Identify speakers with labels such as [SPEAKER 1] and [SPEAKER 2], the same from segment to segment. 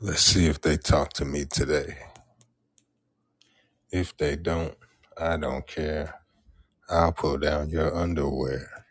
[SPEAKER 1] Let's see if they talk to me today. If they don't, I don't care. I'll pull down your underwear.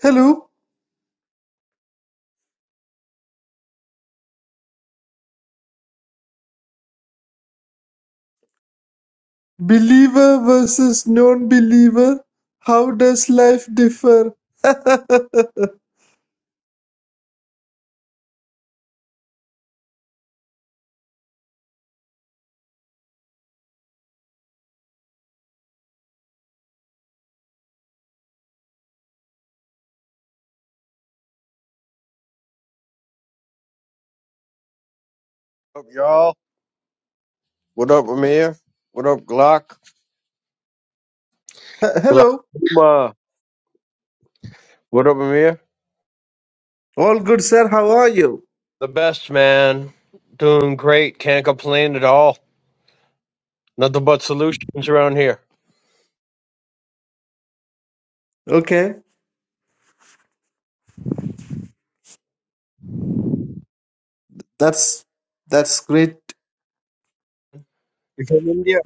[SPEAKER 2] Hello, believer versus non-believer. How does life differ? H-
[SPEAKER 3] What up, y'all? What up, Amir? What up, Glock? Glock.
[SPEAKER 2] Hello.
[SPEAKER 3] Uma. What up, Amir?
[SPEAKER 2] All good, sir. How are you?
[SPEAKER 3] The best, man. Doing great. Can't complain at all. Nothing but solutions around here.
[SPEAKER 2] Okay. That's that's great.
[SPEAKER 3] You from India?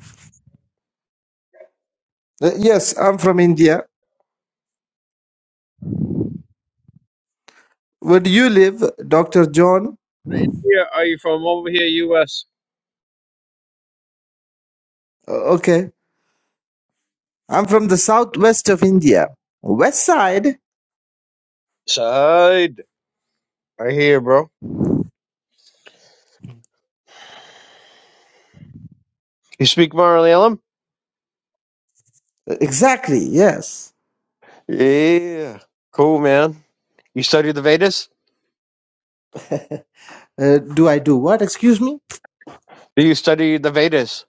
[SPEAKER 2] Uh, yes, I'm from India. Where do you live, Dr. John?
[SPEAKER 3] India? Are you from over here, U.S.?
[SPEAKER 2] Uh, okay. I'm from the southwest of India. West side?
[SPEAKER 3] Side. Right here, bro. You speak Malayalam?
[SPEAKER 2] Uh, Exactly. Yes.
[SPEAKER 3] Yeah. Cool, man. You study the Vedas?
[SPEAKER 2] Uh, do I do what? Excuse me?
[SPEAKER 3] Do you study the Vedas?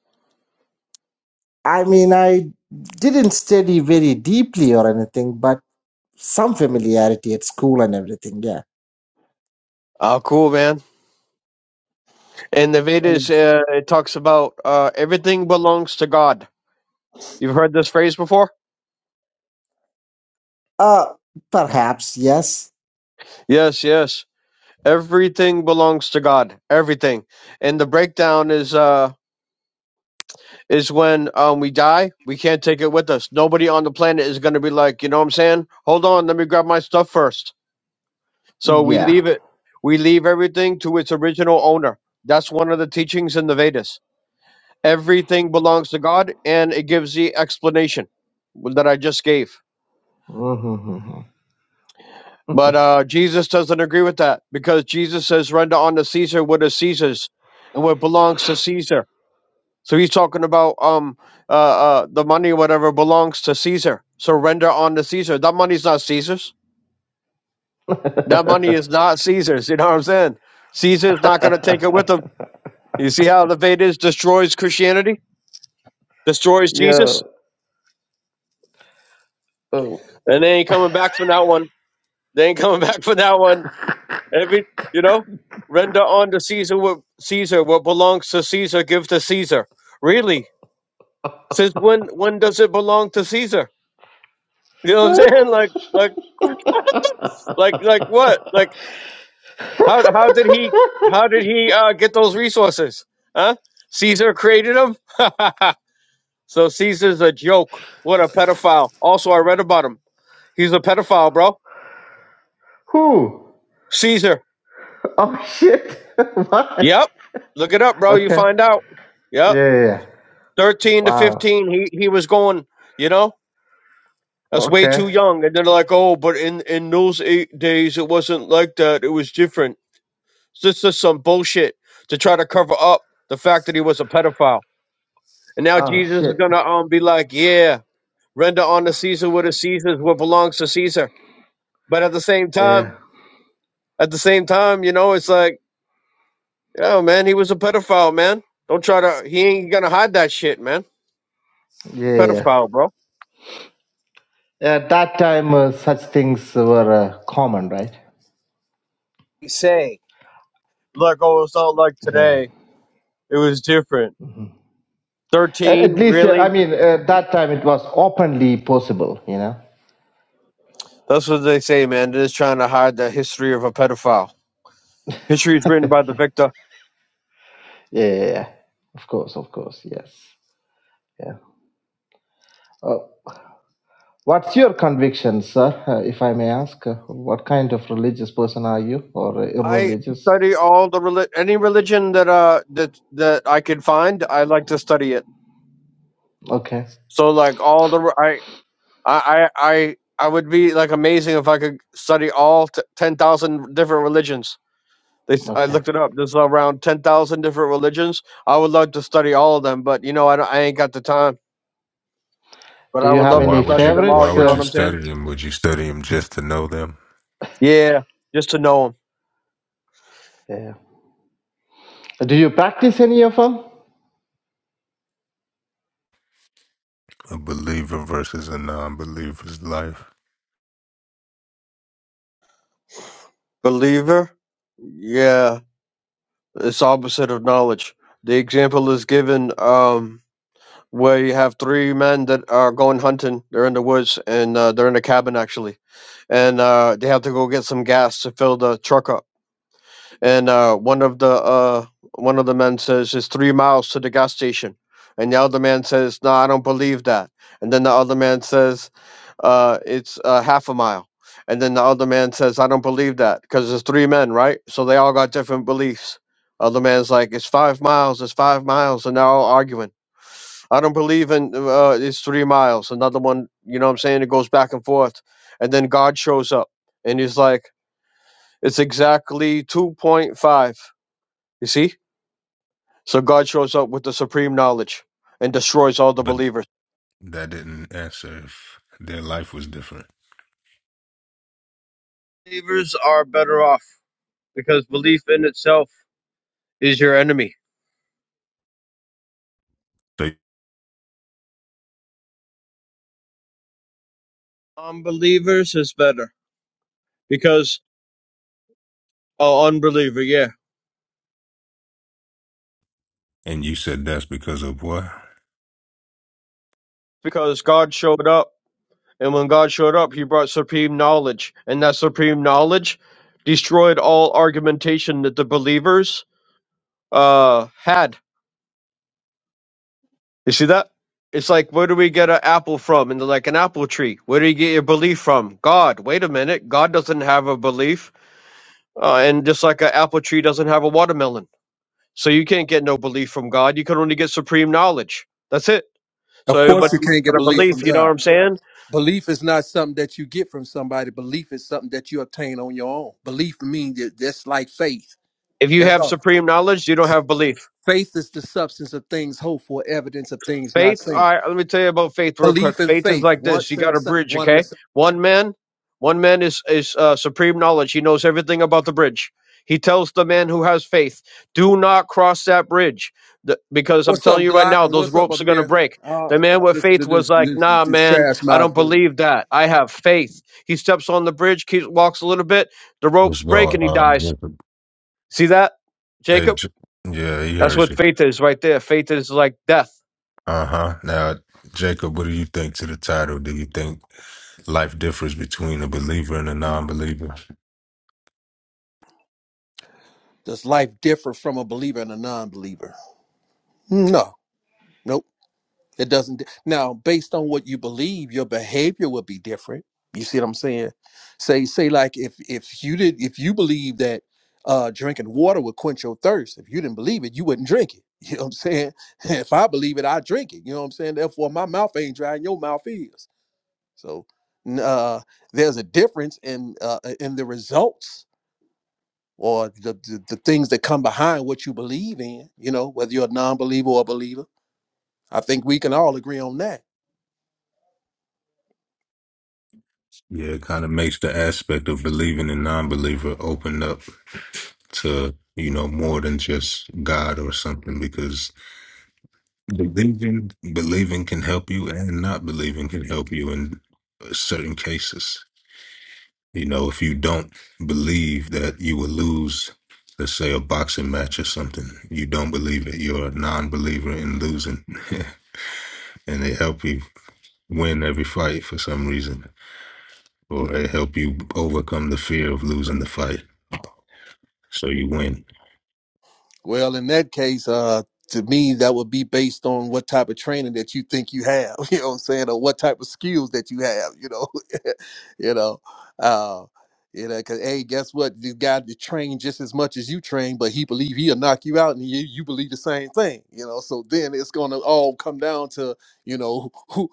[SPEAKER 2] I mean, I didn't study very deeply or anything, but some familiarity at school and everything. Yeah.
[SPEAKER 3] Oh, cool, man. And the Vedas, uh, it talks about uh, everything belongs to God. You've heard this phrase before?
[SPEAKER 2] Uh, perhaps yes.
[SPEAKER 3] Yes, yes. Everything belongs to God. Everything. And the breakdown is uh is when um we die, we can't take it with us. Nobody on the planet is gonna be like, you know what I'm saying? Hold on, let me grab my stuff first. So we
[SPEAKER 2] Yeah.
[SPEAKER 3] leave it. We leave everything to its original owner. That's one of the teachings in the Vedas. Everything belongs to God and it gives the explanation that I just gave.
[SPEAKER 2] Mm-hmm.
[SPEAKER 3] But uh, Jesus doesn't agree with that because Jesus says, "Render unto Caesar what is Caesar's, and what belongs to Caesar." So he's talking about um uh, uh the money, whatever belongs to Caesar. So render unto Caesar. That money's not Caesar's. That money is not Caesar's. You know what I'm saying? Caesar's not going to take it with him. You see how the Vedas destroys Christianity, destroys
[SPEAKER 2] yeah.
[SPEAKER 3] Jesus,
[SPEAKER 2] Oh.
[SPEAKER 3] and they ain't coming back from that one. They ain't coming back from that one. Every you know, render unto Caesar what Caesar what belongs to Caesar, give to Caesar. Really? Since when when does it belong to Caesar? You know what I'm saying? Like like like like what? Like how how did he how did he uh, get those resources? Huh? Caesar created them. so Caesar's a joke. What a pedophile. Also, I read about him. He's a pedophile, bro. Caesar.
[SPEAKER 2] oh shit. what?
[SPEAKER 3] Yep. Look it up, bro. You
[SPEAKER 2] Okay.
[SPEAKER 3] find out. Yep.
[SPEAKER 2] Yeah, yeah. yeah.
[SPEAKER 3] 13 to
[SPEAKER 2] Wow.
[SPEAKER 3] 15 he, he was going you know that's way
[SPEAKER 2] Okay.
[SPEAKER 3] too young and they're like oh but in in those eight days it wasn't like that it was different so this is some bullshit to try to cover up the fact that he was a pedophile and now
[SPEAKER 2] Oh
[SPEAKER 3] jesus is
[SPEAKER 2] shit.
[SPEAKER 3] gonna um be like yeah render unto caesar what is caesar's what belongs to caesar but at the same time
[SPEAKER 2] Yeah.
[SPEAKER 3] at the same time you know it's like oh man he was a pedophile man don't try to he ain't gonna hide that shit man
[SPEAKER 2] Yeah. Yeah.
[SPEAKER 3] pedophile bro
[SPEAKER 2] Yeah. At that time, uh, such things were uh, common, right?
[SPEAKER 3] He Say, like oh it's not like
[SPEAKER 2] Yeah.
[SPEAKER 3] today It was different.
[SPEAKER 2] Uh,
[SPEAKER 3] Thirteen,
[SPEAKER 2] at least, uh, I
[SPEAKER 3] really?
[SPEAKER 2] mean, at that time it was openly possible, you know.
[SPEAKER 3] That's what they say, man. They're just trying to hide the history of a pedophile. History is written by the
[SPEAKER 2] Yeah.
[SPEAKER 3] victor.
[SPEAKER 2] Yeah. yeah. Of course. Of course. Yes. Yeah. Uh, What's your conviction, sir? Uh, if I may ask, uh, what kind of religious person are you, or uh,
[SPEAKER 3] I
[SPEAKER 2] irreligious?
[SPEAKER 3] study all the reli- any religion that uh that that I could find. I like to study it.
[SPEAKER 2] Okay,
[SPEAKER 3] So like all the I I I I, I would be like amazing if I could study all t- ten thousand different religions. They s- I
[SPEAKER 2] okay.
[SPEAKER 3] looked it up. There's around ten thousand different religions. I would love to study all of them, but you know I don't, I ain't got the time. But
[SPEAKER 2] Do
[SPEAKER 3] I
[SPEAKER 2] you
[SPEAKER 3] would
[SPEAKER 2] have
[SPEAKER 3] love to
[SPEAKER 1] Why
[SPEAKER 2] any
[SPEAKER 1] would
[SPEAKER 3] study
[SPEAKER 1] you
[SPEAKER 3] them all.
[SPEAKER 1] why
[SPEAKER 2] favorites?
[SPEAKER 3] You know
[SPEAKER 1] would
[SPEAKER 3] what
[SPEAKER 1] you
[SPEAKER 3] I'm
[SPEAKER 2] Uh,
[SPEAKER 3] saying?
[SPEAKER 1] study them? Would you study them just to know them?
[SPEAKER 3] Yeah, just to know him.
[SPEAKER 2] yeah. Do you practice any of them?
[SPEAKER 1] A believer versus a non believer's life.
[SPEAKER 3] Believer? Yeah, it's opposite of knowledge. The example is given um where you have three men that are going hunting. They're in the woods and uh, they're in a cabin actually, and uh, they have to go get some gas to fill the truck up. And uh, one of the uh one of the men says it's three miles to the gas station, and the other man says, "No, I don't believe that." And then the other man says. uh, it's uh, half a mile. And then the other man says, I don't believe that because there's three men, right? So they all got different beliefs. Other man's like, it's five miles, it's five miles. And they're all arguing. I don't believe in uh, it's three miles. Another one, you know what I'm saying? It goes back and forth. And then God shows up and he's like, it's exactly 2.5. You see? So God shows up with the supreme knowledge and destroys all the
[SPEAKER 1] But
[SPEAKER 3] believers.
[SPEAKER 1] that didn't answer if their life was different.
[SPEAKER 3] Believers are better off because belief in itself is your enemy
[SPEAKER 1] They,
[SPEAKER 3] Unbelievers is better because oh, unbeliever, yeah,
[SPEAKER 1] and you said that's because of what?
[SPEAKER 3] because God showed up, and when God showed up, He brought supreme knowledge, and that supreme knowledge destroyed all argumentation that the believers uh had. You see that? It's like where do we get an apple from? And they're like an apple tree. Where do you get your belief from? God. Wait a minute. God doesn't have a belief, uh, and just like an apple tree doesn't have a watermelon, so you can't get no belief from God. You can only get supreme knowledge. That's it. So
[SPEAKER 4] Of course,
[SPEAKER 3] everybody
[SPEAKER 4] you can't get
[SPEAKER 3] got a
[SPEAKER 4] belief from
[SPEAKER 3] belief, you know what
[SPEAKER 4] God.
[SPEAKER 3] I'm saying?
[SPEAKER 4] Belief is not something that you get from somebody. Belief is something that you obtain on your own. Belief means that that's like faith.
[SPEAKER 3] If you
[SPEAKER 4] That's
[SPEAKER 3] have
[SPEAKER 4] all.
[SPEAKER 3] supreme knowledge, you don't have belief.
[SPEAKER 4] Faith is the substance of things hoped for, evidence of things not
[SPEAKER 3] Faith,
[SPEAKER 4] seen.
[SPEAKER 3] all right, let me tell you about faith real quick.
[SPEAKER 4] Belief and
[SPEAKER 3] Faith is
[SPEAKER 4] faith,
[SPEAKER 3] like this. You
[SPEAKER 4] once in
[SPEAKER 3] got
[SPEAKER 4] the
[SPEAKER 3] a
[SPEAKER 4] same,
[SPEAKER 3] bridge,
[SPEAKER 4] one in the
[SPEAKER 3] okay?
[SPEAKER 4] same.
[SPEAKER 3] One man, one man is is uh, supreme knowledge. He knows everything about the bridge. He tells the man who has faith, "Do not cross that bridge, th- because I'm
[SPEAKER 4] What's up,
[SPEAKER 3] telling you right
[SPEAKER 4] Glock?
[SPEAKER 3] now,
[SPEAKER 4] And
[SPEAKER 3] those
[SPEAKER 4] what's up,
[SPEAKER 3] ropes are gonna
[SPEAKER 4] Amir?
[SPEAKER 3] break."
[SPEAKER 4] I
[SPEAKER 3] The
[SPEAKER 4] don't, I
[SPEAKER 3] man
[SPEAKER 4] don't
[SPEAKER 3] with
[SPEAKER 4] listen to
[SPEAKER 3] faith
[SPEAKER 4] this,
[SPEAKER 3] was like,
[SPEAKER 4] this,
[SPEAKER 3] "Nah,
[SPEAKER 4] this
[SPEAKER 3] man,
[SPEAKER 4] trash
[SPEAKER 3] I
[SPEAKER 4] mouth
[SPEAKER 3] don't
[SPEAKER 4] dude.
[SPEAKER 3] believe that. I have faith." He steps on the bridge, keeps walks a little bit, the ropes
[SPEAKER 1] What's
[SPEAKER 3] break,
[SPEAKER 1] going
[SPEAKER 3] and he
[SPEAKER 1] on?
[SPEAKER 3] dies.
[SPEAKER 1] Jacob?
[SPEAKER 3] See that,
[SPEAKER 1] Hey,
[SPEAKER 3] Jacob?
[SPEAKER 1] J- yeah, he
[SPEAKER 3] That's
[SPEAKER 1] heard
[SPEAKER 3] what
[SPEAKER 1] you.
[SPEAKER 3] faith is right there. Faith is like death.
[SPEAKER 1] Uh huh. Now, Jacob, what do you think to the title? Do you think life differs between a believer and a non believer?
[SPEAKER 4] Does life differ from a believer and a non believer? No. Nope. It doesn't. Now, based on what you believe, your behavior will be different. You see what I'm saying? Say, say, like if if you did, if you believe that uh, drinking water would quench your thirst, if you didn't believe it, you wouldn't drink it. You know what I'm saying? If I believe it, I drink it. You know what I'm saying? Therefore, my mouth ain't dry, and your mouth is. So, n- uh, there's a difference in uh, uh, in the results or the, the the things that come behind what you believe in. You know, whether you're a non-believer or a believer I think we can all agree on that.
[SPEAKER 1] Yeah, it kind of makes the aspect of believing and non believer open up to, you know, more than just God or something because believing believing can help you and not believing can help you in certain cases. You know, if you don't believe that you will lose, let's say a boxing match or something, you don't believe it. You're a non believer in losing. and they help you win every fight for some reason, or they help you overcome the fear of losing the fight. So you win.
[SPEAKER 4] Well, in that case, uh, to me, that would be based on what type of training that you think you have. You know what I'm saying, or what type of skills that you have. You know, you know, uh, you know, because hey, guess what? The guy that trained just as much as you train, but he believe he'll knock you out, and you you believe the same thing. You know, so then it's gonna all come down to you know who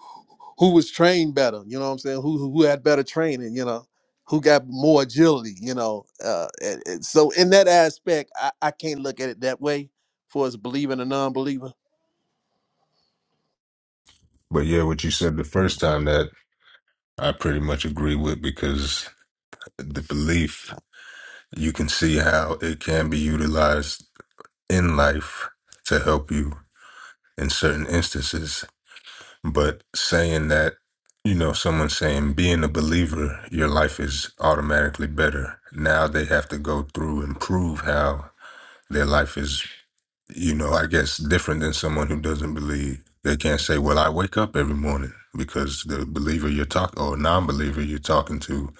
[SPEAKER 4] who was trained better. You know what I'm saying? Who who had better training? You know who got more agility, you know. Uh, and, and so in that aspect, I, I can't look at it that way for as believing a non-believer.
[SPEAKER 1] But yeah, what you said the first time that I pretty much agree with because the belief, you can see how it can be utilized in life to help you in certain instances But saying that, you know, someone saying being a believer, your life is automatically better. Now they have to go through and prove how their life is, you know, I guess different than someone who doesn't believe. They can't say, well, I wake up every morning because the believer you're talking or non believer you're talking to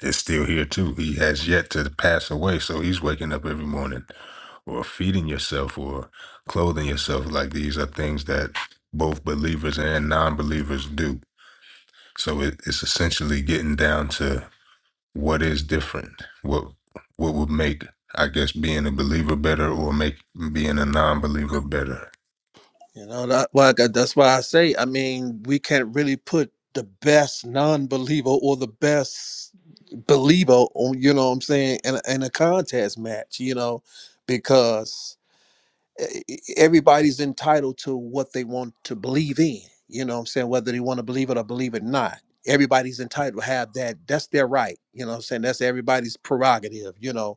[SPEAKER 1] is still here too. He has yet to pass away, so he's waking up every morning or feeding yourself or clothing yourself like these are things that both believers and non-believers do so it, it's essentially getting down to what is different what what would make i guess being a believer better or make being a non-believer better
[SPEAKER 4] You know, that, why I got, that's why I say, I mean, we can't really put the best non-believer or the best believer on, you know what I'm saying, in a, in a contest match, you know, because e- e- everybody's entitled to what they want to believe in. You know what I'm saying? Whether they want to believe it or believe it not. Everybody's entitled to have that. That's their right. You know what I'm saying? That's everybody's prerogative, you know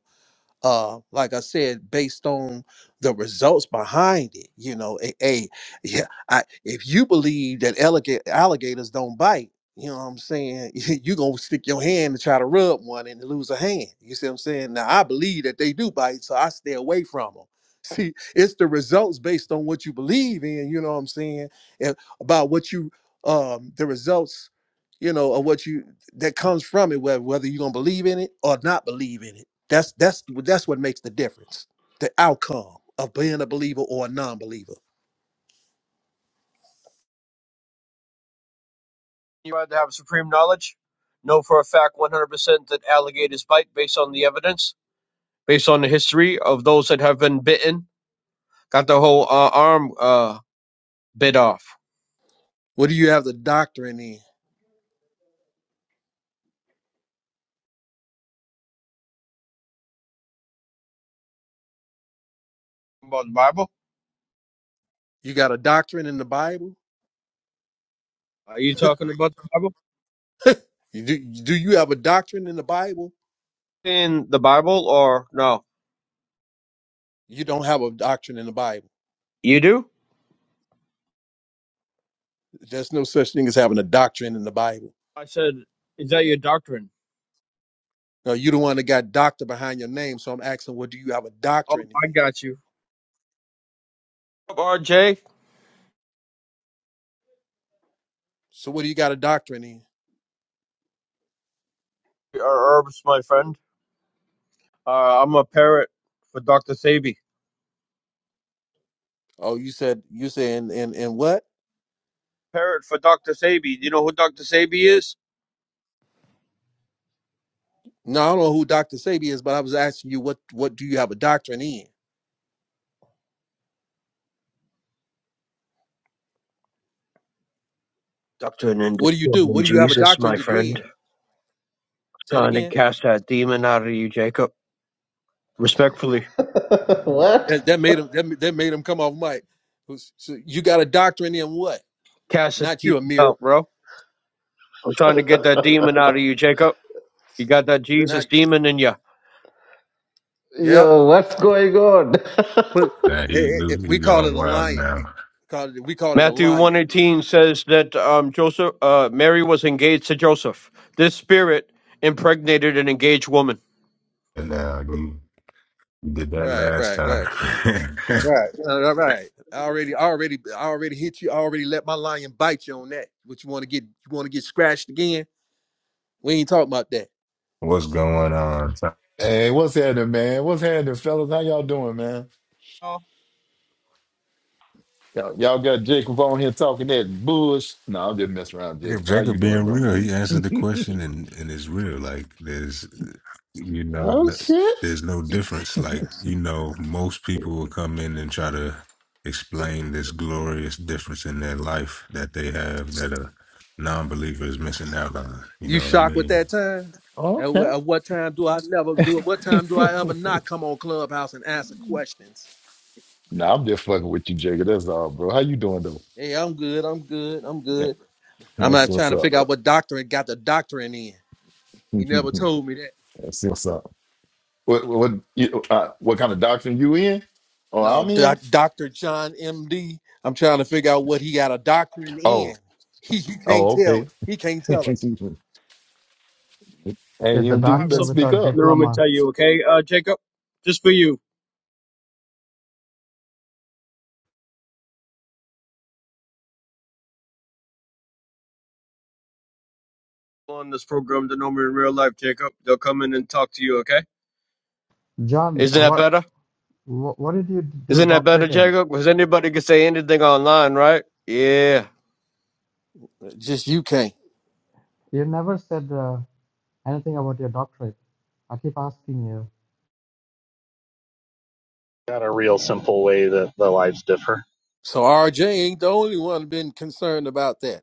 [SPEAKER 4] uh like i said based on the results behind it you know a, a- yeah i if you believe that alliga- alligators don't bite you know what i'm saying you gonna stick your hand to try to rub one and lose a hand you see what i'm saying now i believe that they do bite so i stay away from them see it's the results based on what you believe in you know what i'm saying and about what you um the results you know of what you that comes from it whether whether you're gonna believe in it or not believe in it that's that's that's what makes the difference. The outcome of being a believer or a non-believer.
[SPEAKER 3] You rather have supreme knowledge, know for a fact 100% that alligators bite based on the evidence, based on the history of those that have been bitten. Got the whole uh, arm uh, bit off.
[SPEAKER 4] What do you have the doctrine in?
[SPEAKER 3] About the Bible?
[SPEAKER 4] You got a doctrine in the Bible?
[SPEAKER 3] Are you talking about the Bible?
[SPEAKER 4] You do do you have a doctrine in the Bible?
[SPEAKER 3] In the Bible or no?
[SPEAKER 4] You don't have a doctrine in the Bible.
[SPEAKER 3] You do?
[SPEAKER 4] There's no such thing as having a doctrine in the Bible.
[SPEAKER 3] I said, is that your doctrine?
[SPEAKER 4] No, you the one that got doctor behind your name. So I'm asking, what do you have a
[SPEAKER 3] Oh,
[SPEAKER 4] doctrine in?
[SPEAKER 3] I got you. RJ,
[SPEAKER 4] So what do you got a doctrine in?
[SPEAKER 3] or Herbs, my friend. Uh, I'm a parrot for Dr. Sabi.
[SPEAKER 4] Oh, you said you said in in, in what?
[SPEAKER 3] Parrot for Dr. Sabi. Do you know who Dr. Sabi is?
[SPEAKER 4] No, I don't know who Dr. Sabi is, but I was asking you what what do you have a doctrine in?
[SPEAKER 3] Doctrine and
[SPEAKER 4] What do you do? What
[SPEAKER 3] discipline,
[SPEAKER 4] do you have a
[SPEAKER 3] Jesus,
[SPEAKER 4] doctorate
[SPEAKER 3] my
[SPEAKER 4] degree
[SPEAKER 3] friend.
[SPEAKER 4] in? Say it
[SPEAKER 3] Trying to
[SPEAKER 4] again.
[SPEAKER 3] cast that demon out of you, Jacob. Respectfully.
[SPEAKER 4] That that
[SPEAKER 2] what?
[SPEAKER 4] made him that, that made him come off mic. Was- So you got a doctorate in what?
[SPEAKER 3] Cast the
[SPEAKER 4] Not
[SPEAKER 3] demon
[SPEAKER 4] you, Amir.
[SPEAKER 3] out, bro. I'm trying to get that demon out of you, Jacob. You got that Jesus
[SPEAKER 4] Not
[SPEAKER 3] demon in you.
[SPEAKER 4] yep.
[SPEAKER 2] Yo, what's going on?
[SPEAKER 4] But
[SPEAKER 1] now
[SPEAKER 4] it,
[SPEAKER 1] he,
[SPEAKER 4] it,
[SPEAKER 1] Luke,
[SPEAKER 4] it-
[SPEAKER 1] he
[SPEAKER 4] we call
[SPEAKER 1] going
[SPEAKER 4] it a
[SPEAKER 1] wild
[SPEAKER 4] lion.
[SPEAKER 1] now
[SPEAKER 4] Call it, we call it a
[SPEAKER 3] Matthew
[SPEAKER 4] lion.
[SPEAKER 3] 118 says that um, Joseph, uh, Mary was engaged to Joseph. This spirit impregnated an engaged woman.
[SPEAKER 1] now you you did that
[SPEAKER 4] Right,
[SPEAKER 1] last
[SPEAKER 4] right,
[SPEAKER 1] time
[SPEAKER 4] right, right, uh, right, right. I already, I already, I already hit you. I already let my lion bite you on that. What you want to get? You want to get scratched again? We ain't talking about that.
[SPEAKER 1] what's going on
[SPEAKER 5] Hey, what's happening, man? What's happening, fellas? How y'all doing, man?
[SPEAKER 3] I'll
[SPEAKER 5] Y'all, y'all got Jacob on here talking that bush. No, I'm just messing around,
[SPEAKER 1] Jacob,
[SPEAKER 5] Jacob. How you
[SPEAKER 1] Jacob
[SPEAKER 5] doing,
[SPEAKER 1] being
[SPEAKER 5] bro?
[SPEAKER 1] real, he answered the question and and is real. Like there's, you know,
[SPEAKER 5] Oh
[SPEAKER 1] th-
[SPEAKER 5] shit.
[SPEAKER 1] there's no difference. Like you know, most people will come in and try to explain this glorious difference in their life that they have that a non-believer is missing out on. You
[SPEAKER 4] You
[SPEAKER 1] know what I
[SPEAKER 4] shocked with
[SPEAKER 1] mean?
[SPEAKER 4] that time? At, wh-
[SPEAKER 5] Okay.
[SPEAKER 4] at what time do I never do it? What time do I ever not come on Clubhouse and answer questions?
[SPEAKER 5] No, I'm just fucking with you, Jacob. That's all, bro. How you doing, though?
[SPEAKER 4] Hey, I'm good. I'm good. I'm
[SPEAKER 5] Yeah,
[SPEAKER 4] good. I'm
[SPEAKER 5] that's
[SPEAKER 4] not
[SPEAKER 5] what's
[SPEAKER 4] trying to
[SPEAKER 5] up.
[SPEAKER 4] figure out what doctorate got the doctorate in. He never
[SPEAKER 5] that's
[SPEAKER 4] told me that.
[SPEAKER 5] what's up. What what you, uh, what kind of doctrine you in? Oh,
[SPEAKER 4] No,
[SPEAKER 5] I'm in.
[SPEAKER 4] doc, Dr. John MD. I'm trying to figure out what he got a doctorate
[SPEAKER 5] Oh,
[SPEAKER 4] in. He, you can't
[SPEAKER 5] oh,
[SPEAKER 4] tell. me.
[SPEAKER 5] okay.
[SPEAKER 4] He can't
[SPEAKER 5] hey,
[SPEAKER 4] tell us.
[SPEAKER 6] is a
[SPEAKER 3] I
[SPEAKER 5] MD, you
[SPEAKER 3] have
[SPEAKER 6] doctor
[SPEAKER 5] better
[SPEAKER 3] something
[SPEAKER 5] speak
[SPEAKER 6] without
[SPEAKER 3] in
[SPEAKER 5] up.
[SPEAKER 3] the room and
[SPEAKER 6] diploma.
[SPEAKER 3] tell you, okay, uh, Jacob? Just for you. On this program, they know me in real life, Jacob. They'll come in and talk to you, okay?
[SPEAKER 6] John,
[SPEAKER 3] Isn't that
[SPEAKER 6] what
[SPEAKER 3] better?
[SPEAKER 6] what, what did you do
[SPEAKER 3] Isn't that better,
[SPEAKER 6] doctorate in?
[SPEAKER 3] Jacob? Because anybody can say anything online, right? Yeah.
[SPEAKER 4] Uh, Just you can't.
[SPEAKER 6] You never said uh, anything about your doctorate. I keep asking you.
[SPEAKER 7] got a real simple way that the lives differ.
[SPEAKER 4] So RJ ain't the only one been concerned about that.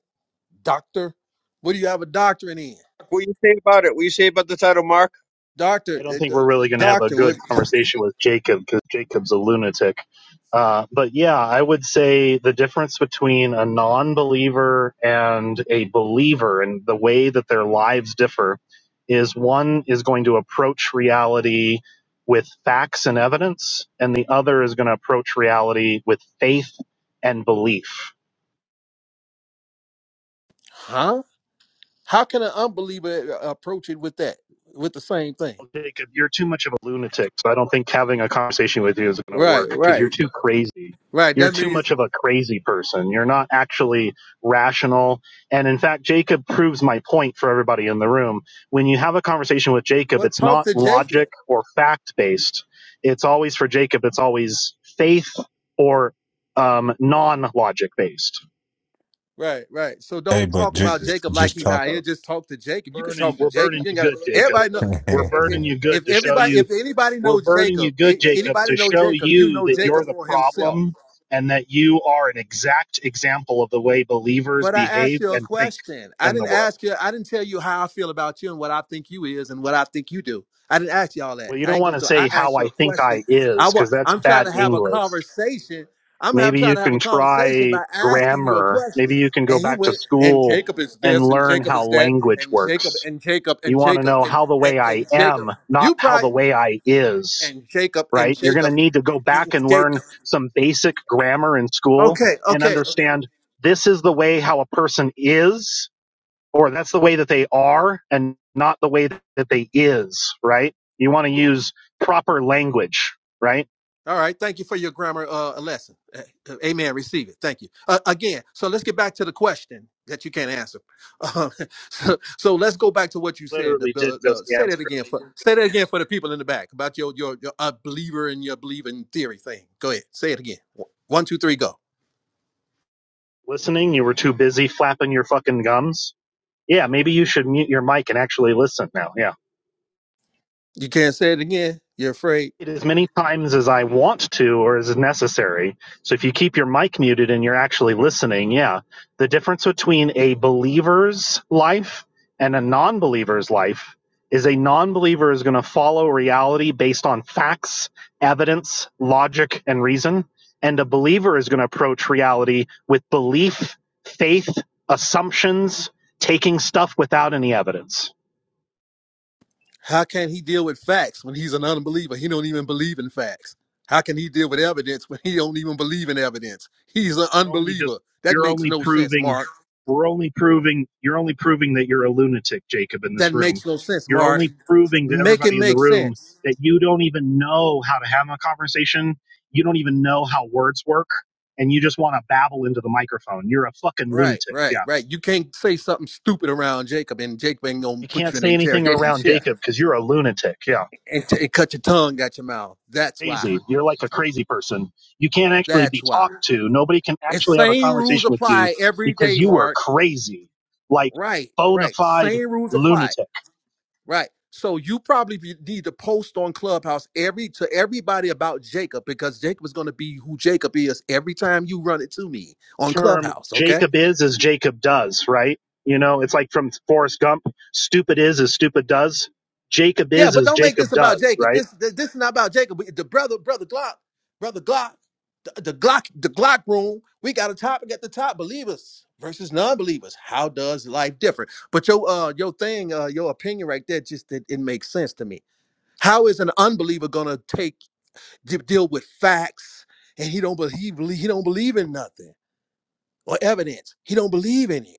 [SPEAKER 4] Doctor, what do you have a doctorate in?
[SPEAKER 3] What do you say about it? What do you say about the title, Mark?
[SPEAKER 4] Doctor,
[SPEAKER 7] I don't
[SPEAKER 4] uh,
[SPEAKER 7] think
[SPEAKER 4] d-
[SPEAKER 7] we're really going to have a
[SPEAKER 4] doctor, what?
[SPEAKER 7] good conversation with Jacob because Jacob's a lunatic. Uh, but yeah, I would say the difference between a non believer and a believer and the way that their lives differ is one is going to approach reality with facts and evidence, and the other is going to approach reality with faith and belief
[SPEAKER 4] Huh? How can an unbeliever uh, approach it with that? With the same thing?
[SPEAKER 7] Well, Jacob, you're too much of a lunatic, so I don't think having a conversation with you is going to
[SPEAKER 4] Right,
[SPEAKER 7] work because
[SPEAKER 4] right,
[SPEAKER 7] you're too crazy.
[SPEAKER 4] right.
[SPEAKER 7] You're
[SPEAKER 4] That
[SPEAKER 7] too
[SPEAKER 4] means
[SPEAKER 7] much of a crazy person. You're not actually rational. And in fact, Jacob proves my point for everybody in the room. When you have a conversation with Jacob,
[SPEAKER 4] well,
[SPEAKER 7] it's
[SPEAKER 4] talk
[SPEAKER 7] not
[SPEAKER 4] to Jacob.
[SPEAKER 7] logic or fact based. It's always for Jacob, it's always faith or um, non logic based.
[SPEAKER 4] Right, right. So
[SPEAKER 1] Hey,
[SPEAKER 4] don't
[SPEAKER 1] but
[SPEAKER 4] talk about
[SPEAKER 1] just
[SPEAKER 4] Jacob like
[SPEAKER 1] just
[SPEAKER 4] he
[SPEAKER 1] talk.
[SPEAKER 4] not here. Just talk to Jacob. You can
[SPEAKER 7] Burning,
[SPEAKER 4] talk to
[SPEAKER 7] we're
[SPEAKER 4] Jacob.
[SPEAKER 7] burning
[SPEAKER 4] You
[SPEAKER 7] you
[SPEAKER 4] ain't got to.
[SPEAKER 7] good, Jacob.
[SPEAKER 4] Everybody know.
[SPEAKER 7] We're
[SPEAKER 4] i- i-
[SPEAKER 7] burning you good
[SPEAKER 4] If
[SPEAKER 7] to show
[SPEAKER 4] everybody,
[SPEAKER 7] you
[SPEAKER 4] if anybody
[SPEAKER 7] We're
[SPEAKER 4] knows
[SPEAKER 7] burning you
[SPEAKER 4] Jacob, i-
[SPEAKER 7] good, Jacob,
[SPEAKER 4] anybody
[SPEAKER 7] to
[SPEAKER 4] know
[SPEAKER 7] show
[SPEAKER 4] Jacob, you
[SPEAKER 7] you
[SPEAKER 4] know
[SPEAKER 7] that you're
[SPEAKER 4] Jacob
[SPEAKER 7] the
[SPEAKER 4] for himself.
[SPEAKER 7] problem and that you are an exact example of the way believers
[SPEAKER 4] But I asked
[SPEAKER 7] behave
[SPEAKER 4] you a
[SPEAKER 7] and think
[SPEAKER 4] question. I
[SPEAKER 7] in the
[SPEAKER 4] didn't
[SPEAKER 7] world.
[SPEAKER 4] ask you. I didn't tell you how I feel about you and what I think you is and what I think you do. I didn't ask you all that.
[SPEAKER 7] Well, you
[SPEAKER 4] I
[SPEAKER 7] don't
[SPEAKER 4] ain't go
[SPEAKER 7] want to
[SPEAKER 4] through. I
[SPEAKER 7] say how
[SPEAKER 4] asked you
[SPEAKER 7] I
[SPEAKER 4] a
[SPEAKER 7] think
[SPEAKER 4] question.
[SPEAKER 7] I
[SPEAKER 4] I
[SPEAKER 7] is
[SPEAKER 4] want.
[SPEAKER 7] because that's
[SPEAKER 4] I'm trying
[SPEAKER 7] bad
[SPEAKER 4] to have a
[SPEAKER 7] English.
[SPEAKER 4] conversation. I'm have,
[SPEAKER 7] Maybe
[SPEAKER 4] trying
[SPEAKER 7] you
[SPEAKER 4] to have a
[SPEAKER 7] can
[SPEAKER 4] conversation
[SPEAKER 7] try
[SPEAKER 4] by asking you a
[SPEAKER 7] grammar. Maybe
[SPEAKER 4] question.
[SPEAKER 7] you can go
[SPEAKER 4] And he
[SPEAKER 7] back to
[SPEAKER 4] went. And
[SPEAKER 7] school
[SPEAKER 4] Jacob is
[SPEAKER 7] and
[SPEAKER 4] this. And
[SPEAKER 7] learn
[SPEAKER 4] Jacob
[SPEAKER 7] how
[SPEAKER 4] is that.
[SPEAKER 7] language
[SPEAKER 4] And Jacob.
[SPEAKER 7] works.
[SPEAKER 4] And Jacob.
[SPEAKER 7] You
[SPEAKER 4] And
[SPEAKER 7] want to
[SPEAKER 4] Jacob.
[SPEAKER 7] know
[SPEAKER 4] And,
[SPEAKER 7] how the way
[SPEAKER 4] and, and
[SPEAKER 7] I
[SPEAKER 4] Jacob.
[SPEAKER 7] am, not
[SPEAKER 4] You
[SPEAKER 7] how the
[SPEAKER 4] probably.
[SPEAKER 7] way I is.
[SPEAKER 4] And Jacob. And
[SPEAKER 7] right? You're going to
[SPEAKER 4] Jacob.
[SPEAKER 7] need to go
[SPEAKER 4] And
[SPEAKER 7] back and learn
[SPEAKER 4] Jacob.
[SPEAKER 7] some basic grammar in school
[SPEAKER 4] Okay.
[SPEAKER 7] and
[SPEAKER 4] Okay.
[SPEAKER 7] understand this is the way how a person is, or that's the way that they are and not the way that they is, right? You want to use proper language, right?
[SPEAKER 4] All right. Thank you for your grammar uh, lesson. Uh, uh, Amen. Receive it. Thank you. Uh, again, so let's get back to the question that you can't answer. Uh, so, so let's go back to what you said. The,
[SPEAKER 7] Literally did
[SPEAKER 4] the,
[SPEAKER 7] just
[SPEAKER 4] the- say that
[SPEAKER 7] answer.
[SPEAKER 4] again for say that again for the people in the back about your your, your uh, believer and your believing theory thing. Go ahead. Say it again. One, two, three, go.
[SPEAKER 7] Listening, you were too busy flapping your fucking gums. Yeah, maybe you should mute your mic and actually listen now. Yeah.
[SPEAKER 4] You can't say it again. You're afraid.
[SPEAKER 7] it as many times as I want to or as necessary. So if you keep your mic muted and you're actually listening, yeah, the difference between a believer's life and a non believer's life is a non believer is going to follow reality based on facts, evidence, logic, and reason. And a believer is going to approach reality with belief, faith, assumptions, taking stuff without any evidence.
[SPEAKER 4] How can he deal with facts when he's an unbeliever? He don't even believe in facts. How can he deal with evidence when he don't even believe in evidence? He's an
[SPEAKER 7] are only just
[SPEAKER 4] unbeliever. That
[SPEAKER 7] you're
[SPEAKER 4] makes
[SPEAKER 7] only
[SPEAKER 4] no sense,
[SPEAKER 7] proving
[SPEAKER 4] Mark.
[SPEAKER 7] we're only proving you're only proving that you're a lunatic jacob in
[SPEAKER 4] That
[SPEAKER 7] this room
[SPEAKER 4] makes no sense,
[SPEAKER 7] you're
[SPEAKER 4] Mark.
[SPEAKER 7] only proving to
[SPEAKER 4] Make it
[SPEAKER 7] everybody in the
[SPEAKER 4] make
[SPEAKER 7] room
[SPEAKER 4] sense.
[SPEAKER 7] that you don't even know how to have a conversation you don't even know how words work and you just want to babble into the microphone you're a fucking
[SPEAKER 4] Right,
[SPEAKER 7] lunatic
[SPEAKER 4] right,
[SPEAKER 7] yeah
[SPEAKER 4] right. You can't say something stupid around Jacob, and Jacob ain't gonna
[SPEAKER 7] you
[SPEAKER 4] put
[SPEAKER 7] can't
[SPEAKER 4] you in an
[SPEAKER 7] say anything
[SPEAKER 4] interrogation
[SPEAKER 7] around
[SPEAKER 4] chair
[SPEAKER 7] jacob because you're a lunatic yeah
[SPEAKER 4] and, t- and cut your tongue out your mouth. That's why.
[SPEAKER 7] crazy. You're like a crazy person. You can't actually
[SPEAKER 4] That's
[SPEAKER 7] be
[SPEAKER 4] why.
[SPEAKER 7] talked to. Nobody can
[SPEAKER 4] And
[SPEAKER 7] actually have a
[SPEAKER 4] same rules
[SPEAKER 7] conversation with you
[SPEAKER 4] apply every
[SPEAKER 7] because
[SPEAKER 4] day,
[SPEAKER 7] you were
[SPEAKER 4] Mark.
[SPEAKER 7] crazy, like
[SPEAKER 4] Right,
[SPEAKER 7] bona
[SPEAKER 4] right.
[SPEAKER 7] fide
[SPEAKER 4] Same rules apply.
[SPEAKER 7] lunatic.
[SPEAKER 4] Right. So you probably be- need to post on Clubhouse every to everybody about Jacob because Jacob is gonna be who Jacob is every time you run it to me on
[SPEAKER 7] Term
[SPEAKER 4] Clubhouse. okay?
[SPEAKER 7] Jacob is as Jacob does, right? You know, it's like from Forrest Gump. Stupid is as stupid does. Jacob
[SPEAKER 4] Yeah,
[SPEAKER 7] is
[SPEAKER 4] but
[SPEAKER 7] as
[SPEAKER 4] don't make this
[SPEAKER 7] Jacob
[SPEAKER 4] about
[SPEAKER 7] does,
[SPEAKER 4] Jacob.
[SPEAKER 7] right?
[SPEAKER 4] This this, this is not about Jacob. We- The brother, brother Glock, brother Glock, the, the Glock, the Glock room. We got a topic at the top: believers versus non-believers. How does life differ? But your uh your thing, uh your opinion right there, just it, it makes sense to me. How is an unbeliever gonna take de- deal with facts and he don't believe he don't believe in nothing or evidence? He don't believe in it.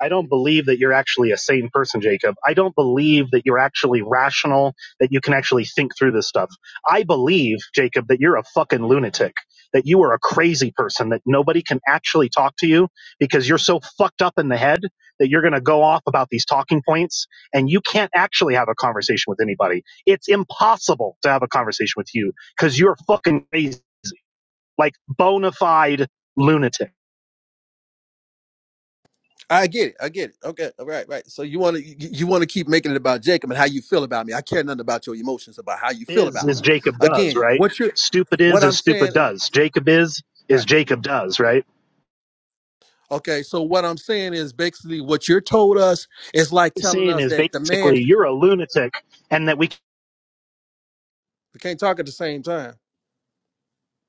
[SPEAKER 7] I don't believe that you're actually a sane person, Jacob. I don't believe that you're actually rational, that you can actually think through this stuff. I believe, Jacob, that you're a fucking lunatic, that you are a crazy person, that nobody can actually talk to you because you're so fucked up in the head that you're going to go off about these talking points and you can't actually have a conversation with anybody. It's impossible to have a conversation with you because you're fucking crazy, like bona fide lunatic.
[SPEAKER 4] I get it. I get it. Okay. All right. Right. So you want to you, want to keep making it about Jacob and how you feel about me. I care nothing about your emotions about how you feel
[SPEAKER 7] is
[SPEAKER 4] about
[SPEAKER 7] is
[SPEAKER 4] me.
[SPEAKER 7] Jacob does,
[SPEAKER 4] Again,
[SPEAKER 7] right?
[SPEAKER 4] what you
[SPEAKER 7] Stupid
[SPEAKER 4] what
[SPEAKER 7] is
[SPEAKER 4] I'm
[SPEAKER 7] is
[SPEAKER 4] saying.
[SPEAKER 7] stupid does. Jacob is is
[SPEAKER 4] Right.
[SPEAKER 7] Jacob does, right?
[SPEAKER 4] Okay. So what I'm saying is basically what you're told us is like
[SPEAKER 7] What I'm
[SPEAKER 4] telling
[SPEAKER 7] saying
[SPEAKER 4] us
[SPEAKER 7] is
[SPEAKER 4] that the man
[SPEAKER 7] basically you're a lunatic, and that we.
[SPEAKER 4] we can't talk at the same time.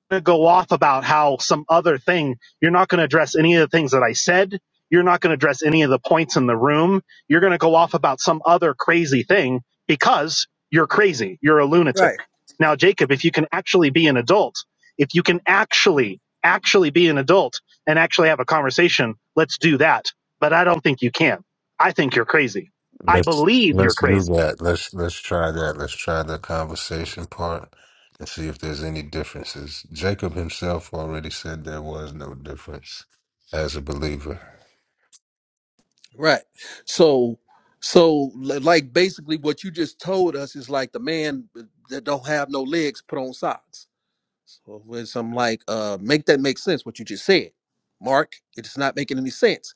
[SPEAKER 7] to go off about how some other thing. You're not going to address any of the things that I said. You're not going to address any of the points in the room. You're going to go off about some other crazy thing because you're crazy. You're a lunatic.
[SPEAKER 4] Right.
[SPEAKER 7] Now, Jacob, if you can actually be an adult, if you can actually, actually be an adult and actually have a conversation, let's do that. But I don't think you can. I think you're crazy. I
[SPEAKER 1] Let's
[SPEAKER 7] believe you're
[SPEAKER 1] let's do
[SPEAKER 7] crazy.
[SPEAKER 1] that. Let's let's try that. Let's try the conversation part and see if there's any differences. Jacob himself already said there was no difference as a believer.
[SPEAKER 4] Right. So so li- like basically what you just told us is like the man uh, that don't have no legs put on socks. So it's I'm like, uh, make that make sense what you just said, Mark. It's not making any sense.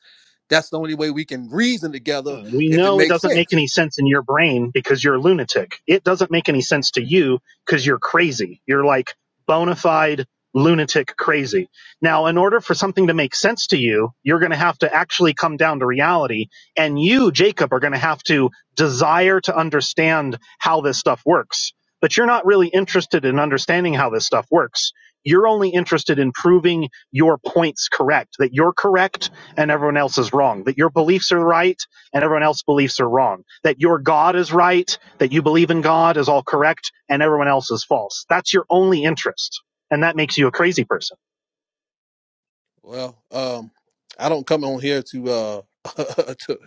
[SPEAKER 4] That's the only way we can reason together
[SPEAKER 7] We
[SPEAKER 4] if it
[SPEAKER 7] know it
[SPEAKER 4] makes
[SPEAKER 7] doesn't make
[SPEAKER 4] sense.
[SPEAKER 7] any sense in your brain because you're a lunatic. It doesn't make any sense to you because you're crazy. You're like bona fide lunatic crazy. Now, in order for something to make sense to you, you're going to have to actually come down to reality. And you, Jacob, are going to have to desire to understand how this stuff works. But you're not really interested in understanding how this stuff works. You're only interested in proving your points correct, that you're correct and everyone else is wrong, that your beliefs are right and everyone else's beliefs are wrong. That your God is right, that you believe in God is all correct, and everyone else is false. That's your only interest. And that makes you a crazy person.
[SPEAKER 4] Well, um, I don't come on here to, uh, to, to-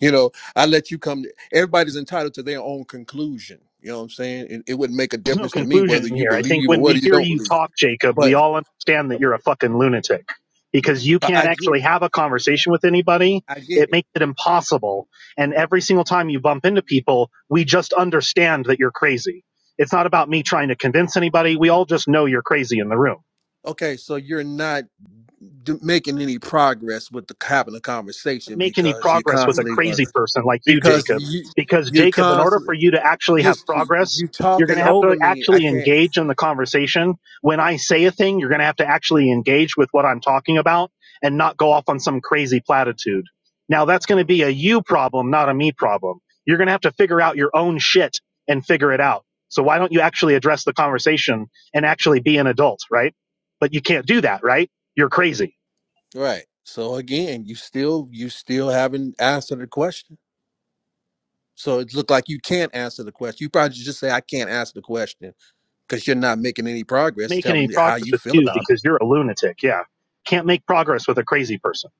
[SPEAKER 4] you know, I let you come. Everybody's entitled to their own conclusion. You know what I'm saying? It, it wouldn't make a
[SPEAKER 7] There's no
[SPEAKER 4] difference to me whether
[SPEAKER 7] conclusion
[SPEAKER 4] you
[SPEAKER 7] here. I think
[SPEAKER 4] believe or
[SPEAKER 7] when
[SPEAKER 4] whether
[SPEAKER 7] we
[SPEAKER 4] you
[SPEAKER 7] hear
[SPEAKER 4] don't
[SPEAKER 7] you
[SPEAKER 4] believe.
[SPEAKER 7] talk, Jacob, we
[SPEAKER 4] But
[SPEAKER 7] all understand
[SPEAKER 4] uh,
[SPEAKER 7] that you're a fucking lunatic because you
[SPEAKER 4] I
[SPEAKER 7] can't
[SPEAKER 4] I get
[SPEAKER 7] actually
[SPEAKER 4] it.
[SPEAKER 7] have a conversation with anybody.
[SPEAKER 4] I get
[SPEAKER 7] It
[SPEAKER 4] it.
[SPEAKER 7] makes it impossible. And every single time you bump into people, we just understand that you're crazy. It's not about me trying to convince anybody. We all just know you're crazy in the room
[SPEAKER 4] Okay, so you're not. d- making any progress with the having a conversation
[SPEAKER 7] make any
[SPEAKER 4] because you're
[SPEAKER 7] progress with a
[SPEAKER 4] constantly
[SPEAKER 7] crazy person like you,
[SPEAKER 4] because
[SPEAKER 7] Jacob.
[SPEAKER 4] you
[SPEAKER 7] Because,
[SPEAKER 4] you're
[SPEAKER 7] Jacob, in order
[SPEAKER 4] constantly
[SPEAKER 7] for you to actually
[SPEAKER 4] you
[SPEAKER 7] have progress,
[SPEAKER 4] you
[SPEAKER 7] you're going
[SPEAKER 4] talking
[SPEAKER 7] to have
[SPEAKER 4] over
[SPEAKER 7] to
[SPEAKER 4] me. I
[SPEAKER 7] actually
[SPEAKER 4] can't.
[SPEAKER 7] engage in the conversation. When I say a thing, you're going to have to actually engage with what I'm talking about and not go off on some crazy platitude. Now, that's going to be a you problem, not a me problem. You're going to have to figure out your own shit and figure it out. So, why don't you actually address the conversation and actually be an adult, right? But you can't do that, right? You're crazy.
[SPEAKER 4] Right. So again, you still you still haven't answered the question. So it looked like you can't answer the question. You probably just say I can't answer the question because you're not making any progress.
[SPEAKER 7] make
[SPEAKER 4] Telling
[SPEAKER 7] any
[SPEAKER 4] me how
[SPEAKER 7] progress
[SPEAKER 4] you
[SPEAKER 7] with
[SPEAKER 4] feel
[SPEAKER 7] you
[SPEAKER 4] about it.
[SPEAKER 7] because you're a lunatic. Yeah. Can't make progress with a crazy person.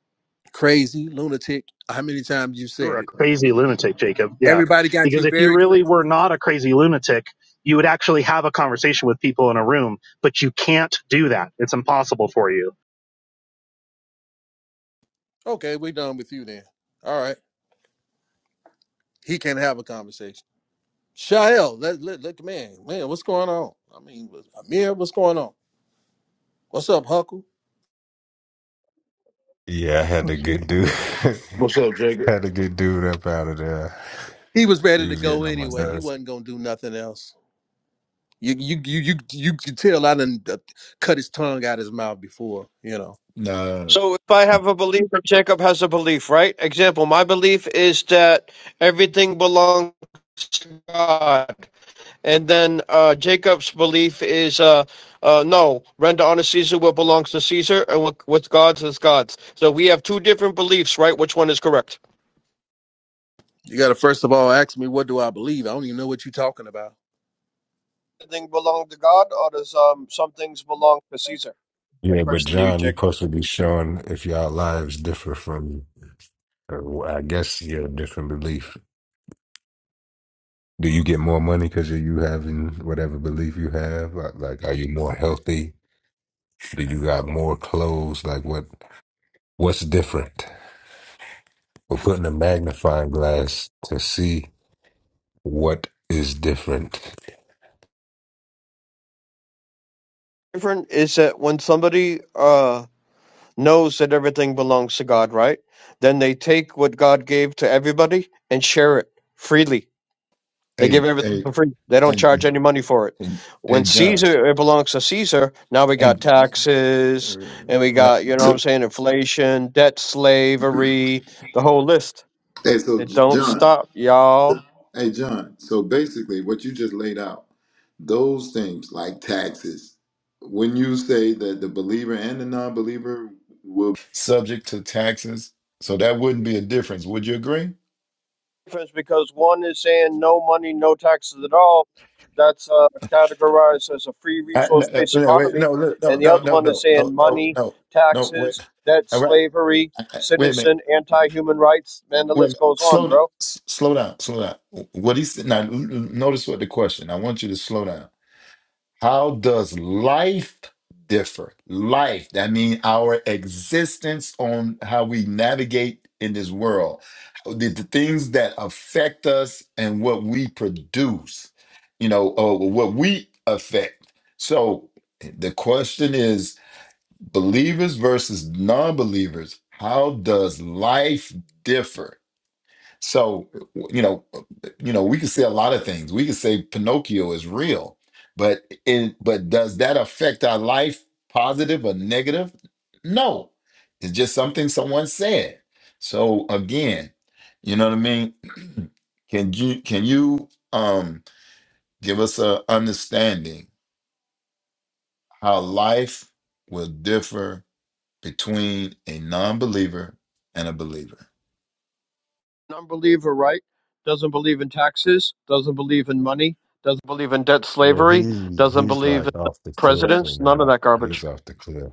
[SPEAKER 4] Crazy lunatic. How many times you
[SPEAKER 7] You were
[SPEAKER 4] said
[SPEAKER 7] a
[SPEAKER 4] it?
[SPEAKER 7] crazy lunatic, Jacob. Yeah.
[SPEAKER 4] Everybody got
[SPEAKER 7] Because
[SPEAKER 4] you
[SPEAKER 7] if you
[SPEAKER 4] very
[SPEAKER 7] really
[SPEAKER 4] clear.
[SPEAKER 7] were not a crazy lunatic, you would actually have a conversation with people in a room, but you can't do that. It's impossible for you.
[SPEAKER 4] Okay, we're done with you then. All right. He can have a conversation. Shael, let, let, let the man, man, what's going on? I mean, was- Amir, what's going on? What's up, Huckle?
[SPEAKER 1] Yeah, I had to
[SPEAKER 8] also
[SPEAKER 1] get dude
[SPEAKER 9] What's up, Jake?
[SPEAKER 1] had to get dude up out of there.
[SPEAKER 4] He was
[SPEAKER 1] He
[SPEAKER 4] ready to
[SPEAKER 1] was getting
[SPEAKER 4] go
[SPEAKER 1] on my
[SPEAKER 4] anyway. He
[SPEAKER 1] nerves.
[SPEAKER 4] wasn't gonna do nothing else. You you you you you could tell I didn't cut his tongue out his mouth before, you know.
[SPEAKER 5] Nah.
[SPEAKER 3] So if I have a belief or Jacob has a belief, right? Example, my belief is that everything belongs to God. And then uh, Jacob's belief is uh, uh, no, render unto Caesar what belongs to Caesar and what, what's God's is God's. So we have two different beliefs, right? Which one is correct?
[SPEAKER 4] You gotta first of all ask me what do I believe. I don't even know what you're talking about.
[SPEAKER 3] Everything belong to God or does um, some things belong to Caesar? My
[SPEAKER 1] Yeah, but
[SPEAKER 3] question to you,
[SPEAKER 1] John, you're
[SPEAKER 3] Jacob.
[SPEAKER 1] supposed to be showing if your lives differ from, or I guess you have different belief. Do you get more money because you having whatever belief you have? Like, like, are you more healthy? Do you got more clothes? Like what? What's different? We're putting a magnifying glass to see what is different.
[SPEAKER 3] Different is that when somebody uh, knows that everything belongs to God, right? Then they take what God gave to everybody and share it freely. They give
[SPEAKER 5] Hey,
[SPEAKER 3] everything
[SPEAKER 5] hey,
[SPEAKER 3] for free. They don't
[SPEAKER 5] hey,
[SPEAKER 3] charge any money for it.
[SPEAKER 5] hey, hey
[SPEAKER 3] When
[SPEAKER 5] John.
[SPEAKER 3] Caesar it belongs to Caesar, now we
[SPEAKER 5] Hey,
[SPEAKER 3] got taxes and we
[SPEAKER 5] Right.
[SPEAKER 3] got, you know what
[SPEAKER 5] So,
[SPEAKER 3] I'm saying, inflation, debt slavery, the whole list.
[SPEAKER 5] hey, so
[SPEAKER 3] It
[SPEAKER 5] J-
[SPEAKER 3] don't
[SPEAKER 5] John,
[SPEAKER 3] stop, y'all.
[SPEAKER 5] hey John. So basically, what you just laid out, those things like taxes. When you say that the believer and the non-believer will, Subject to taxes. So that wouldn't be a difference. Would you agree?
[SPEAKER 3] difference because one is saying no money, no taxes at all. That's uh, categorized as a free
[SPEAKER 5] I, no,
[SPEAKER 3] resource
[SPEAKER 5] uh,
[SPEAKER 3] based
[SPEAKER 5] no, wait,
[SPEAKER 3] economy.
[SPEAKER 5] no, no,
[SPEAKER 3] And
[SPEAKER 5] no,
[SPEAKER 3] the
[SPEAKER 5] no, no,
[SPEAKER 3] other one is
[SPEAKER 5] no, no,
[SPEAKER 3] saying
[SPEAKER 5] no,
[SPEAKER 3] money,
[SPEAKER 5] no, no, wait.
[SPEAKER 3] taxes, debt,
[SPEAKER 5] All right.
[SPEAKER 3] slavery,
[SPEAKER 5] I- I- Wait a
[SPEAKER 3] citizen,
[SPEAKER 5] minute.
[SPEAKER 3] anti human rights. Man, the
[SPEAKER 5] Wait a
[SPEAKER 3] list
[SPEAKER 5] minute.
[SPEAKER 3] goes on,
[SPEAKER 5] Slow down.
[SPEAKER 3] bro.
[SPEAKER 5] S- Slow down. Slow down. What he said. Now, l- l- notice what the question. I want you to slow down. How does life differ? Life, that means our existence on how we navigate in this world, the, the things that affect us and what we produce, you know, or what we affect. So the question is believers versus non believers, how does life differ? So, you know, you know, we can say a lot of things. We can say Pinocchio is real, but it, but does that affect our life, positive or negative? No, it's just something someone said. So again, you know what I mean. Can you can you um give us a understanding how life will differ between a non-believer and a believer?
[SPEAKER 3] Non believer, right? Doesn't believe in taxes, doesn't believe in money, doesn't believe in debt,
[SPEAKER 1] Yeah,
[SPEAKER 3] slavery,
[SPEAKER 1] he's
[SPEAKER 3] doesn't
[SPEAKER 1] he's
[SPEAKER 3] believe in
[SPEAKER 1] like off the cliffs in
[SPEAKER 3] presidents, none of
[SPEAKER 1] there.
[SPEAKER 3] that garbage.
[SPEAKER 1] He's off the cliff.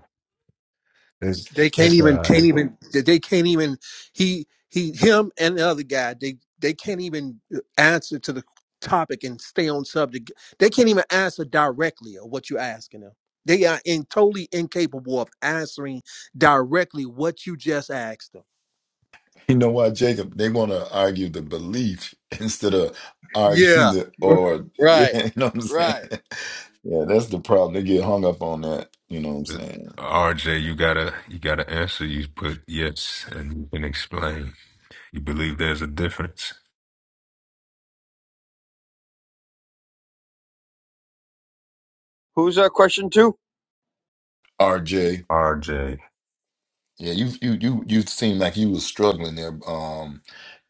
[SPEAKER 1] It's
[SPEAKER 4] They can't
[SPEAKER 1] it's
[SPEAKER 4] even
[SPEAKER 1] all
[SPEAKER 4] can't
[SPEAKER 1] right.
[SPEAKER 4] even they can't even he he him and the other guy they they can't even answer to the topic and stay on subject. They can't even answer directly of what you're asking them. They are in totally incapable of answering directly what you just asked them.
[SPEAKER 5] You know why, Jacob? They want to argue the belief instead of arguing
[SPEAKER 4] Yeah.
[SPEAKER 5] the or. You
[SPEAKER 4] Right.
[SPEAKER 5] know what I'm saying?
[SPEAKER 4] Right.
[SPEAKER 5] Yeah, that's the problem. They get hung up on that. You know what I'm saying?
[SPEAKER 1] RJ, you gotta you gotta answer. You put yes, and you can explain. You believe there's a difference,
[SPEAKER 3] Who's that question to?
[SPEAKER 5] RJ.
[SPEAKER 1] RJ.
[SPEAKER 5] Yeah, you you you you seem like you was struggling there, um,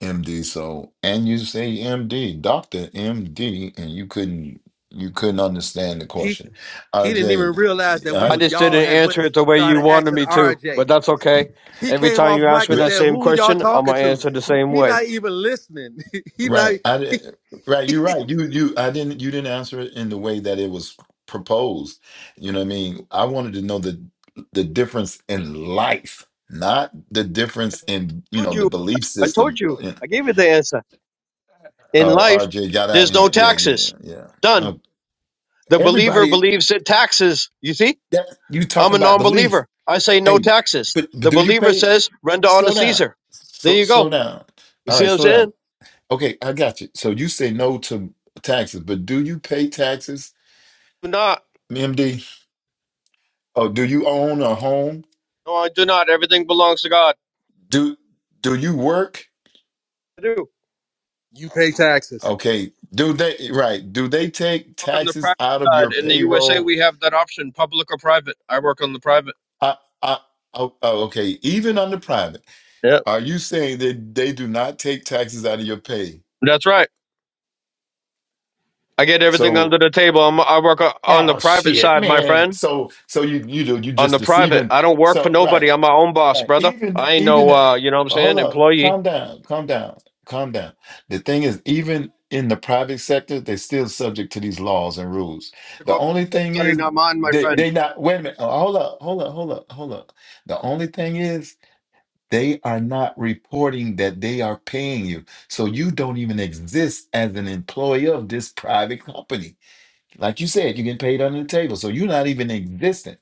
[SPEAKER 5] MD. So and you say MD, Doctor MD, and you couldn't you couldn't understand the
[SPEAKER 4] He
[SPEAKER 5] question. R
[SPEAKER 4] he didn't
[SPEAKER 5] J.
[SPEAKER 4] even realize that we
[SPEAKER 3] I
[SPEAKER 5] I.
[SPEAKER 4] was
[SPEAKER 3] just
[SPEAKER 4] y'all
[SPEAKER 3] didn't
[SPEAKER 4] had went
[SPEAKER 3] answer
[SPEAKER 4] and
[SPEAKER 3] it the way you
[SPEAKER 4] started
[SPEAKER 3] wanted
[SPEAKER 4] asking
[SPEAKER 3] me to,
[SPEAKER 4] RJ.
[SPEAKER 3] but that's okay.
[SPEAKER 4] He
[SPEAKER 3] Every
[SPEAKER 4] came
[SPEAKER 3] time
[SPEAKER 4] off
[SPEAKER 3] you ask
[SPEAKER 4] mic
[SPEAKER 3] me
[SPEAKER 4] and
[SPEAKER 3] that
[SPEAKER 4] said,
[SPEAKER 3] same
[SPEAKER 4] "Who y'all
[SPEAKER 3] question, I'm
[SPEAKER 4] talking
[SPEAKER 3] gonna
[SPEAKER 4] to?"
[SPEAKER 3] answer the same
[SPEAKER 4] He
[SPEAKER 3] way.
[SPEAKER 4] not even listening. he not.
[SPEAKER 5] Right. I did, right, you're right. You you I didn't you didn't answer it in the way that it was proposed. You know what I mean? I wanted to know the the difference in life, not the difference in, you
[SPEAKER 3] Told
[SPEAKER 5] know, the
[SPEAKER 3] you.
[SPEAKER 5] belief
[SPEAKER 3] I told
[SPEAKER 5] system.
[SPEAKER 3] you. I gave you the answer. In
[SPEAKER 5] Oh,
[SPEAKER 3] life,
[SPEAKER 5] RJ got out
[SPEAKER 3] there's
[SPEAKER 5] of
[SPEAKER 3] no
[SPEAKER 5] here. Yeah, yeah,
[SPEAKER 3] taxes.
[SPEAKER 5] yeah.
[SPEAKER 3] Done.
[SPEAKER 5] Uh,
[SPEAKER 3] The believer
[SPEAKER 5] everybody
[SPEAKER 3] believes that taxes. You see,
[SPEAKER 5] that you
[SPEAKER 3] I'm
[SPEAKER 5] talking
[SPEAKER 3] a
[SPEAKER 5] about belief.
[SPEAKER 3] non-believer. I say no
[SPEAKER 5] Hey,
[SPEAKER 3] taxes.
[SPEAKER 5] but, but
[SPEAKER 3] The
[SPEAKER 5] do you
[SPEAKER 3] believer
[SPEAKER 5] pay
[SPEAKER 3] says render unto
[SPEAKER 5] slow down.
[SPEAKER 3] Caesar. There
[SPEAKER 5] Slow
[SPEAKER 3] you
[SPEAKER 5] slow
[SPEAKER 3] go.
[SPEAKER 5] down.
[SPEAKER 3] You
[SPEAKER 5] All
[SPEAKER 3] see
[SPEAKER 5] right,
[SPEAKER 3] what I'm
[SPEAKER 5] slow down.
[SPEAKER 3] saying?
[SPEAKER 5] Okay, I got you. So you say no to taxes, but do you pay taxes?
[SPEAKER 3] Do not.
[SPEAKER 5] MD, oh, do you own a home?
[SPEAKER 3] No, I do not. Everything belongs to God.
[SPEAKER 5] Do do you work?
[SPEAKER 3] I do.
[SPEAKER 4] You pay taxes.
[SPEAKER 5] Okay. Do they right? Do they take
[SPEAKER 3] Work on the
[SPEAKER 5] taxes
[SPEAKER 3] private
[SPEAKER 5] out of your
[SPEAKER 3] side. In the USA,
[SPEAKER 5] payroll?
[SPEAKER 3] we have that option, public or private. I work on the private.
[SPEAKER 5] I, I, oh, oh, okay. Even under private,
[SPEAKER 3] Yep,
[SPEAKER 5] are you saying that they do not take taxes out of your pay?
[SPEAKER 3] that's right. I get everything under
[SPEAKER 5] So,
[SPEAKER 3] the table. I'm, I work o- on the
[SPEAKER 5] oh
[SPEAKER 3] private
[SPEAKER 5] shit,
[SPEAKER 3] side, my
[SPEAKER 5] man.
[SPEAKER 3] friend.
[SPEAKER 5] So, so you you do you
[SPEAKER 3] On
[SPEAKER 5] just
[SPEAKER 3] the private,
[SPEAKER 5] deceiving?
[SPEAKER 3] I don't work for
[SPEAKER 5] So, right.
[SPEAKER 3] nobody. I'm my own boss,
[SPEAKER 5] Right.
[SPEAKER 3] brother.
[SPEAKER 5] Even
[SPEAKER 3] I ain't
[SPEAKER 5] even
[SPEAKER 3] no,
[SPEAKER 5] the-
[SPEAKER 3] uh, you know what I'm saying,
[SPEAKER 5] hold up,
[SPEAKER 3] employee.
[SPEAKER 5] calm down, calm down, calm down. The thing is, even in the private sector, they're still subject to these laws and rules. The
[SPEAKER 3] According to
[SPEAKER 5] only
[SPEAKER 3] the
[SPEAKER 5] thing
[SPEAKER 3] Study
[SPEAKER 5] is
[SPEAKER 3] not mine, my
[SPEAKER 5] they
[SPEAKER 3] friend.
[SPEAKER 5] they not wait a minute. uh, Hold up, hold up, hold up, hold up. The only thing is they are not reporting that they are paying you. So you don't even exist as an employee of this private company. Like you said, you're getting paid under the table, so you're not even existent.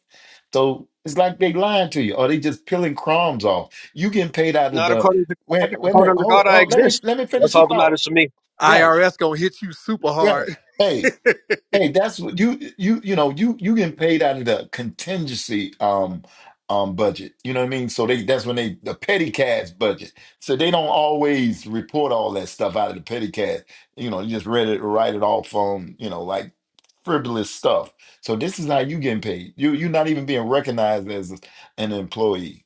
[SPEAKER 5] So it's like they lying to you, or they just peeling crumbs off. You getting paid out of
[SPEAKER 3] Not
[SPEAKER 5] the
[SPEAKER 3] according to God.
[SPEAKER 5] wait, wait a minute.
[SPEAKER 3] According to
[SPEAKER 5] Hold,
[SPEAKER 3] God, I
[SPEAKER 5] hold let me
[SPEAKER 3] exist.
[SPEAKER 5] let me finish
[SPEAKER 3] That's
[SPEAKER 5] the
[SPEAKER 3] all that
[SPEAKER 5] thought.
[SPEAKER 3] matters to me.
[SPEAKER 5] Right,
[SPEAKER 4] IRS gonna hit you super
[SPEAKER 5] right.
[SPEAKER 4] hard.
[SPEAKER 5] Hey, Hey, that's what you you you know you you getting paid out of the contingency um um budget. You know what I mean? So they that's when they the petty cash budget. So they don't always report all that stuff out of the petty cash. You know, you just read it write it off on you know like frivolous stuff. So this is how you getting paid. You you're not even being recognized as an employee.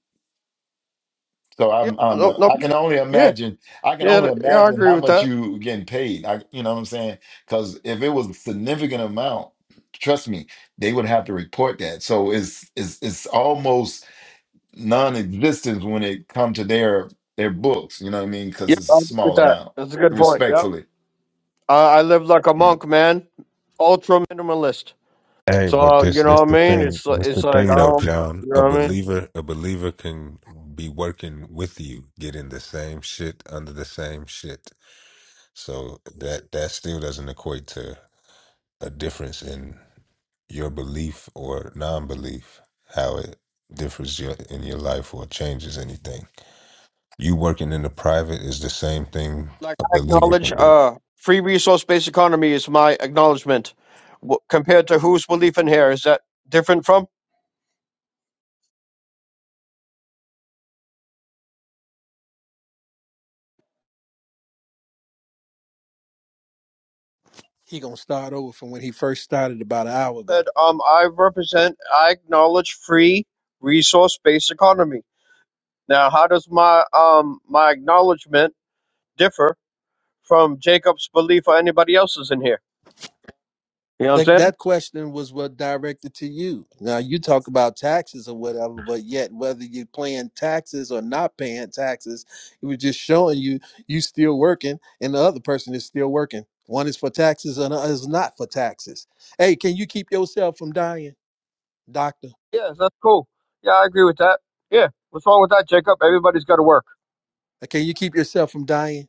[SPEAKER 5] So
[SPEAKER 3] Yep.
[SPEAKER 5] I'm, I'm
[SPEAKER 3] No.
[SPEAKER 5] a,
[SPEAKER 3] No.
[SPEAKER 5] I can only
[SPEAKER 3] Yeah.
[SPEAKER 5] imagine, I can
[SPEAKER 3] Yeah.
[SPEAKER 5] only
[SPEAKER 3] th- Yeah. I
[SPEAKER 5] imagine
[SPEAKER 3] agree
[SPEAKER 5] how
[SPEAKER 3] with
[SPEAKER 5] much
[SPEAKER 3] that.
[SPEAKER 5] you getting paid. I, you know what I'm saying? Because if it was a significant amount, trust me, they would have to report that. So it's, it's, it's almost non-existent when it come to their, their books. You know what I mean? Because
[SPEAKER 3] Yep.
[SPEAKER 5] it's
[SPEAKER 3] I
[SPEAKER 5] a
[SPEAKER 3] agree with
[SPEAKER 5] small
[SPEAKER 3] that.
[SPEAKER 5] amount,
[SPEAKER 3] That's a good point. Yep.
[SPEAKER 5] respectfully.
[SPEAKER 3] I, I live like a
[SPEAKER 5] Yeah.
[SPEAKER 3] monk, man. Ultra minimalist.
[SPEAKER 1] Hey,
[SPEAKER 3] So
[SPEAKER 1] but
[SPEAKER 3] uh,
[SPEAKER 1] this
[SPEAKER 3] you know
[SPEAKER 1] this
[SPEAKER 3] what I
[SPEAKER 1] the
[SPEAKER 3] mean?
[SPEAKER 1] thing.
[SPEAKER 3] It's li-
[SPEAKER 1] That's
[SPEAKER 3] it's
[SPEAKER 1] the
[SPEAKER 3] like
[SPEAKER 1] thing,
[SPEAKER 3] I
[SPEAKER 1] though,
[SPEAKER 3] don't.
[SPEAKER 1] John.
[SPEAKER 3] You know
[SPEAKER 1] A
[SPEAKER 3] what I mean?
[SPEAKER 1] believer, a believer can be working with you, getting the same shit under the same shit. So that that still doesn't equate to a difference in your belief or non-belief. How it differs your, in your life or changes anything. You working in the private is the same thing
[SPEAKER 3] Like
[SPEAKER 1] a
[SPEAKER 3] I
[SPEAKER 1] believer can
[SPEAKER 3] acknowledge,
[SPEAKER 1] do.
[SPEAKER 3] uh, free resource based economy is my acknowledgement. W- compared to whose belief in here is that different from?
[SPEAKER 4] he gonna start over from when he first started about an hour
[SPEAKER 3] said,
[SPEAKER 4] ago.
[SPEAKER 3] um, I represent, I acknowledge free resource-based economy. Now, how does my um my acknowledgement differ from Jacob's belief or anybody else's in here? You know what I'm
[SPEAKER 4] That
[SPEAKER 3] saying?
[SPEAKER 4] that question was what directed to you. Now you talk about taxes or whatever, but yet whether you're paying taxes or not paying taxes, it was just showing you you still working and the other person is still working. One is for taxes and the other is not for taxes. Hey, can you keep yourself from dying? Doctor,
[SPEAKER 3] Yes, that's cool. Yeah, I agree with that. Yeah, what's wrong with that, Jacob? Everybody's got to work.
[SPEAKER 4] can you keep yourself from dying?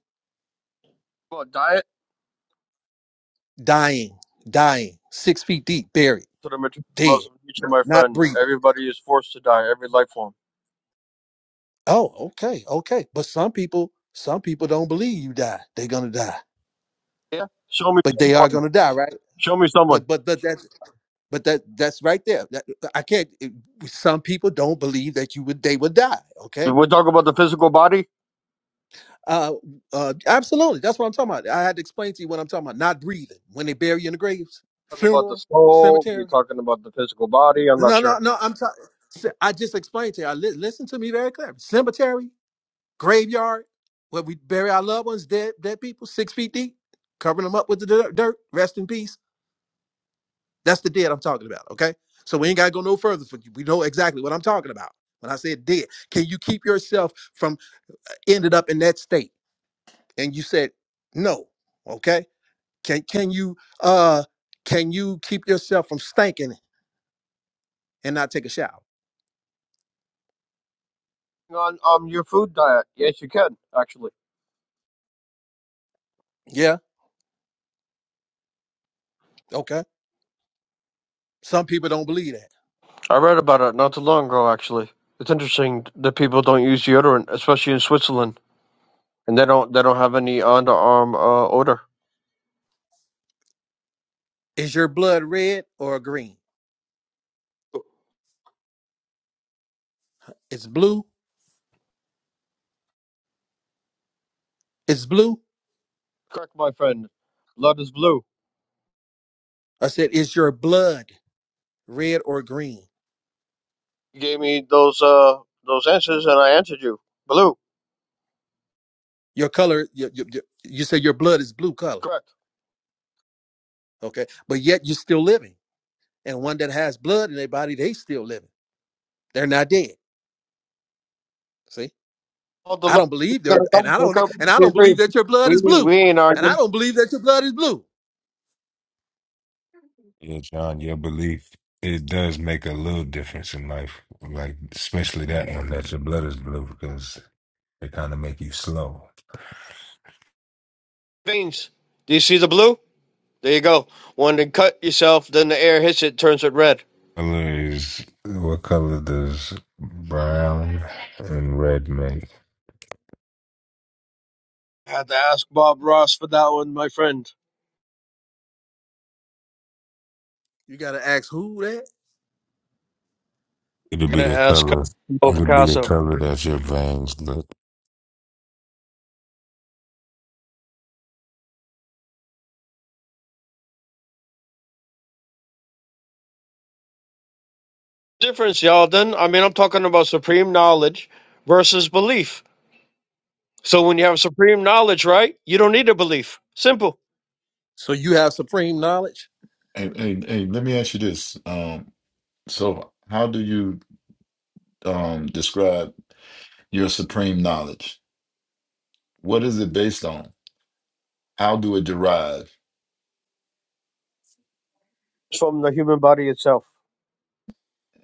[SPEAKER 3] Well, diet
[SPEAKER 4] Dying, dying, six feet deep, buried,
[SPEAKER 3] to the material laws
[SPEAKER 4] dead,
[SPEAKER 3] of nature, my
[SPEAKER 4] not
[SPEAKER 3] friend.
[SPEAKER 4] breathing.
[SPEAKER 3] Everybody is forced to die. Every life form.
[SPEAKER 4] Oh, okay, okay. But some people, some people don't believe you die. They're gonna die,
[SPEAKER 3] Yeah. Show me
[SPEAKER 4] but they are
[SPEAKER 3] someone.
[SPEAKER 4] gonna die, right?
[SPEAKER 3] Show me someone.
[SPEAKER 4] But but but that but that that's right there. That, I can't. it- some people don't believe that you would they would die. Okay.
[SPEAKER 3] We're talking about the physical body.
[SPEAKER 4] Uh, uh, absolutely. That's what I'm talking about. I had to explain to you what I'm talking about. Not breathing when they bury you in the graves,
[SPEAKER 3] Talk about the
[SPEAKER 4] funeral,
[SPEAKER 3] soul.
[SPEAKER 4] cemetery.
[SPEAKER 3] You're talking about the physical body. I'm not
[SPEAKER 4] No, no,
[SPEAKER 3] sure.
[SPEAKER 4] no. I'm sorry. I just explained to you. I li- listen to me very clearly. Cemetery, graveyard, where we bury our loved ones, dead, dead people, six feet deep, covering them up with the dirt, dirt. Rest in peace. That's the dead I'm talking about. Okay, so we ain't gotta go no further. For you. We know exactly what I'm talking about when I said dead. Can you keep yourself from ended up in that state? And you said no. Okay. Can can you uh can you keep yourself from stinking and not take a shower?
[SPEAKER 3] On um your food diet. Yes, you can actually.
[SPEAKER 4] Yeah. Okay. Some people don't believe that.
[SPEAKER 3] I read about it not too long ago. Actually, it's interesting that people don't use deodorant, especially in Switzerland, and they don't they don't have any underarm uh, odor.
[SPEAKER 4] Is your blood red or green? It's blue. It's blue.
[SPEAKER 3] Correct, my friend. Blood is blue.
[SPEAKER 4] I said, Is your blood red or green?
[SPEAKER 3] You gave me those uh those answers, and I answered you. Blue.
[SPEAKER 4] Your color, you, you, you, you said your blood is blue color.
[SPEAKER 3] Correct.
[SPEAKER 4] Okay. But yet you're still living. And one that has blood in their body, they still living. They're not dead. See?
[SPEAKER 3] All the
[SPEAKER 4] I
[SPEAKER 3] love.
[SPEAKER 4] don't believe
[SPEAKER 3] that
[SPEAKER 4] they're
[SPEAKER 3] I
[SPEAKER 4] and I don't
[SPEAKER 3] got, Jacob.
[SPEAKER 4] and I
[SPEAKER 3] We
[SPEAKER 4] don't
[SPEAKER 3] agree.
[SPEAKER 4] believe that your blood
[SPEAKER 3] We
[SPEAKER 4] is blue.
[SPEAKER 3] we ain't
[SPEAKER 4] And
[SPEAKER 3] arguing.
[SPEAKER 4] I don't believe that your blood is blue.
[SPEAKER 1] Yeah, John, your belief, it does make a little difference in life. Like, especially that one that your blood is blue because it kind of make you slow.
[SPEAKER 3] veins. Do you see the blue? There you go. When they cut yourself, then the air hits it, turns it red.
[SPEAKER 1] Color is, what color does brown and red make?
[SPEAKER 3] Had to ask Bob Ross for that one, my friend.
[SPEAKER 4] You gotta ask who that?
[SPEAKER 1] It'll
[SPEAKER 3] I'm
[SPEAKER 1] be
[SPEAKER 3] gonna
[SPEAKER 1] the
[SPEAKER 3] ask
[SPEAKER 1] color,
[SPEAKER 3] Bob
[SPEAKER 1] it'll be the
[SPEAKER 3] Picasso.
[SPEAKER 1] color that your veins look.
[SPEAKER 3] Difference, y'all. Then I mean, I'm talking about supreme knowledge versus belief. So when you have supreme knowledge, right, you don't need a belief. Simple.
[SPEAKER 4] So you have supreme knowledge?
[SPEAKER 5] Hey, hey, hey, let me ask you this. Um, so how do you um describe your supreme knowledge? What is it based on? How do it derive?
[SPEAKER 3] It's From the human body itself.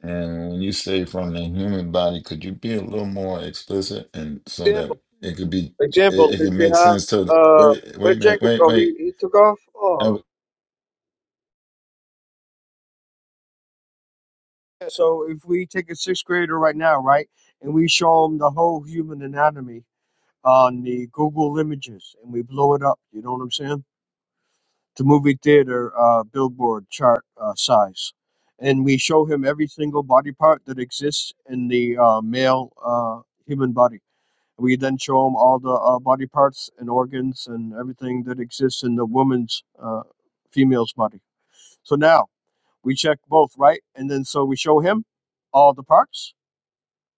[SPEAKER 5] And when you say from the human body, could you be a little more explicit and so
[SPEAKER 3] Example.
[SPEAKER 5] that it could be, it,
[SPEAKER 3] Example.
[SPEAKER 5] it
[SPEAKER 3] If
[SPEAKER 5] could
[SPEAKER 3] you
[SPEAKER 5] make
[SPEAKER 3] have,
[SPEAKER 5] sense to the,
[SPEAKER 3] uh,
[SPEAKER 5] wait,
[SPEAKER 3] where
[SPEAKER 5] wait, man,
[SPEAKER 3] Jacob
[SPEAKER 5] wait,
[SPEAKER 3] go? He
[SPEAKER 5] wait.
[SPEAKER 3] he took off. Oh.
[SPEAKER 5] I,
[SPEAKER 3] So if we take a sixth grader right now, right, and we show them the whole human anatomy on the Google images, and we blow it up, you know what I'm saying? To movie theater uh, billboard chart uh, size, and we show him every single body part that exists in the uh, male uh, human body. We then show him all the uh, body parts and organs and everything that exists in the woman's uh, female's body. So now we check both, right? And then so we show him all the parts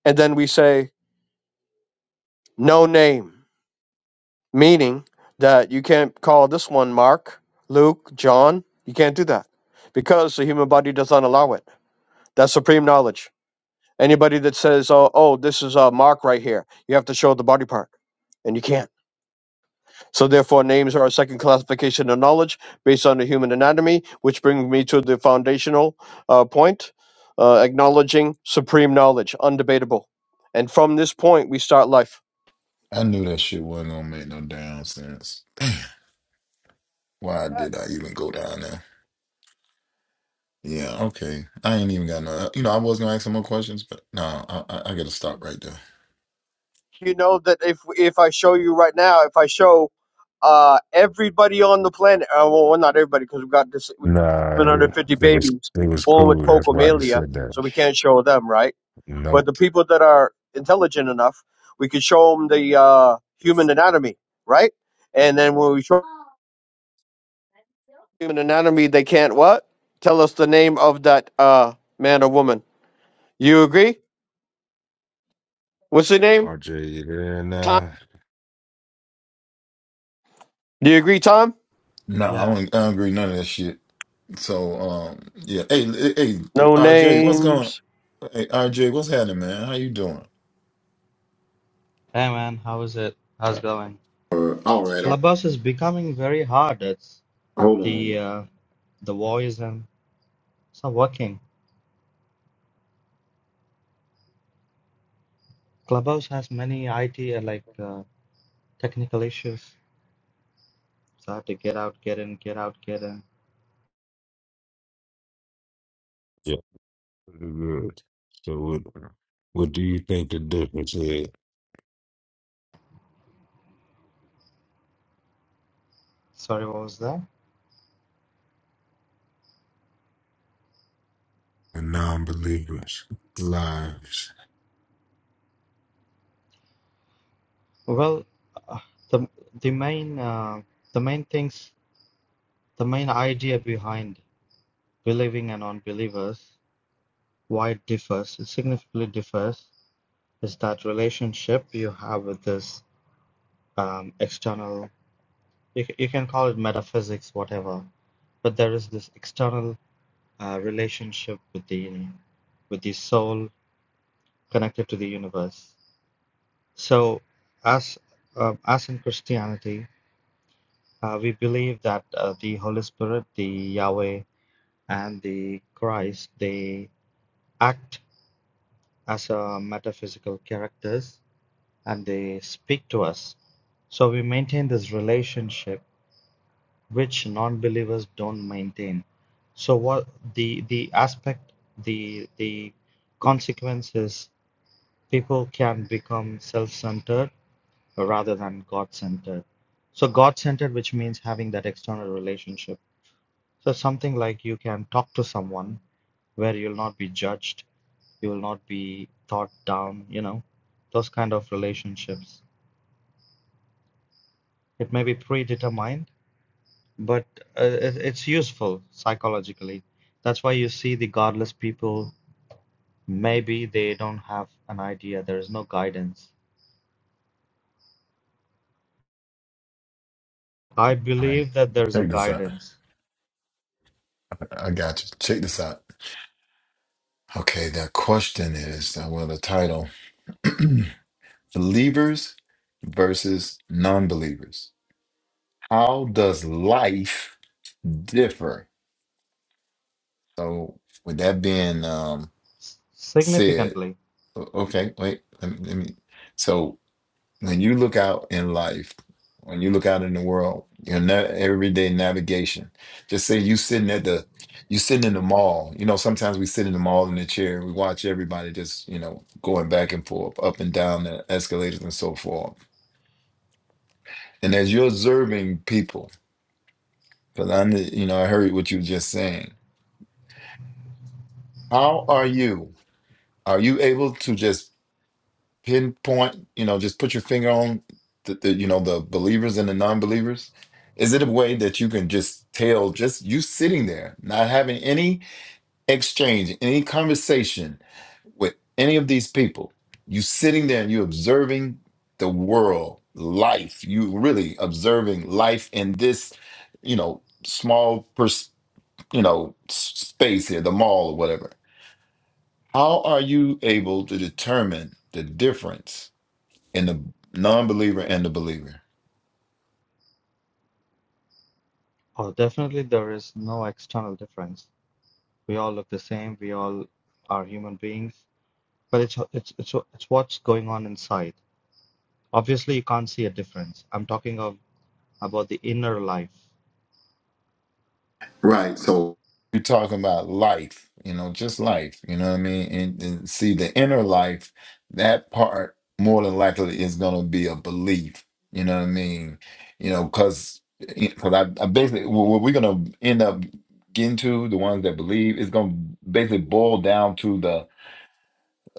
[SPEAKER 3] and then we say no name, meaning that you can't call this one Mark, Luke, John. You can't do that because the human body does not allow it. That's supreme knowledge. Anybody that says, "Oh, oh, this is uh, Mark right here," you have to show the body part, and you can't. So therefore, names are a second classification of knowledge based on the human anatomy, which brings me to the foundational uh, point, uh, acknowledging supreme knowledge, undebatable. And from this point, we start life
[SPEAKER 5] I knew that shit wasn't gonna make no damn sense. Why did I even go down there? Yeah, okay. I ain't even got no, you know, I was gonna ask some more questions, but no, I, I, I gotta stop right there.
[SPEAKER 3] you know that if if I show you right now, if I show uh everybody on the planet, uh, well, well, not everybody because we've got this
[SPEAKER 1] Nah, it,
[SPEAKER 3] 750
[SPEAKER 1] it was,
[SPEAKER 3] babies
[SPEAKER 1] it was
[SPEAKER 3] born with
[SPEAKER 1] cool. That's why he
[SPEAKER 3] pocomalia,
[SPEAKER 1] said that.
[SPEAKER 3] so we can't show them, right? But
[SPEAKER 1] Nope.
[SPEAKER 3] the people that are intelligent enough, we could show them the uh, human anatomy, right? And then when we show human anatomy, they can't what? Tell us the name of that uh man or woman. You agree? What's the name?
[SPEAKER 1] RJ, you there
[SPEAKER 3] Tom.
[SPEAKER 1] now?
[SPEAKER 3] Do you agree, Tom?
[SPEAKER 5] No, I
[SPEAKER 6] Yeah.
[SPEAKER 5] don't, I don't agree with none of that shit. So, um, yeah. Hey, hey, hey,
[SPEAKER 3] No
[SPEAKER 5] RJ, what's
[SPEAKER 3] names.
[SPEAKER 5] going Hey, RJ, what's happening, man? How you doing?
[SPEAKER 6] Hey man, how is it? How's it going?
[SPEAKER 5] Uh, all right, all right.
[SPEAKER 6] Clubhouse is becoming very hard. It's
[SPEAKER 5] Hold on,
[SPEAKER 6] the uh, the voice and it's not working. Clubhouse has many IT and like uh, technical issues. So I have to get out, get in, get out, get in.
[SPEAKER 1] Yeah. Pretty Good. So what, what do you think the difference is?
[SPEAKER 6] Sorry, what was that?
[SPEAKER 1] and non believers' lives.
[SPEAKER 6] Well, uh, the the main uh, the main things. The main idea behind believing and unbelievers, why it differs, it significantly differs, is that relationship you have with this um, external, you, ca- you can call it metaphysics, whatever, but there is this external uh, relationship with the, with the soul connected to the universe. So, as um, as in Christianity, uh, we believe that uh, the Holy Spirit, the Yahweh, and the Christ, they act as a metaphysical characters and they speak to us. So we maintain this relationship which non-believers don't maintain. So what the the aspect the the consequences people can become self-centered rather than God-centered. So God-centered which means having that external relationship. So something like you can talk to someone where you'll not be judged you will not be thought down, you know, those kind of relationships. It may be predetermined, but uh, it- it's useful psychologically. That's why you see the godless people, maybe they don't have an idea, there is no guidance. I
[SPEAKER 5] All right,
[SPEAKER 6] believe that there is a
[SPEAKER 5] check this out.
[SPEAKER 6] guidance
[SPEAKER 5] I got you. Check this out. Okay, the question is, uh, well, the title, believers versus non-believers. How does life differ? So, with that being um,
[SPEAKER 6] S-
[SPEAKER 5] said,
[SPEAKER 6] significantly.
[SPEAKER 5] o- okay, wait, let me, let me. So, When you look out in life, when you look out in the world, your na- everyday navigation. Just say you sitting at the, you sitting in the mall. You know, sometimes we sit in the mall in the chair. We watch everybody just, you know, going back and forth, up and down the escalators and so forth. And as you're observing people, because I, kn- you know, I heard what you were just saying. How are you? Are you able to just pinpoint, you know, just put your finger on the, the you know, the believers and the non-believers? Is it a way that you can just tell just you sitting there, not having any exchange, any conversation with any of these people? You sitting there and you observing the world, life. You really observing life in this, you know, small pers- you know, s- space here, the mall or whatever. How are you able to determine the difference? and the non-believer and the believer.
[SPEAKER 6] Oh, definitely there is no external difference. We all look the same, we all are human beings, but it's it's it's it's what's going on inside. Obviously, you can't see a difference. I'm talking of, about the inner life.
[SPEAKER 5] Right. So You're talking about life, you know, just life. You know what I mean? And, and see the inner life. That part more than likely is going to be a belief. You know what I mean? You know, because because I, I basically what what we're going to end up getting to the ones that believe is going to basically boil down to the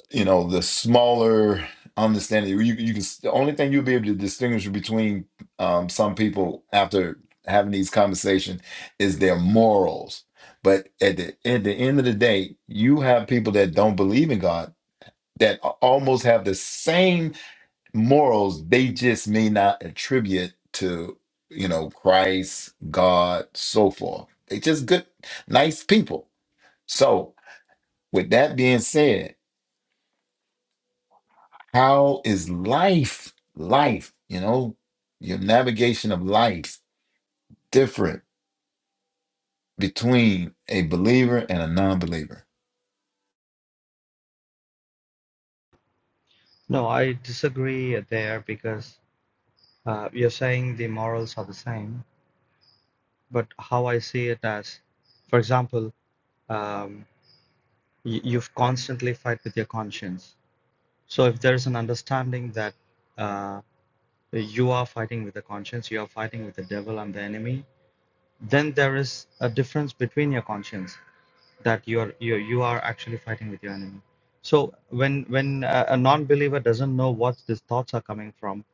[SPEAKER 5] you know the smaller understanding you, you can the only thing you'll be able to distinguish between um, some people after having these conversations is their morals but at the at the end of the day you have people that don't believe in god that a- almost have the same morals they just may not attribute to you know christ god so forth they just good nice people so with that being said How is life, life, you know, your navigation of life different between a believer and a non-believer?
[SPEAKER 6] No, I disagree there because uh, you're saying the morals are the same, but how I see it as, for example, um, you, you've constantly fight with your conscience. So if there's an understanding that uh, you are fighting with the conscience, you are fighting with the devil and the enemy, then there is a difference between your conscience. that you are you you are actually fighting with your enemy so when when a, a non-believer doesn't know what these thoughts are coming from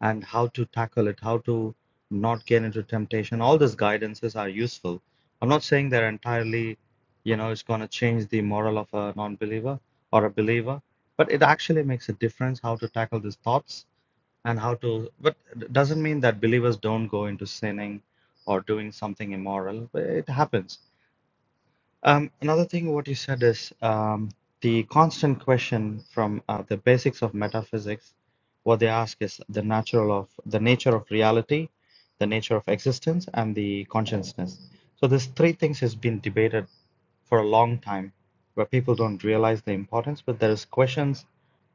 [SPEAKER 6] and how to tackle it how to not get into temptation all these guidances are useful i'm not saying they're entirely you know it's going to change the moral of a non-believer or a believer but it actually makes a difference how to tackle these thoughts and how to but it doesn't mean that believers don't go into sinning or doing something immoral it happens um, another thing what you said is um, the constant question from uh, the basics of metaphysics. What they ask is the natural of the nature of reality, the nature of existence, and the consciousness. So these three things has been debated for a long time, where people don't realize the importance, but there is questions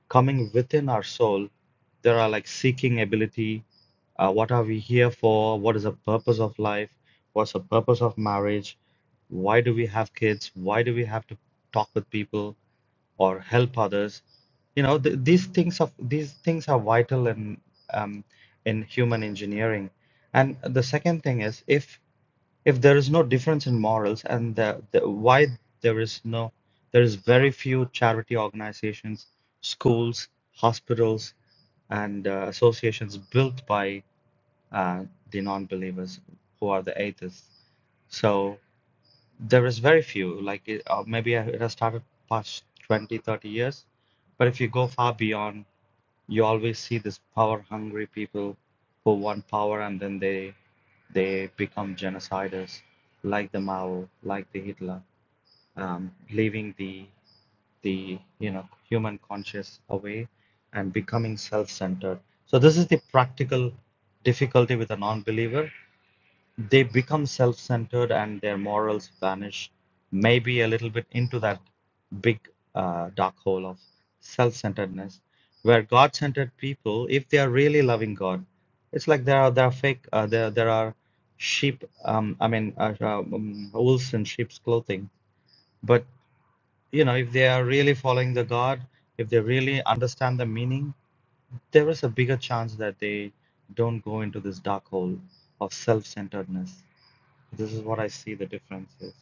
[SPEAKER 6] coming within our soul, there are like seeking ability. Uh, what are we here for? What is the purpose of life? What's the purpose of marriage? Why do we have kids? Why do we have to talk with people or help others? You know, th these things of these things are vital in um, in human engineering. And the second thing is if if there is no difference in morals and the, the why there is no there is very few charity organizations schools hospitals and uh, associations built by uh, the non-believers who are the atheists so there is very few like it, uh, maybe it has started past 20, 30 years but if you go far beyond you always see this power hungry people who want power and then they they become genociders like the Mao, like the Hitler, um, leaving the the you know human conscious away and becoming self-centered. So this is the practical difficulty with a non-believer they become self-centered and their morals vanish, maybe a little bit into that big uh, dark hole of self-centeredness, where God-centered people, if they are really loving God, it's like there are there are fake uh, there there are sheep um, I mean uh, uh, um, wolves in sheep's clothing, but you know if they are really following the God, if they really understand the meaning, there is a bigger chance that they don't go into this dark hole of self-centeredness. This is what I see the difference is.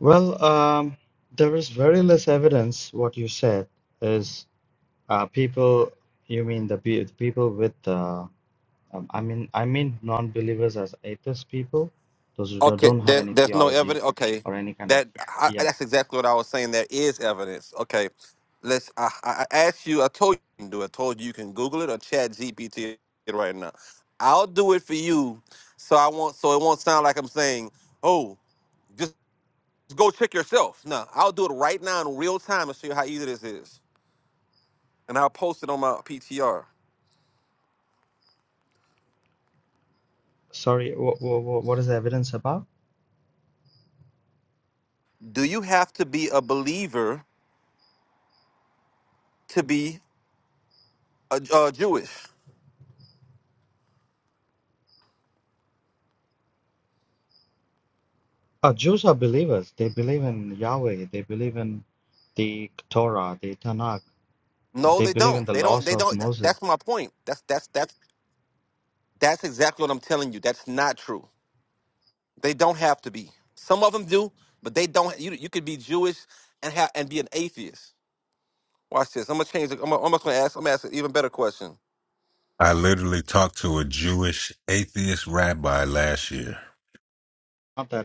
[SPEAKER 6] Well, um, there is very less evidence. What you said is uh, people. You mean the, pe- people with? Uh, um, I mean, I mean non-believers as atheist people, those who don't don't have any theology or any kind of. Yeah. Sorry. What, what, what is the evidence about? Uh, Jews are believers. They believe in Yahweh. They believe in the Torah, the Tanakh. They believe in the laws of Moses.
[SPEAKER 1] I literally talked to a Jewish atheist rabbi last year.
[SPEAKER 6] Not that.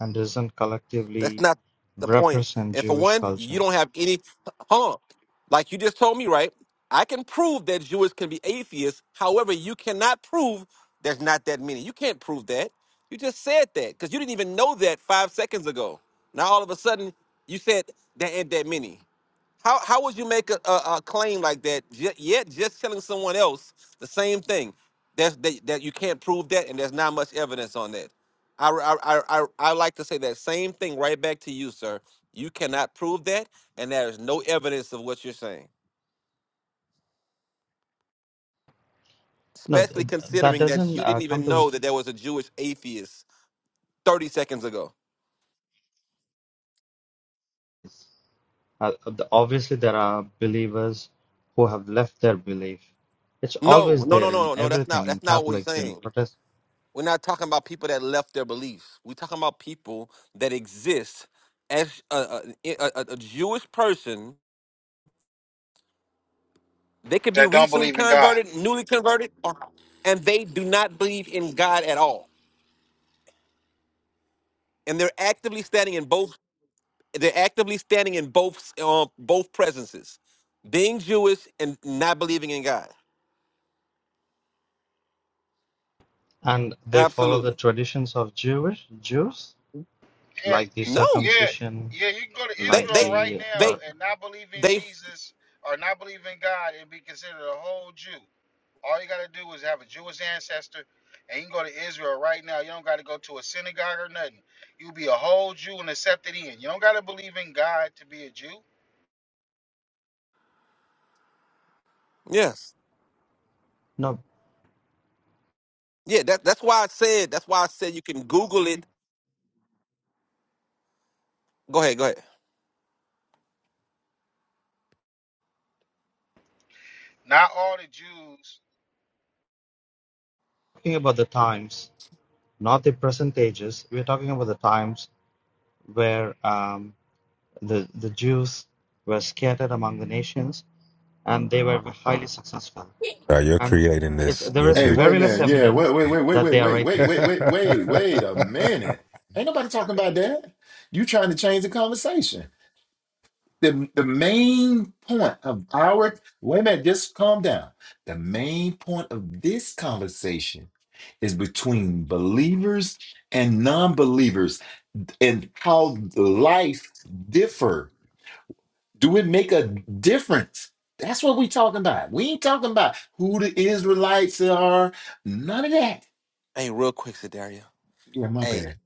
[SPEAKER 6] and doesn't collectively represent Jewish culture. No, th- th- that doesn't uh, come to this. Uh, the- obviously, there are believers who have left their belief. It's always there in everything, in Catholics, in Protestants,
[SPEAKER 10] that don't believe in God.
[SPEAKER 6] and they follow the traditions of Jewish Jews,
[SPEAKER 10] Yeah, y-
[SPEAKER 6] like the
[SPEAKER 10] yeah,
[SPEAKER 6] circumcision,
[SPEAKER 10] yeah. You can go to
[SPEAKER 6] like
[SPEAKER 10] Israel right
[SPEAKER 6] the
[SPEAKER 10] now
[SPEAKER 6] uh,
[SPEAKER 10] and not believe in Jesus or not believe in God and be considered a whole Jew. All you got to do is have a Jewish ancestor, and you can go to Israel right now. You don't got to go to a synagogue or nothing. You'll be a whole Jew and accepted in. You don't got to believe in God to be a Jew.
[SPEAKER 6] no.
[SPEAKER 10] Not all the Jews.
[SPEAKER 6] Talking about the times, not the present ages. We're talking about the times where um, The, the Jews were scattered among the nations and they were highly successful.
[SPEAKER 1] Now you're
[SPEAKER 6] And
[SPEAKER 1] creating
[SPEAKER 6] it,
[SPEAKER 1] this.
[SPEAKER 6] there
[SPEAKER 1] You're
[SPEAKER 6] is
[SPEAKER 5] Hey,
[SPEAKER 1] creating.
[SPEAKER 5] wait a
[SPEAKER 6] very less
[SPEAKER 5] minute. Yeah, wait,
[SPEAKER 6] evidence
[SPEAKER 5] wait, wait, wait,
[SPEAKER 6] that
[SPEAKER 5] wait,
[SPEAKER 6] they are
[SPEAKER 5] wait, wait,
[SPEAKER 6] rapists.
[SPEAKER 5] wait, wait, wait, wait a minute. Ain't nobody talking about that. You trying to change the conversation. the, the main point of our wait a minute, just calm down. The main point of this conversation is between believers and non-believers and how life differ. Do it make a difference? That's what we talking about. We ain't talking about who the Israelites are, none of that. Yeah, my bad.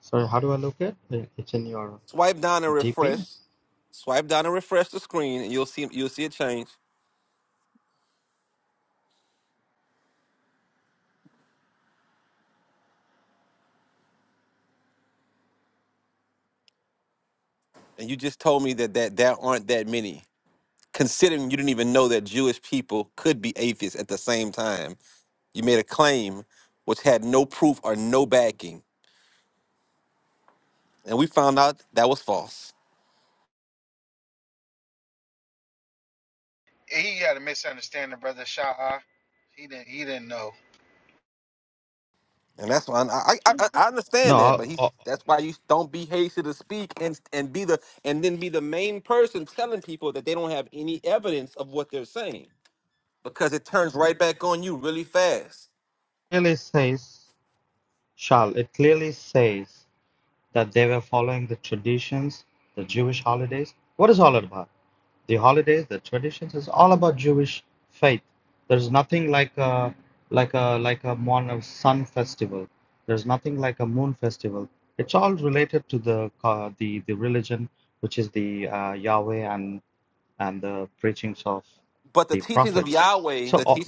[SPEAKER 6] Sorry, how do I look at it? It's in your GP?
[SPEAKER 10] He had a misunderstanding, brother Shah. He didn't. He didn't know.
[SPEAKER 6] No, o- clearly says, Shal, it clearly says that they were following the traditions, the Jewish holidays. What is all about? the holidays, the traditions. is all about Jewish faith. There's nothing like a like a like a mon a sun festival. There's nothing like a moon festival. It's all related to the uh, the the religion, which is the uh, Yahweh and and the preachings of the prophets. So uh,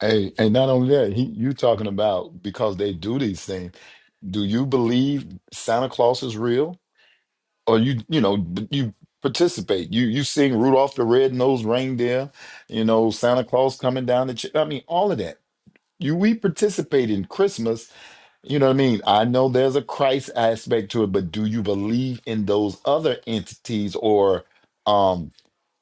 [SPEAKER 5] Hey, and not only that, he, you talking about because they do these things. Do you believe Santa Claus is real? or you you know you participate you you sing rudolph the red-nosed reindeer you know santa claus coming down the ch- i mean all of that you we participate in christmas you know what i mean i know there's a christ aspect to it but do you believe in those other entities or um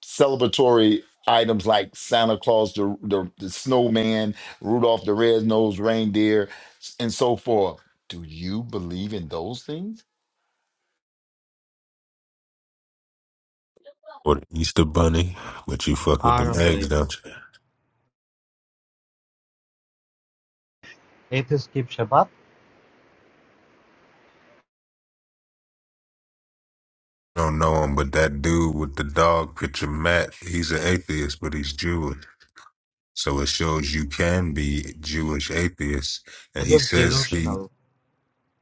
[SPEAKER 5] celebratory items like santa claus the, the, the snowman rudolph the red-nosed reindeer and so forth do you believe in those things
[SPEAKER 1] or the Easter Bunny, but you fuck with
[SPEAKER 6] I
[SPEAKER 1] them
[SPEAKER 6] don't
[SPEAKER 1] eggs,
[SPEAKER 6] believe
[SPEAKER 1] don't you?
[SPEAKER 6] atheists keep Shabbat.
[SPEAKER 1] Don't know him, but that dude with the dog picture, Matt, he's an atheist, but he's Jewish. So it shows you can be Jewish atheist. And
[SPEAKER 6] They're
[SPEAKER 1] he
[SPEAKER 6] just
[SPEAKER 1] says he,
[SPEAKER 6] delusional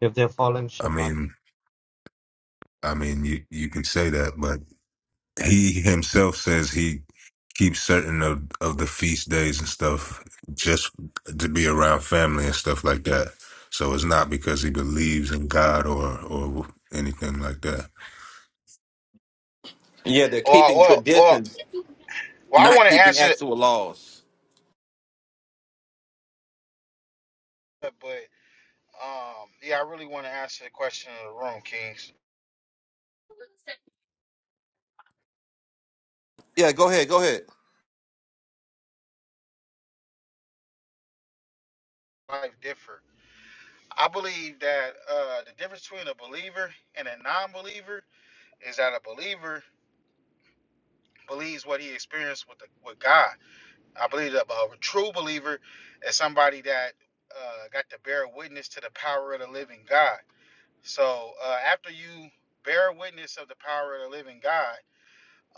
[SPEAKER 6] if they're following
[SPEAKER 1] I
[SPEAKER 6] Shabbat.
[SPEAKER 1] mean, I mean, you, you can say that, but. He himself says he keeps certain of, of the feast days and stuff just to be around family and stuff like that. So it's not because he believes in God or or anything like that.
[SPEAKER 10] Or, or, or. Well, I want to answer, but Um, yeah, I really want to answer the question in the room, Kings. Life differ. I believe that uh, the difference between a believer and a non-believer is that a believer believes what he experienced with the, with God. I believe that a true believer is somebody that uh, got to bear witness to the power of the living God. So uh, after you bear witness of the power of the living God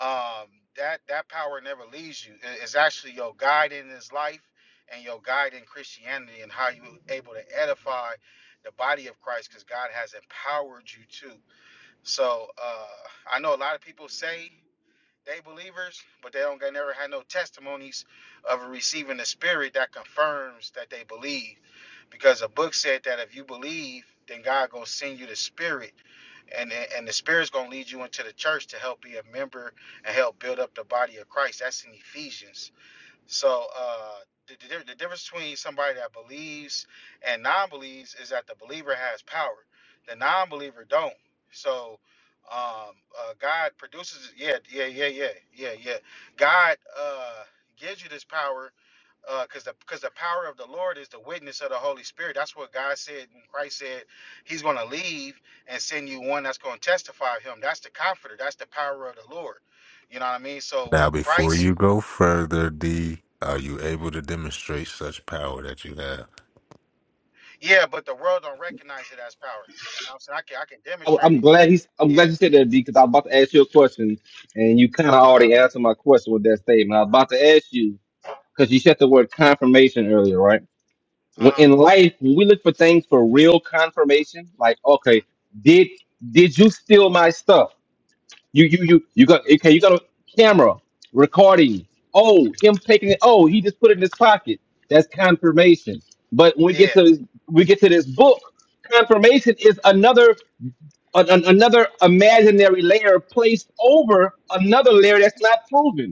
[SPEAKER 10] um, that that power never leaves you. It- It's actually your guide in this life and your guide in Christianity and how you able to edify the body of Christ because God has empowered you to. So uh, I know a lot of people say. They believers, but they don't they never had no testimonies of receiving the spirit that confirms that they believe. Because the book said that if you believe, then God gonna send you the spirit and and the spirit's gonna lead you into the church to help be a member and help build up the body of Christ. That's in Ephesians. So uh, the, the, the difference between somebody that believes and non-believes is that the believer has power. The non-believer don't. So um, uh, God produces. Yeah, yeah, yeah, yeah, yeah, yeah. God uh, gives you this power because the because the power of the Lord is the witness of the Holy Spirit. That's what God said. And Christ said He's going to leave and send you one that's going to testify of Him. That's the Comforter. That's the power of the Lord. You know what I mean? So
[SPEAKER 1] Now,
[SPEAKER 10] when
[SPEAKER 1] before
[SPEAKER 10] Christ
[SPEAKER 1] you go further, D, are you able to demonstrate such power that you have?
[SPEAKER 10] Yeah, but the world don't recognize it as power. You know what I'm saying I can I can
[SPEAKER 11] I,
[SPEAKER 10] demonstrate
[SPEAKER 11] I'm
[SPEAKER 10] it.
[SPEAKER 11] glad he's. I'm glad
[SPEAKER 10] Yeah.
[SPEAKER 11] you said that D, because I was about to ask you a question, and you kind of
[SPEAKER 10] Uh-huh.
[SPEAKER 11] already answered my question with that statement. I was about to ask you because you said the word confirmation earlier, right? When,
[SPEAKER 10] Uh-huh.
[SPEAKER 11] in life, when we look for things for real confirmation, like okay,
[SPEAKER 10] Mm,
[SPEAKER 11] did did you steal my stuff? You you you you got okay? You got a camera recording. Oh, him taking it. Oh, he just put it in his pocket. That's confirmation. But when we get
[SPEAKER 10] yeah.
[SPEAKER 11] to we get to this book, confirmation is another an, an- another imaginary layer placed over another layer that's not proven.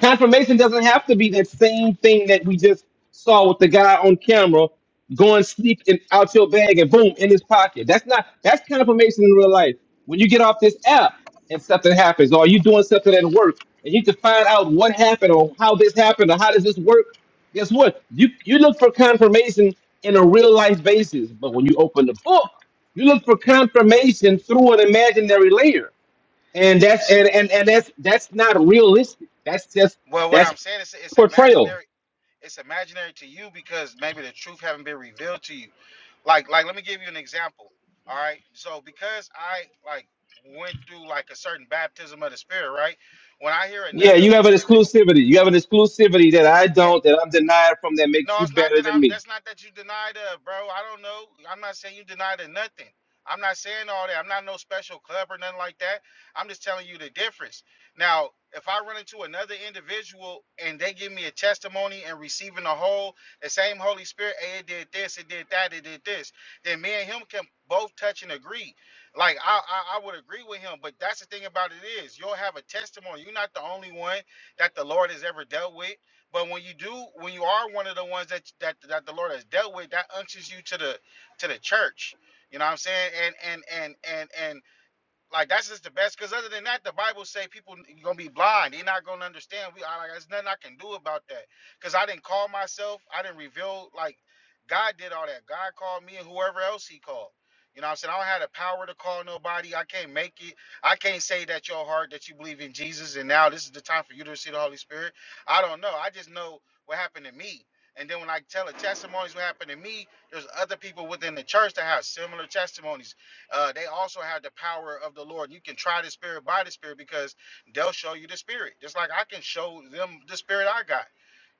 [SPEAKER 11] Confirmation doesn't have to be that same thing that we just saw with the guy on camera going sleep in out your bag and boom in his pocket. That's not that's confirmation in real life. When you get off this app and something happens, or you doing something at work and you need to find out what happened or how this happened or how does this work, guess what? You you look for confirmation in a real life basis, but when you open the book, you look for confirmation through an imaginary layer and that's
[SPEAKER 10] S-
[SPEAKER 11] and, and and that's that's not realistic. That's just
[SPEAKER 10] Well, what
[SPEAKER 11] that's
[SPEAKER 10] I'm saying is it's
[SPEAKER 11] portrayal.
[SPEAKER 10] imaginary. It's imaginary to you because maybe the truth haven't been revealed to you. Like like let me give you an example. All right. So because I like went through like a certain baptism of the spirit, right? When I hear
[SPEAKER 11] Yeah,
[SPEAKER 10] another
[SPEAKER 11] you have an
[SPEAKER 10] individual
[SPEAKER 11] exclusivity. You have an exclusivity that I
[SPEAKER 10] yeah,
[SPEAKER 11] don't, that I'm denied from, that makes
[SPEAKER 10] No,
[SPEAKER 11] you
[SPEAKER 10] it's not
[SPEAKER 11] better
[SPEAKER 10] that
[SPEAKER 11] than
[SPEAKER 10] I'm.
[SPEAKER 11] me.
[SPEAKER 10] That's not that you denied her, bro. I don't know. I'm not saying you denied her nothing. I'm not saying all that. I'm not no special club or nothing like that. I'm just telling you the difference. Now, if I run into another individual and they give me a testimony and receiving the whole, the same Holy Spirit, hey, it did this, it did that, it did this, then me and him can both touch and agree. Like I, I, I would agree with him. But that's the thing about it is, you'll have a testimony. You're not the only one that the Lord has ever dealt with. But when you do, when you are one of the ones that that that the Lord has dealt with, that unctions you to the to the church. You know what I'm saying? And and and and and like that's just the best. Because other than that, the Bible say people n- gonna be blind. They're not gonna understand. We I, like there's nothing I can do about that. Because I didn't call myself. I didn't reveal. Like God did all that. God called me and whoever else He called. You know what I'm saying? I don't have the power to call nobody. I can't make it. I can't say that your heart that you believe in Jesus and now this is the time for you to receive the Holy Spirit. I don't know. I just know what happened to me. And then when I tell the testimonies what happened to me, there's other people within the church that have similar testimonies uh, they also have the power of the Lord. You can try the Spirit by the Spirit because they'll show you the Spirit. Just like I can show them the Spirit I got.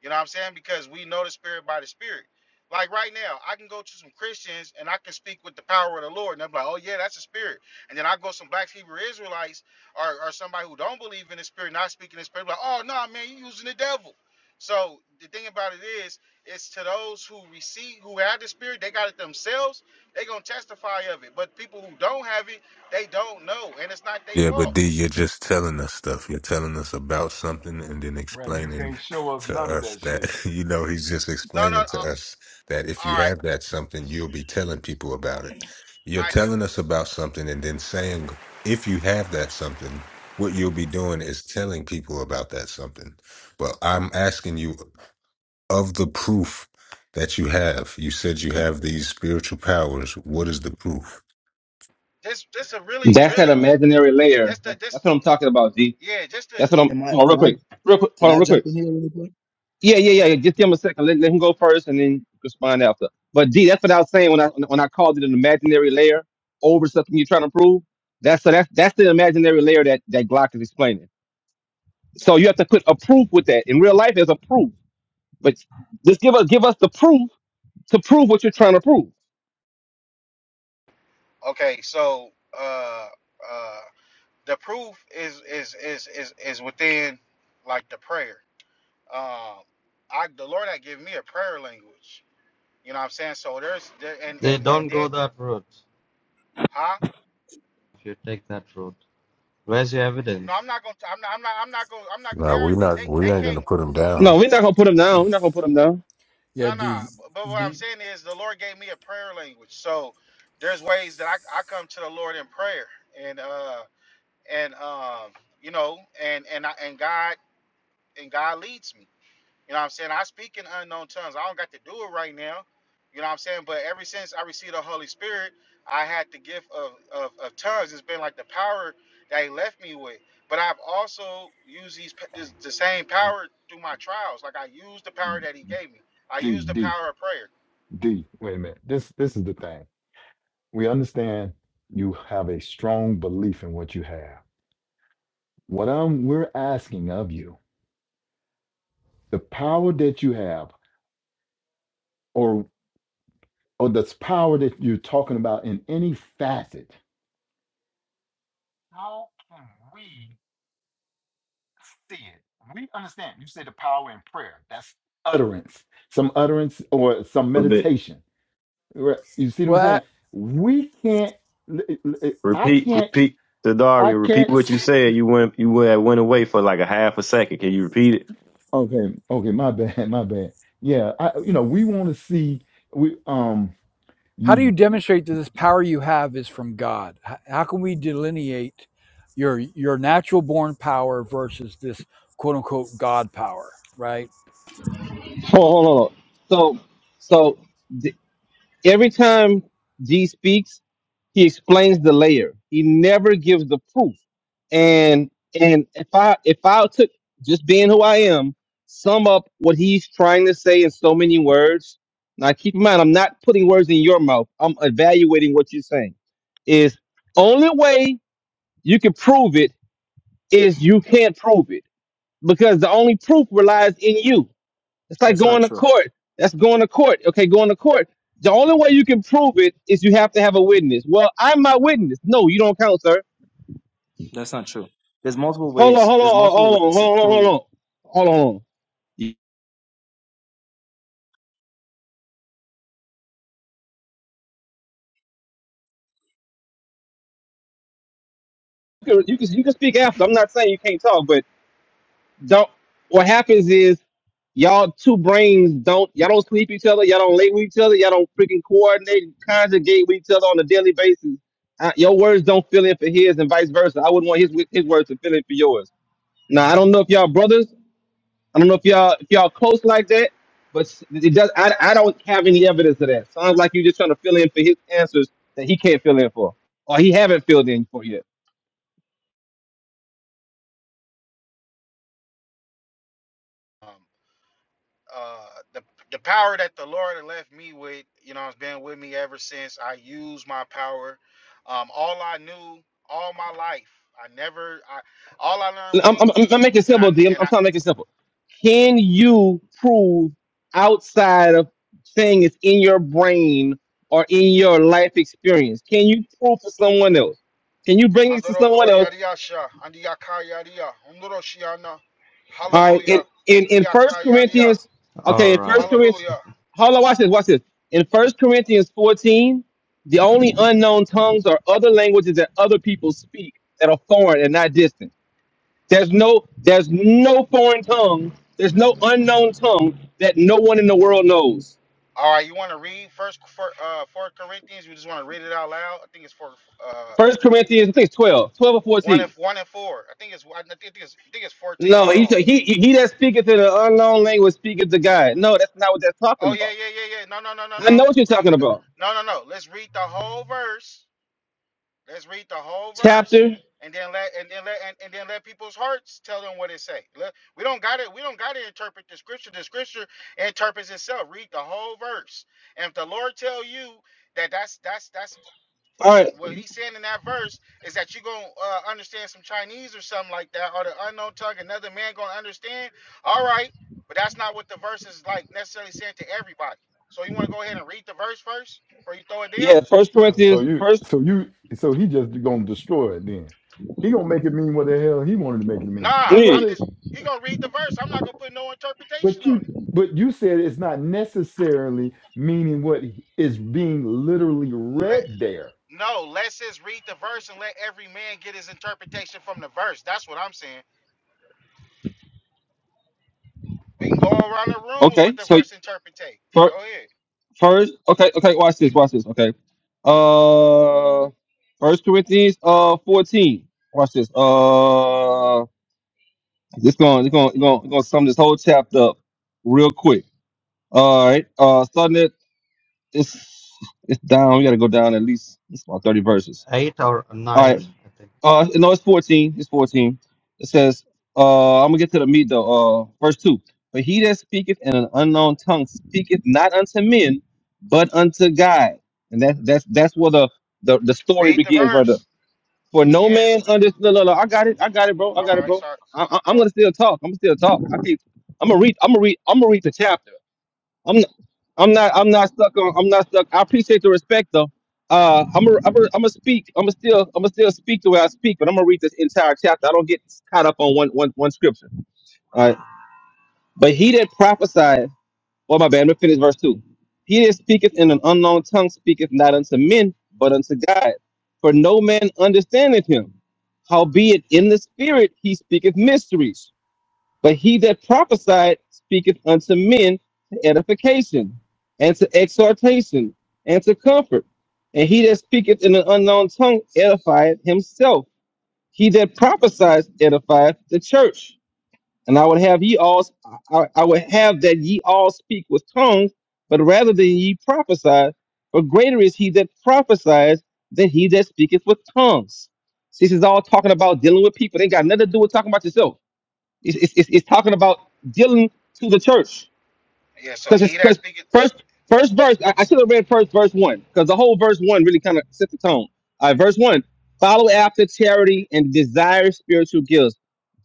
[SPEAKER 10] You know what I'm saying? Because we know the spirit by the spirit. Like right now, I can go to some Christians and I can speak with the power of the Lord, and they're like, "Oh yeah, that's a spirit." And then I go some Black Hebrew Israelites or, or somebody who don't believe in the spirit, not speaking in the spirit, like, "Oh no, man, you using the devil." So the thing about it is, it's to those who receive, who have the spirit, they got it themselves. They gonna testify of it. But people who don't have it, they don't know, and it's not their
[SPEAKER 1] Yeah, but
[SPEAKER 10] fault.
[SPEAKER 1] D, you're just telling us stuff. You're telling us about something and then
[SPEAKER 5] Right. You
[SPEAKER 1] explaining
[SPEAKER 5] can't show us
[SPEAKER 1] to
[SPEAKER 5] none of
[SPEAKER 1] us
[SPEAKER 5] that shit.
[SPEAKER 1] that, you know, he's just
[SPEAKER 10] No, no,
[SPEAKER 1] explaining to
[SPEAKER 10] uh,
[SPEAKER 1] us that if
[SPEAKER 10] all
[SPEAKER 1] you
[SPEAKER 10] right,
[SPEAKER 1] have that something, you'll be telling people about it. You're
[SPEAKER 10] I do.
[SPEAKER 1] telling us about something and then saying, if you have that something, what you'll be doing is telling people about that something. Well, I'm asking you of the proof that you have. You said you have these spiritual powers. What is the proof?
[SPEAKER 10] This, this a really,
[SPEAKER 11] That's that
[SPEAKER 10] really
[SPEAKER 11] imaginary layer.
[SPEAKER 10] that's the
[SPEAKER 11] That's,
[SPEAKER 10] this
[SPEAKER 11] that's what I'm talking about, G.
[SPEAKER 10] Yeah, just to
[SPEAKER 11] That's what I'm.
[SPEAKER 12] Am I
[SPEAKER 11] Hold on, real
[SPEAKER 12] can I
[SPEAKER 11] quick, real quick.
[SPEAKER 12] can
[SPEAKER 11] Hold on,
[SPEAKER 12] I
[SPEAKER 11] real
[SPEAKER 12] jump
[SPEAKER 11] quick.
[SPEAKER 12] in here really quick?
[SPEAKER 11] Yeah, yeah, yeah. yeah. Just give him a second. Let, let him go first, and then respond after. But D, that's what I was saying when I when I called it an imaginary layer over something you're trying to prove. That's so that's that's the imaginary layer that that Glock is explaining. So you have to put a proof with that. In real life, there's a proof, but just give us give us the proof to prove what you're trying to prove.
[SPEAKER 10] okay. So uh, uh, the proof is is is is is within like the prayer. Um, I the Lord had given me a prayer language. You know what I'm saying? So there's there, and
[SPEAKER 6] They
[SPEAKER 10] and and
[SPEAKER 6] don't
[SPEAKER 10] then
[SPEAKER 6] go that route.
[SPEAKER 10] huh?
[SPEAKER 6] If you take that route, where's your
[SPEAKER 10] No,
[SPEAKER 6] evidence?
[SPEAKER 10] I'm not gonna. I'm not. I'm not. I'm not gonna. I'm not. They
[SPEAKER 1] No, we're
[SPEAKER 10] already.
[SPEAKER 1] not.
[SPEAKER 10] They
[SPEAKER 1] We
[SPEAKER 10] they
[SPEAKER 1] ain't
[SPEAKER 10] can't.
[SPEAKER 1] gonna put him down.
[SPEAKER 11] No, we're not gonna put him down. We're not gonna put him down.
[SPEAKER 10] No,
[SPEAKER 13] Yeah,
[SPEAKER 10] nah, no. Nah.
[SPEAKER 13] D.
[SPEAKER 10] But but what I'm
[SPEAKER 13] D.
[SPEAKER 10] saying is the Lord gave me a prayer language. So there's ways that I I come to the Lord in prayer and uh and um you know and and I, and God and God leads me. You know what I'm saying? I speak in unknown tongues. I don't got to do it right now. You know what I'm saying? But ever since I received the Holy Spirit, I had the gift of, of, of tongues. It's been like the power that He left me with. But I've also used these this, the same power through my trials. Like I used the power
[SPEAKER 5] D,
[SPEAKER 10] that He gave me. I
[SPEAKER 5] D,
[SPEAKER 10] used the
[SPEAKER 5] D.
[SPEAKER 10] power of prayer.
[SPEAKER 5] D. Wait a minute. This this is the thing. We understand you have a strong belief in what you have. What I'm we're asking of you, the power that you have, or or the power that you're talking about in any facet. How can we see it? We understand. You say the power in prayer. That's utterance. Some utterance or some
[SPEAKER 14] little bit.
[SPEAKER 5] meditation. Right? You see what I'm
[SPEAKER 13] Well,
[SPEAKER 5] saying? We can't. I
[SPEAKER 14] Repeat,
[SPEAKER 5] can't
[SPEAKER 14] repeat,
[SPEAKER 5] I
[SPEAKER 14] Dario. Repeat
[SPEAKER 5] can't.
[SPEAKER 14] what you
[SPEAKER 5] s-
[SPEAKER 14] said. You went, you went, went away for like a half a second. Can you repeat it?
[SPEAKER 5] Okay, okay, my bad, my bad. Yeah, I you know we want to see we um
[SPEAKER 13] how do you
[SPEAKER 5] you
[SPEAKER 13] demonstrate that this power you have is from God? H- How can we delineate your your natural born power versus this quote unquote God power? Right?
[SPEAKER 11] Hold on, hold on. hold on. So, so Every time G speaks, he explains the layer. He never gives the proof. And and if I if I took just being who I am, sum up what he's trying to say in so many words. Now keep in mind, I'm not putting words in your mouth. I'm evaluating what you're saying. Is only way you can prove it is you can't prove it because the only proof relies in you. It's like
[SPEAKER 12] That's not
[SPEAKER 11] going to
[SPEAKER 12] true.
[SPEAKER 11] court. That's going to court. Okay, going to court. The only way you can prove it is you have to have a witness. Well, I'm my witness. No, you don't count, sir.
[SPEAKER 12] That's not true. There's multiple
[SPEAKER 11] Hold on,
[SPEAKER 12] ways.
[SPEAKER 11] hold on,
[SPEAKER 12] There's
[SPEAKER 11] hold
[SPEAKER 12] multiple
[SPEAKER 11] on, hold on,
[SPEAKER 12] ways to
[SPEAKER 11] hold on, hold
[SPEAKER 12] prove
[SPEAKER 11] on. Hold on. You can, you can you can speak after. I'm not saying you can't talk, but don't. What happens is y'all two brains don't y'all don't sleep each other. Y'all don't lay with each other. Y'all don't freaking coordinate and conjugate with each other on a daily basis. Uh, your words don't fill in for his, and vice versa. I wouldn't want his wi- his words to fill in for yours. Now I don't know if y'all brothers. I don't know if y'all if y'all close like that, but s- it does. I, I don't have any evidence of that. Sounds like you're just trying to fill in for his answers that he can't fill in for, or he haven't filled in for yet.
[SPEAKER 10] Um, uh the the power that the Lord left me with, you know, has been with me ever since. I use my power. Um, all I knew all my life, I never, I all I learned was
[SPEAKER 11] I'm, I'm, I'm I'm
[SPEAKER 10] English,
[SPEAKER 11] making it
[SPEAKER 10] and I
[SPEAKER 11] simple, D. I'm,
[SPEAKER 10] and
[SPEAKER 11] I'm
[SPEAKER 10] I.
[SPEAKER 11] trying to make it simple. Can you prove outside of saying it's in your brain or in your life experience? Can you prove to someone else? Can you bring it to
[SPEAKER 10] Andoro
[SPEAKER 11] someone else?
[SPEAKER 10] koyariasha, andiyakayariya, umdoroshiana,
[SPEAKER 11] All right,
[SPEAKER 10] hallelujah,
[SPEAKER 11] in in in First
[SPEAKER 10] andiyakayariya,
[SPEAKER 11] Corinthians,
[SPEAKER 6] All
[SPEAKER 11] okay, in
[SPEAKER 6] right.
[SPEAKER 11] First Corinthians,
[SPEAKER 10] hallelujah.
[SPEAKER 11] hold on, watch this, watch this. In First Corinthians fourteen, the only unknown tongues are other languages that other people speak that are foreign and not distant. There's no there's no foreign tongue. There's no unknown tongue that no one in the world knows.
[SPEAKER 10] All right, you want to read first for uh four Corinthians? You just want to read it out loud. I think it's for uh
[SPEAKER 11] First Corinthians, I think it's 12, twelve or
[SPEAKER 10] one and
[SPEAKER 11] fourteen.
[SPEAKER 10] one and four. I think it's I think it's I think it's fourteen.
[SPEAKER 11] No,
[SPEAKER 10] Hold
[SPEAKER 11] he
[SPEAKER 10] on.
[SPEAKER 11] he he that speaketh in an unknown language speaketh to God. No, that's not what that's talking
[SPEAKER 10] Oh yeah,
[SPEAKER 11] about.
[SPEAKER 10] yeah, yeah, yeah. No, no, no, no,
[SPEAKER 11] I
[SPEAKER 10] no.
[SPEAKER 11] know what you're
[SPEAKER 10] Read.
[SPEAKER 11] talking about.
[SPEAKER 10] No, no, no. Let's read the whole verse. Let's read the whole verse,
[SPEAKER 11] Chapter.
[SPEAKER 10] and then let and then let and, and then let people's hearts tell them what it say. Let, we don't got to We don't got to interpret the scripture. The scripture interprets itself. Read the whole verse, and if the Lord tell you that that's that's that's
[SPEAKER 11] All right.
[SPEAKER 10] that what he's saying in that verse is that you're gonna uh, understand some Chinese or something like that, or the unknown tongue, another man gonna understand. All right, but that's not what the verse is like necessarily saying to everybody. So you want to go ahead and read the verse first before you throw it down?
[SPEAKER 11] Yeah, First
[SPEAKER 5] so
[SPEAKER 11] Corinthians,
[SPEAKER 5] you
[SPEAKER 11] first.
[SPEAKER 5] so you so he just gonna destroy it then. He gonna make it mean what the hell he wanted to make it mean.
[SPEAKER 10] Nah,
[SPEAKER 5] That's
[SPEAKER 11] Yeah,
[SPEAKER 5] why.
[SPEAKER 10] I'm
[SPEAKER 5] The,
[SPEAKER 10] just he gonna read the verse. I'm not gonna put no interpretation
[SPEAKER 5] but
[SPEAKER 10] on
[SPEAKER 5] you
[SPEAKER 10] it.
[SPEAKER 5] but you said it's not necessarily meaning what is being literally
[SPEAKER 10] Let
[SPEAKER 5] read there.
[SPEAKER 10] no, let's just read the verse and let every man get his interpretation from the verse. That's what I'm saying. We can go around the room with what
[SPEAKER 11] okay,
[SPEAKER 10] the
[SPEAKER 11] so
[SPEAKER 10] verse interpretate.
[SPEAKER 11] first,
[SPEAKER 10] Go ahead,
[SPEAKER 11] first, okay, okay. Watch this, watch this. Okay, uh, First Corinthians, uh, fourteen. Watch this. Uh, this going, it's going, it's going, it's going to sum this whole chapter up real quick. All right. Uh, starting it. it's it's down. We got to go down at least it's about thirty verses.
[SPEAKER 6] eight or
[SPEAKER 11] All right.
[SPEAKER 6] nine, I think.
[SPEAKER 11] Uh, no, it's 14. It's 14. It says, uh, I'm gonna get to the meat though. Uh, verse 2 But he that speaketh in an unknown tongue speaketh not unto men, but unto God. And that's that's that's where the, the, the story
[SPEAKER 10] read the
[SPEAKER 11] begins right there.
[SPEAKER 10] verse.
[SPEAKER 11] For no
[SPEAKER 10] Yes,
[SPEAKER 11] man under no, no, no, I got it. I got it, bro. I
[SPEAKER 10] All
[SPEAKER 11] got it,
[SPEAKER 10] right,
[SPEAKER 11] bro.
[SPEAKER 10] sorry.
[SPEAKER 11] I, I,
[SPEAKER 10] All
[SPEAKER 11] I'm
[SPEAKER 10] right.
[SPEAKER 11] gonna still talk. I'm gonna still talk. I keep, I'm gonna read. I'm gonna read. I'm gonna read the chapter. I'm not, I'm not I'm not stuck on I'm not stuck. I appreciate the respect though. Uh, I'm i I'm i am I'm gonna speak. I'm gonna still I'm gonna still speak the way I speak, but I'm gonna read this entire chapter. I don't get caught up on one one one scripture. All right. But he that prophesied, well, my bad, I'm gonna finish verse two. He that speaketh in an unknown tongue speaketh not unto men, but unto God. For no man understandeth him. Howbeit in the spirit he speaketh mysteries. But he that prophesied speaketh unto men to edification, and to exhortation, and to comfort. And he that speaketh in an unknown tongue edifieth himself. He that prophesies edifieth the church. And I would have ye all, I, I would have that ye all speak with tongues, but rather than ye prophesy, for greater is he that prophesies than he that speaketh with tongues. See, this is all talking about dealing with people. They got nothing to do with talking about yourself. It's, it's, it's it's talking about dealing to the church
[SPEAKER 10] Yeah, so
[SPEAKER 11] because it's
[SPEAKER 10] he that
[SPEAKER 11] because
[SPEAKER 10] speaking,
[SPEAKER 11] first first verse I, I should have read first verse one because the whole verse one really kind of sets the tone. All right, verse one: Follow after charity and desire spiritual gifts,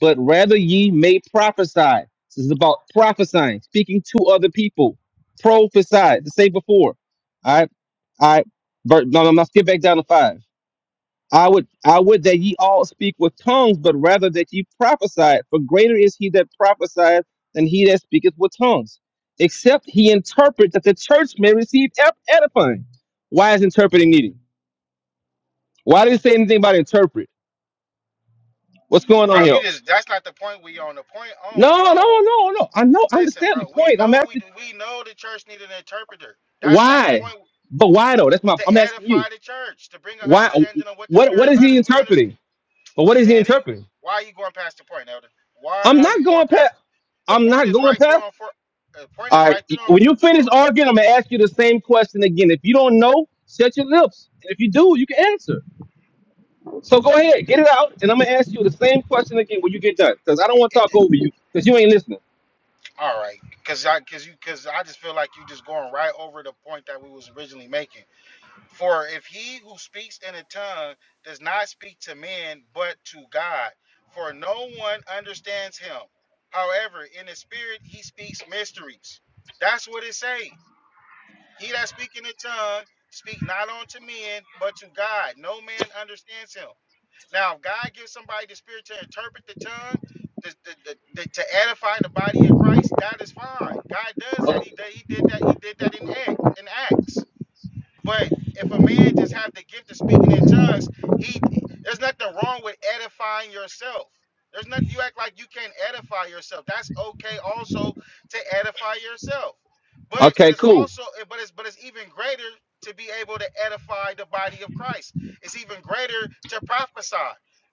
[SPEAKER 11] but rather ye may prophesy. This is about prophesying, speaking to other people. Prophesy to say before. All right, all right. Ver- no, no, no. Skip back down to five. I would I would that ye all speak with tongues, but rather that ye prophesy. For greater is he that prophesieth than he that speaketh with tongues, except he interpret that the church may receive ep- edifying. Why is interpreting needed? Why did it say anything about interpret? What's going on
[SPEAKER 10] bro.
[SPEAKER 11] here?
[SPEAKER 10] You just that's not the point we on. The point on we
[SPEAKER 11] No, no,
[SPEAKER 10] on.
[SPEAKER 11] no, no. I know. I
[SPEAKER 10] Listen,
[SPEAKER 11] understand the
[SPEAKER 10] bro. We
[SPEAKER 11] point. I'm
[SPEAKER 10] know we
[SPEAKER 11] asking
[SPEAKER 10] do. We know the church need an interpreter. That's not the
[SPEAKER 11] why,
[SPEAKER 10] point.
[SPEAKER 11] but why though? That's
[SPEAKER 10] It's
[SPEAKER 11] my.
[SPEAKER 10] to
[SPEAKER 11] I'm asking you
[SPEAKER 10] edify the church, to bring an
[SPEAKER 11] why.
[SPEAKER 10] understanding of what the
[SPEAKER 11] What what
[SPEAKER 10] spirit
[SPEAKER 11] is he
[SPEAKER 10] utters. We understand,
[SPEAKER 11] interpreting? But what is he
[SPEAKER 10] man. He,
[SPEAKER 11] interpreting?
[SPEAKER 10] why are you going past the point, Elder? Why
[SPEAKER 11] I'm
[SPEAKER 10] are you
[SPEAKER 11] not
[SPEAKER 10] going
[SPEAKER 11] going past.
[SPEAKER 10] past? The
[SPEAKER 11] I'm
[SPEAKER 10] point
[SPEAKER 11] not
[SPEAKER 10] is
[SPEAKER 11] going
[SPEAKER 10] right there
[SPEAKER 11] past.
[SPEAKER 10] on for. The point
[SPEAKER 11] All
[SPEAKER 10] is
[SPEAKER 11] right.
[SPEAKER 10] right there on.
[SPEAKER 11] When you finish
[SPEAKER 10] on-
[SPEAKER 11] arguing, I'm gonna ask you the same question again. If you don't know, shut your lips. And if you do, you can answer. So go ahead, get it out, and I'm gonna ask you the same question again when you get done. Because I don't want to talk
[SPEAKER 10] It,
[SPEAKER 11] over you, because you ain't listening.
[SPEAKER 10] all right, cause I, cause you, cause I just feel like you just going right over the point that we was originally making. For if he who speaks in a tongue does not speak to men, but to God, for no one understands him. However, in the spirit he speaks mysteries. That's what it say. He that speak in a tongue speak not unto men, but to God. No man understands him. Now, if God gives somebody the spirit to interpret the tongue, the, the, the, the- to edify the body of Christ, that is fine. God does that. He did, he did that. He did that in act in Acts. But if a man just have the gift of speaking in tongues, he there's nothing wrong with edifying yourself. There's nothing you act like you can't edify yourself. That's okay also to edify yourself. But it
[SPEAKER 11] Okay,
[SPEAKER 10] is
[SPEAKER 11] cool.
[SPEAKER 10] also but it's but it's even greater to be able to edify the body of Christ. It's even greater to prophesy.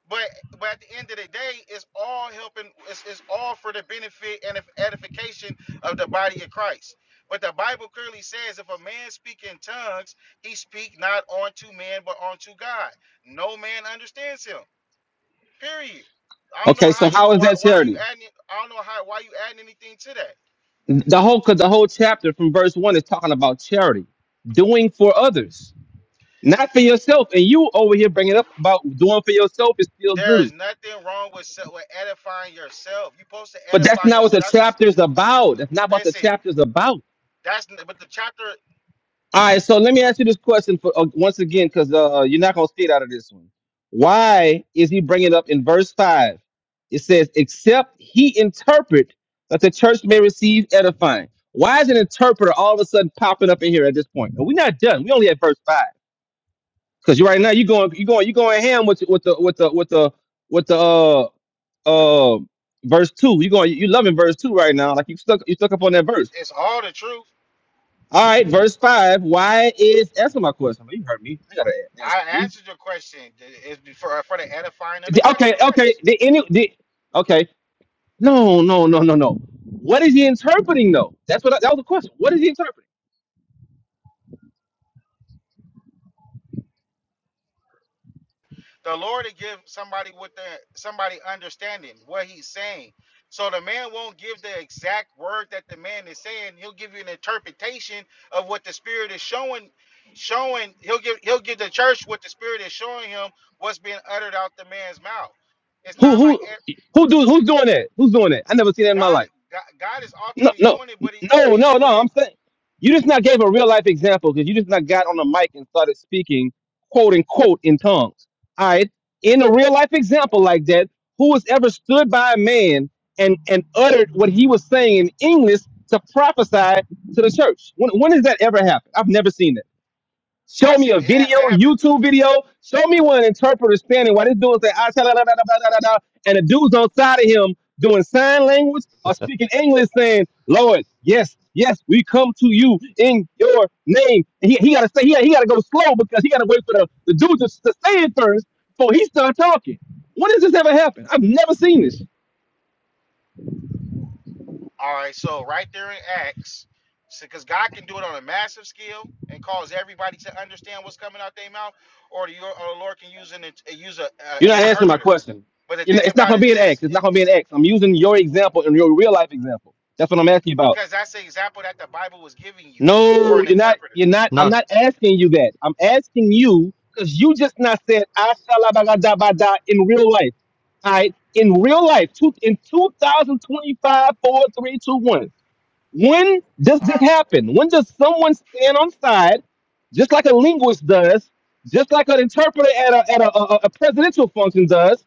[SPEAKER 10] But but at the end of the day, it's all helping it's, it's all for the benefit and edification of the body of Christ. But the Bible clearly says if a man speak in tongues, he speak not unto man, but unto God. No man understands him. Period. I don't know
[SPEAKER 11] Okay,
[SPEAKER 10] how
[SPEAKER 11] so
[SPEAKER 10] you
[SPEAKER 11] how is
[SPEAKER 10] why
[SPEAKER 11] that
[SPEAKER 10] why are you
[SPEAKER 11] charity?
[SPEAKER 10] adding I don't know how why you adding anything to that.
[SPEAKER 11] The whole cause the whole chapter from verse one is talking about charity, doing for others, not for yourself. And you over here bringing up about doing for yourself is still
[SPEAKER 10] There is
[SPEAKER 11] good,
[SPEAKER 10] nothing wrong with se- with edifying yourself. You're supposed to
[SPEAKER 11] but that's
[SPEAKER 10] edify
[SPEAKER 11] not what
[SPEAKER 10] yourself.
[SPEAKER 11] the
[SPEAKER 10] That's just
[SPEAKER 11] chapter is about. That's not what the
[SPEAKER 10] listen.
[SPEAKER 11] chapter is about.
[SPEAKER 10] That's but the chapter
[SPEAKER 11] All right, so let me ask you this question for uh, once again, because uh, you're not gonna skate out of this one. Why is he bringing it up in verse five? It says, "Except he interpret that the church may receive edifying." Why is an interpreter all of a sudden popping up in here at this point? We're not done. We only at verse five. Because right now you going, you going, you going ham with with the with the with the with the uh uh verse two. You going, you loving verse two right now. Like you stuck, you stuck up on that verse.
[SPEAKER 10] is all the truth.
[SPEAKER 11] All right, verse five. Why is asking my question? You heard me. I gotta a-
[SPEAKER 10] I
[SPEAKER 11] answer again.
[SPEAKER 10] answered your question. It's for for the edifying of the
[SPEAKER 11] Did-
[SPEAKER 10] body of
[SPEAKER 11] Okay, okay.
[SPEAKER 10] Christ.
[SPEAKER 11] Did any? Did, okay. No, no, no, no, no. What is he interpreting though? That's what I, that was the question. What is he interpreting?
[SPEAKER 10] the Lord to give somebody with the somebody understanding what he's saying. So the man won't give the exact word that the man is saying. He'll give you an interpretation of what the spirit is showing showing he'll give he'll give the church what the spirit is showing him what's being uttered out the man's mouth. It's
[SPEAKER 11] Who
[SPEAKER 10] not like
[SPEAKER 11] who
[SPEAKER 10] e-
[SPEAKER 11] who do who's doing that? Who's doing that? I never seen that in my
[SPEAKER 10] God
[SPEAKER 11] life.
[SPEAKER 10] God, God is
[SPEAKER 11] No,
[SPEAKER 10] ultimately
[SPEAKER 11] no,
[SPEAKER 10] doing it, but he but
[SPEAKER 11] no,
[SPEAKER 10] he's
[SPEAKER 11] no, no.
[SPEAKER 10] using
[SPEAKER 11] I'm saying you just not gave a real life example because you just not got on the mic and started speaking, quote unquote, in tongues. All right. In a real life example like that, who has ever stood by a man and and uttered what he was saying in English to prophesy to the church? When when has that ever happened? I've never seen that.
[SPEAKER 10] I
[SPEAKER 11] Show me
[SPEAKER 10] seen
[SPEAKER 11] a
[SPEAKER 10] it, ha-
[SPEAKER 11] video,
[SPEAKER 10] it happen
[SPEAKER 11] YouTube video. Show me where an interpreter standing while this dude say, "Ah, sha, la, la, la, la, la, la, la," and the dude's on side of him doing sign language or speaking English saying, Lord, yes, yes, we come to you in your name. And he, he got to say, he, he got to go slow because he got to wait for the, the dude to, to say it first before he start talking. When does this ever happen? I've never seen this.
[SPEAKER 10] All right, so right there in Acts, because God can do it on a massive scale and cause everybody to understand what's coming out their mouth, or the, or the Lord can use an int- uh, use a uh,
[SPEAKER 11] You're not answering my
[SPEAKER 10] interpreter.
[SPEAKER 11] question.
[SPEAKER 10] But the
[SPEAKER 11] You're not,
[SPEAKER 10] thing
[SPEAKER 11] it's not
[SPEAKER 10] about
[SPEAKER 11] going to
[SPEAKER 10] it
[SPEAKER 11] be an
[SPEAKER 10] is,
[SPEAKER 11] X. It's not going to
[SPEAKER 10] it-
[SPEAKER 11] be an X. I'm using your example and your real life example. That's what I'm asking you about.
[SPEAKER 10] because that's the example that the Bible was giving you for
[SPEAKER 11] No,
[SPEAKER 10] an
[SPEAKER 11] you're not.
[SPEAKER 10] interpreter.
[SPEAKER 11] You're not. I'm
[SPEAKER 6] No,
[SPEAKER 11] not asking you that. I'm asking you because you just not said "Ashalabagada in real life. All right, in real life, two, in 2025, four, three, two, one. When does
[SPEAKER 10] Uh
[SPEAKER 11] this
[SPEAKER 10] huh.
[SPEAKER 11] happen? When does someone stand on side, just like a linguist does, just like an interpreter at a at a, a, a presidential function does?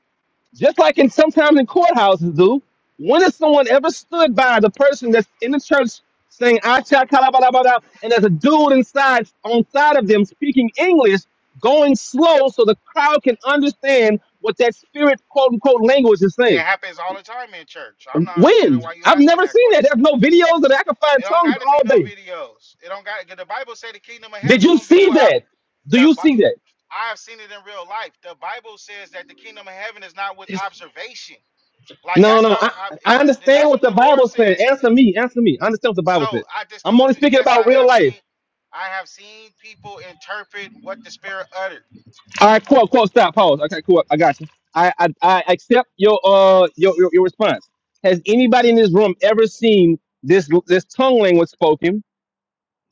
[SPEAKER 11] Just like in sometimes in courthouses do, when has someone ever stood by the person that's in the church saying "Acha kalabala," and there's a dude inside on side of them speaking English, going slow so the crowd can understand what that spirit quote unquote language is
[SPEAKER 10] It
[SPEAKER 11] saying?
[SPEAKER 10] happens all the time in church. I'm not
[SPEAKER 11] When?
[SPEAKER 10] understanding why you
[SPEAKER 11] I've
[SPEAKER 10] asking
[SPEAKER 11] never
[SPEAKER 10] that
[SPEAKER 11] seen that.
[SPEAKER 10] question.
[SPEAKER 11] There's no videos that I can
[SPEAKER 10] It
[SPEAKER 11] find
[SPEAKER 10] don't
[SPEAKER 11] tongues
[SPEAKER 10] got to be
[SPEAKER 11] all
[SPEAKER 10] no
[SPEAKER 11] day.
[SPEAKER 10] videos. It don't got. The Bible said the kingdom of
[SPEAKER 11] Did
[SPEAKER 10] heaven
[SPEAKER 11] you
[SPEAKER 10] won't be
[SPEAKER 11] see
[SPEAKER 10] what
[SPEAKER 11] that? Do
[SPEAKER 10] the
[SPEAKER 11] you see
[SPEAKER 10] Bi-
[SPEAKER 11] that?
[SPEAKER 10] I've seen it in real life. The Bible says that the kingdom of heaven is not with
[SPEAKER 11] It's-
[SPEAKER 10] observation. Like
[SPEAKER 11] No,
[SPEAKER 10] that's
[SPEAKER 11] no,
[SPEAKER 10] not
[SPEAKER 11] I,
[SPEAKER 10] what I, it
[SPEAKER 11] I
[SPEAKER 10] don't- th-
[SPEAKER 11] understand
[SPEAKER 10] that's
[SPEAKER 11] what
[SPEAKER 10] what
[SPEAKER 11] the
[SPEAKER 10] the Lord
[SPEAKER 11] Bible said.
[SPEAKER 10] said.
[SPEAKER 11] Answer me, answer me. I understand what the Bible
[SPEAKER 10] So
[SPEAKER 11] said.
[SPEAKER 10] I just
[SPEAKER 11] I'm
[SPEAKER 10] told
[SPEAKER 11] only
[SPEAKER 10] you,
[SPEAKER 11] speaking
[SPEAKER 10] yes, I
[SPEAKER 11] about real
[SPEAKER 10] have
[SPEAKER 11] life.
[SPEAKER 10] seen I have seen people interpret what the spirit uttered.
[SPEAKER 11] All right, cool, cool. Stop. Pause. Okay, cool. I got you. I, I, I accept your uh your, your your response. Has anybody in this room ever seen this this tongue language spoken,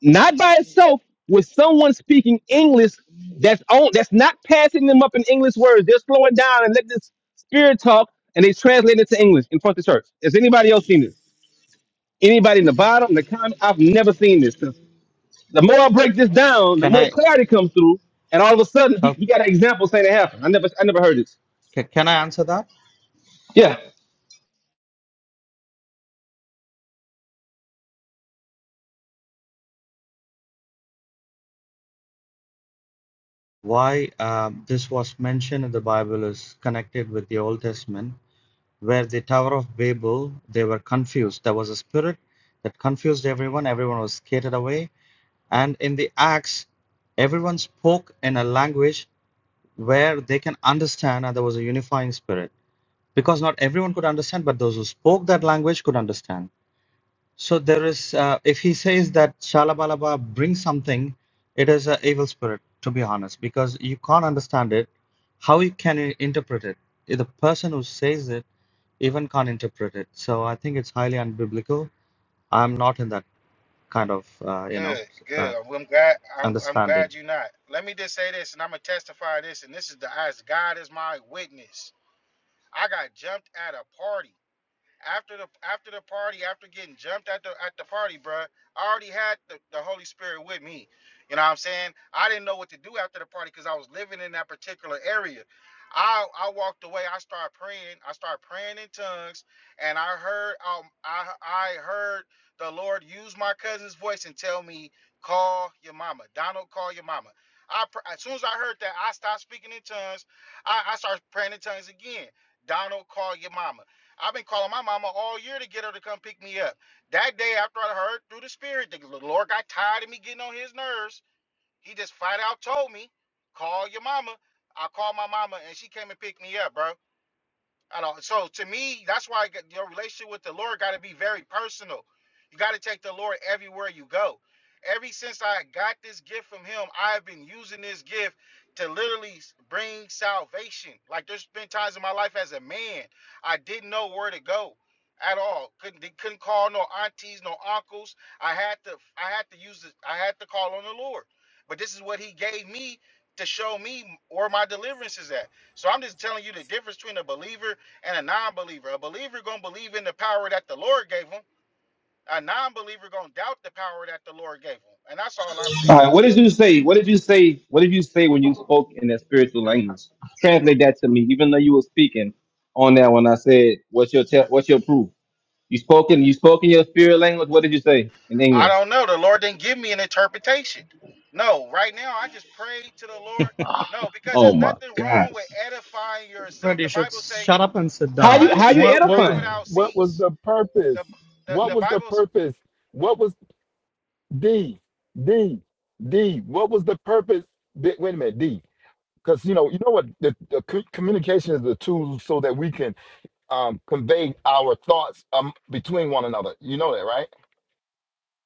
[SPEAKER 11] not by itself, with someone speaking English that's on that's not passing them up in English words? They're slowing down and let this spirit talk, and they translate it to English in front of the church. Has anybody else seen this? Anybody in the bottom, in the comment? I've never seen this the more I break this down, the
[SPEAKER 6] can
[SPEAKER 11] more
[SPEAKER 6] I
[SPEAKER 11] clarity comes through, and all of a sudden he,
[SPEAKER 6] shall
[SPEAKER 11] he got an example saying it happened. I never I never heard this.
[SPEAKER 6] ca- can I answer that?
[SPEAKER 11] Yeah.
[SPEAKER 6] Why um, this was mentioned in the Bible is connected with the Old Testament, where the Tower of Babel they were confused. There was a spirit that confused everyone. Everyone was scared away, and in the Acts, everyone spoke in a language where they can understand, and there was a unifying spirit. Because not everyone could understand, but those who spoke that language could understand So there is, uh, if he says that Shalabalaba brings something, it is an evil spirit, to be honest, because you can't understand it. How you can i- interpret it? The person who says it even can't interpret it. So I think it's highly unbiblical. I'm not in that kind of, uh, you know,
[SPEAKER 10] Good,
[SPEAKER 6] s- uh,
[SPEAKER 10] good. I'm glad I'm I'm
[SPEAKER 6] understanding.
[SPEAKER 10] glad you're not. Let me just say this and I'm gonna testify this, and this is the as God is my witness. I got jumped at a party. After the after the party, after getting jumped at the at the party, bruh, I already had the, the Holy Spirit with me. You know what I'm saying? I didn't know what to do after the party because I was living in that particular area. I I walked away. I started praying. I started praying in tongues, and I heard um I I heard the Lord use my cousin's voice and tell me, "Call your mama, Donald. Call your mama." I pr- as soon as I heard that, I stopped speaking in tongues. I, I started praying in tongues again. Donald, call your mama. I've been calling my mama all year to get her to come pick me up. That day after I heard through the spirit, the Lord got tired of me getting on his nerves. He just flat out told me, call your mama. I called my mama and she came and picked me up, bro. I don't. So to me, that's why I get- your relationship with the Lord got to be very personal. You got to take the Lord everywhere you go. Every since I got this gift from Him, I've been using this gift to literally s- bring salvation. Like there's been times in my life as a man, I didn't know where to go at all. Couldn't they couldn't call no aunties, no uncles. I had to I had to use this. I had to call on the Lord. But this is what He gave me to show me where my deliverance is at. So I'm just telling you the difference between a believer and a non-believer. A believer gonna believe in the power that the Lord gave him. A non-believer gonna doubt the power that the Lord gave him. And that's all I'm
[SPEAKER 11] All
[SPEAKER 10] saying.
[SPEAKER 11] right. What did you say? What did you say? What did you say when you spoke in that spiritual language? Translate that to me, even though you were speaking on that when I said, "What's your te- What's your proof?" You spoke in you spoke in your spirit language. What did you say in
[SPEAKER 10] I
[SPEAKER 11] English?
[SPEAKER 10] don't know. The Lord didn't give me an interpretation. No, right now I just pray to the Lord. No, because
[SPEAKER 11] Oh
[SPEAKER 10] there's
[SPEAKER 11] my
[SPEAKER 10] nothing wrong with
[SPEAKER 11] gosh.
[SPEAKER 10] edifying yourself.
[SPEAKER 6] Fred, you
[SPEAKER 10] The
[SPEAKER 6] should
[SPEAKER 10] Bible say,
[SPEAKER 6] shut up and sit
[SPEAKER 10] the
[SPEAKER 11] How
[SPEAKER 6] down.
[SPEAKER 11] you
[SPEAKER 10] Bible
[SPEAKER 11] how you
[SPEAKER 10] say,
[SPEAKER 5] What
[SPEAKER 10] pray
[SPEAKER 5] what was
[SPEAKER 11] edifying?
[SPEAKER 10] without
[SPEAKER 5] what was
[SPEAKER 10] cease.
[SPEAKER 5] the purpose?
[SPEAKER 10] The the,
[SPEAKER 5] What
[SPEAKER 10] the
[SPEAKER 5] was the
[SPEAKER 10] Bible's
[SPEAKER 5] purpose? What was. D, D, D. What was the purpose? D, wait a minute, D. Because you know, you know what? The, the co- communication is the tool so that we can um, convey our thoughts um, between one another. You know that, right?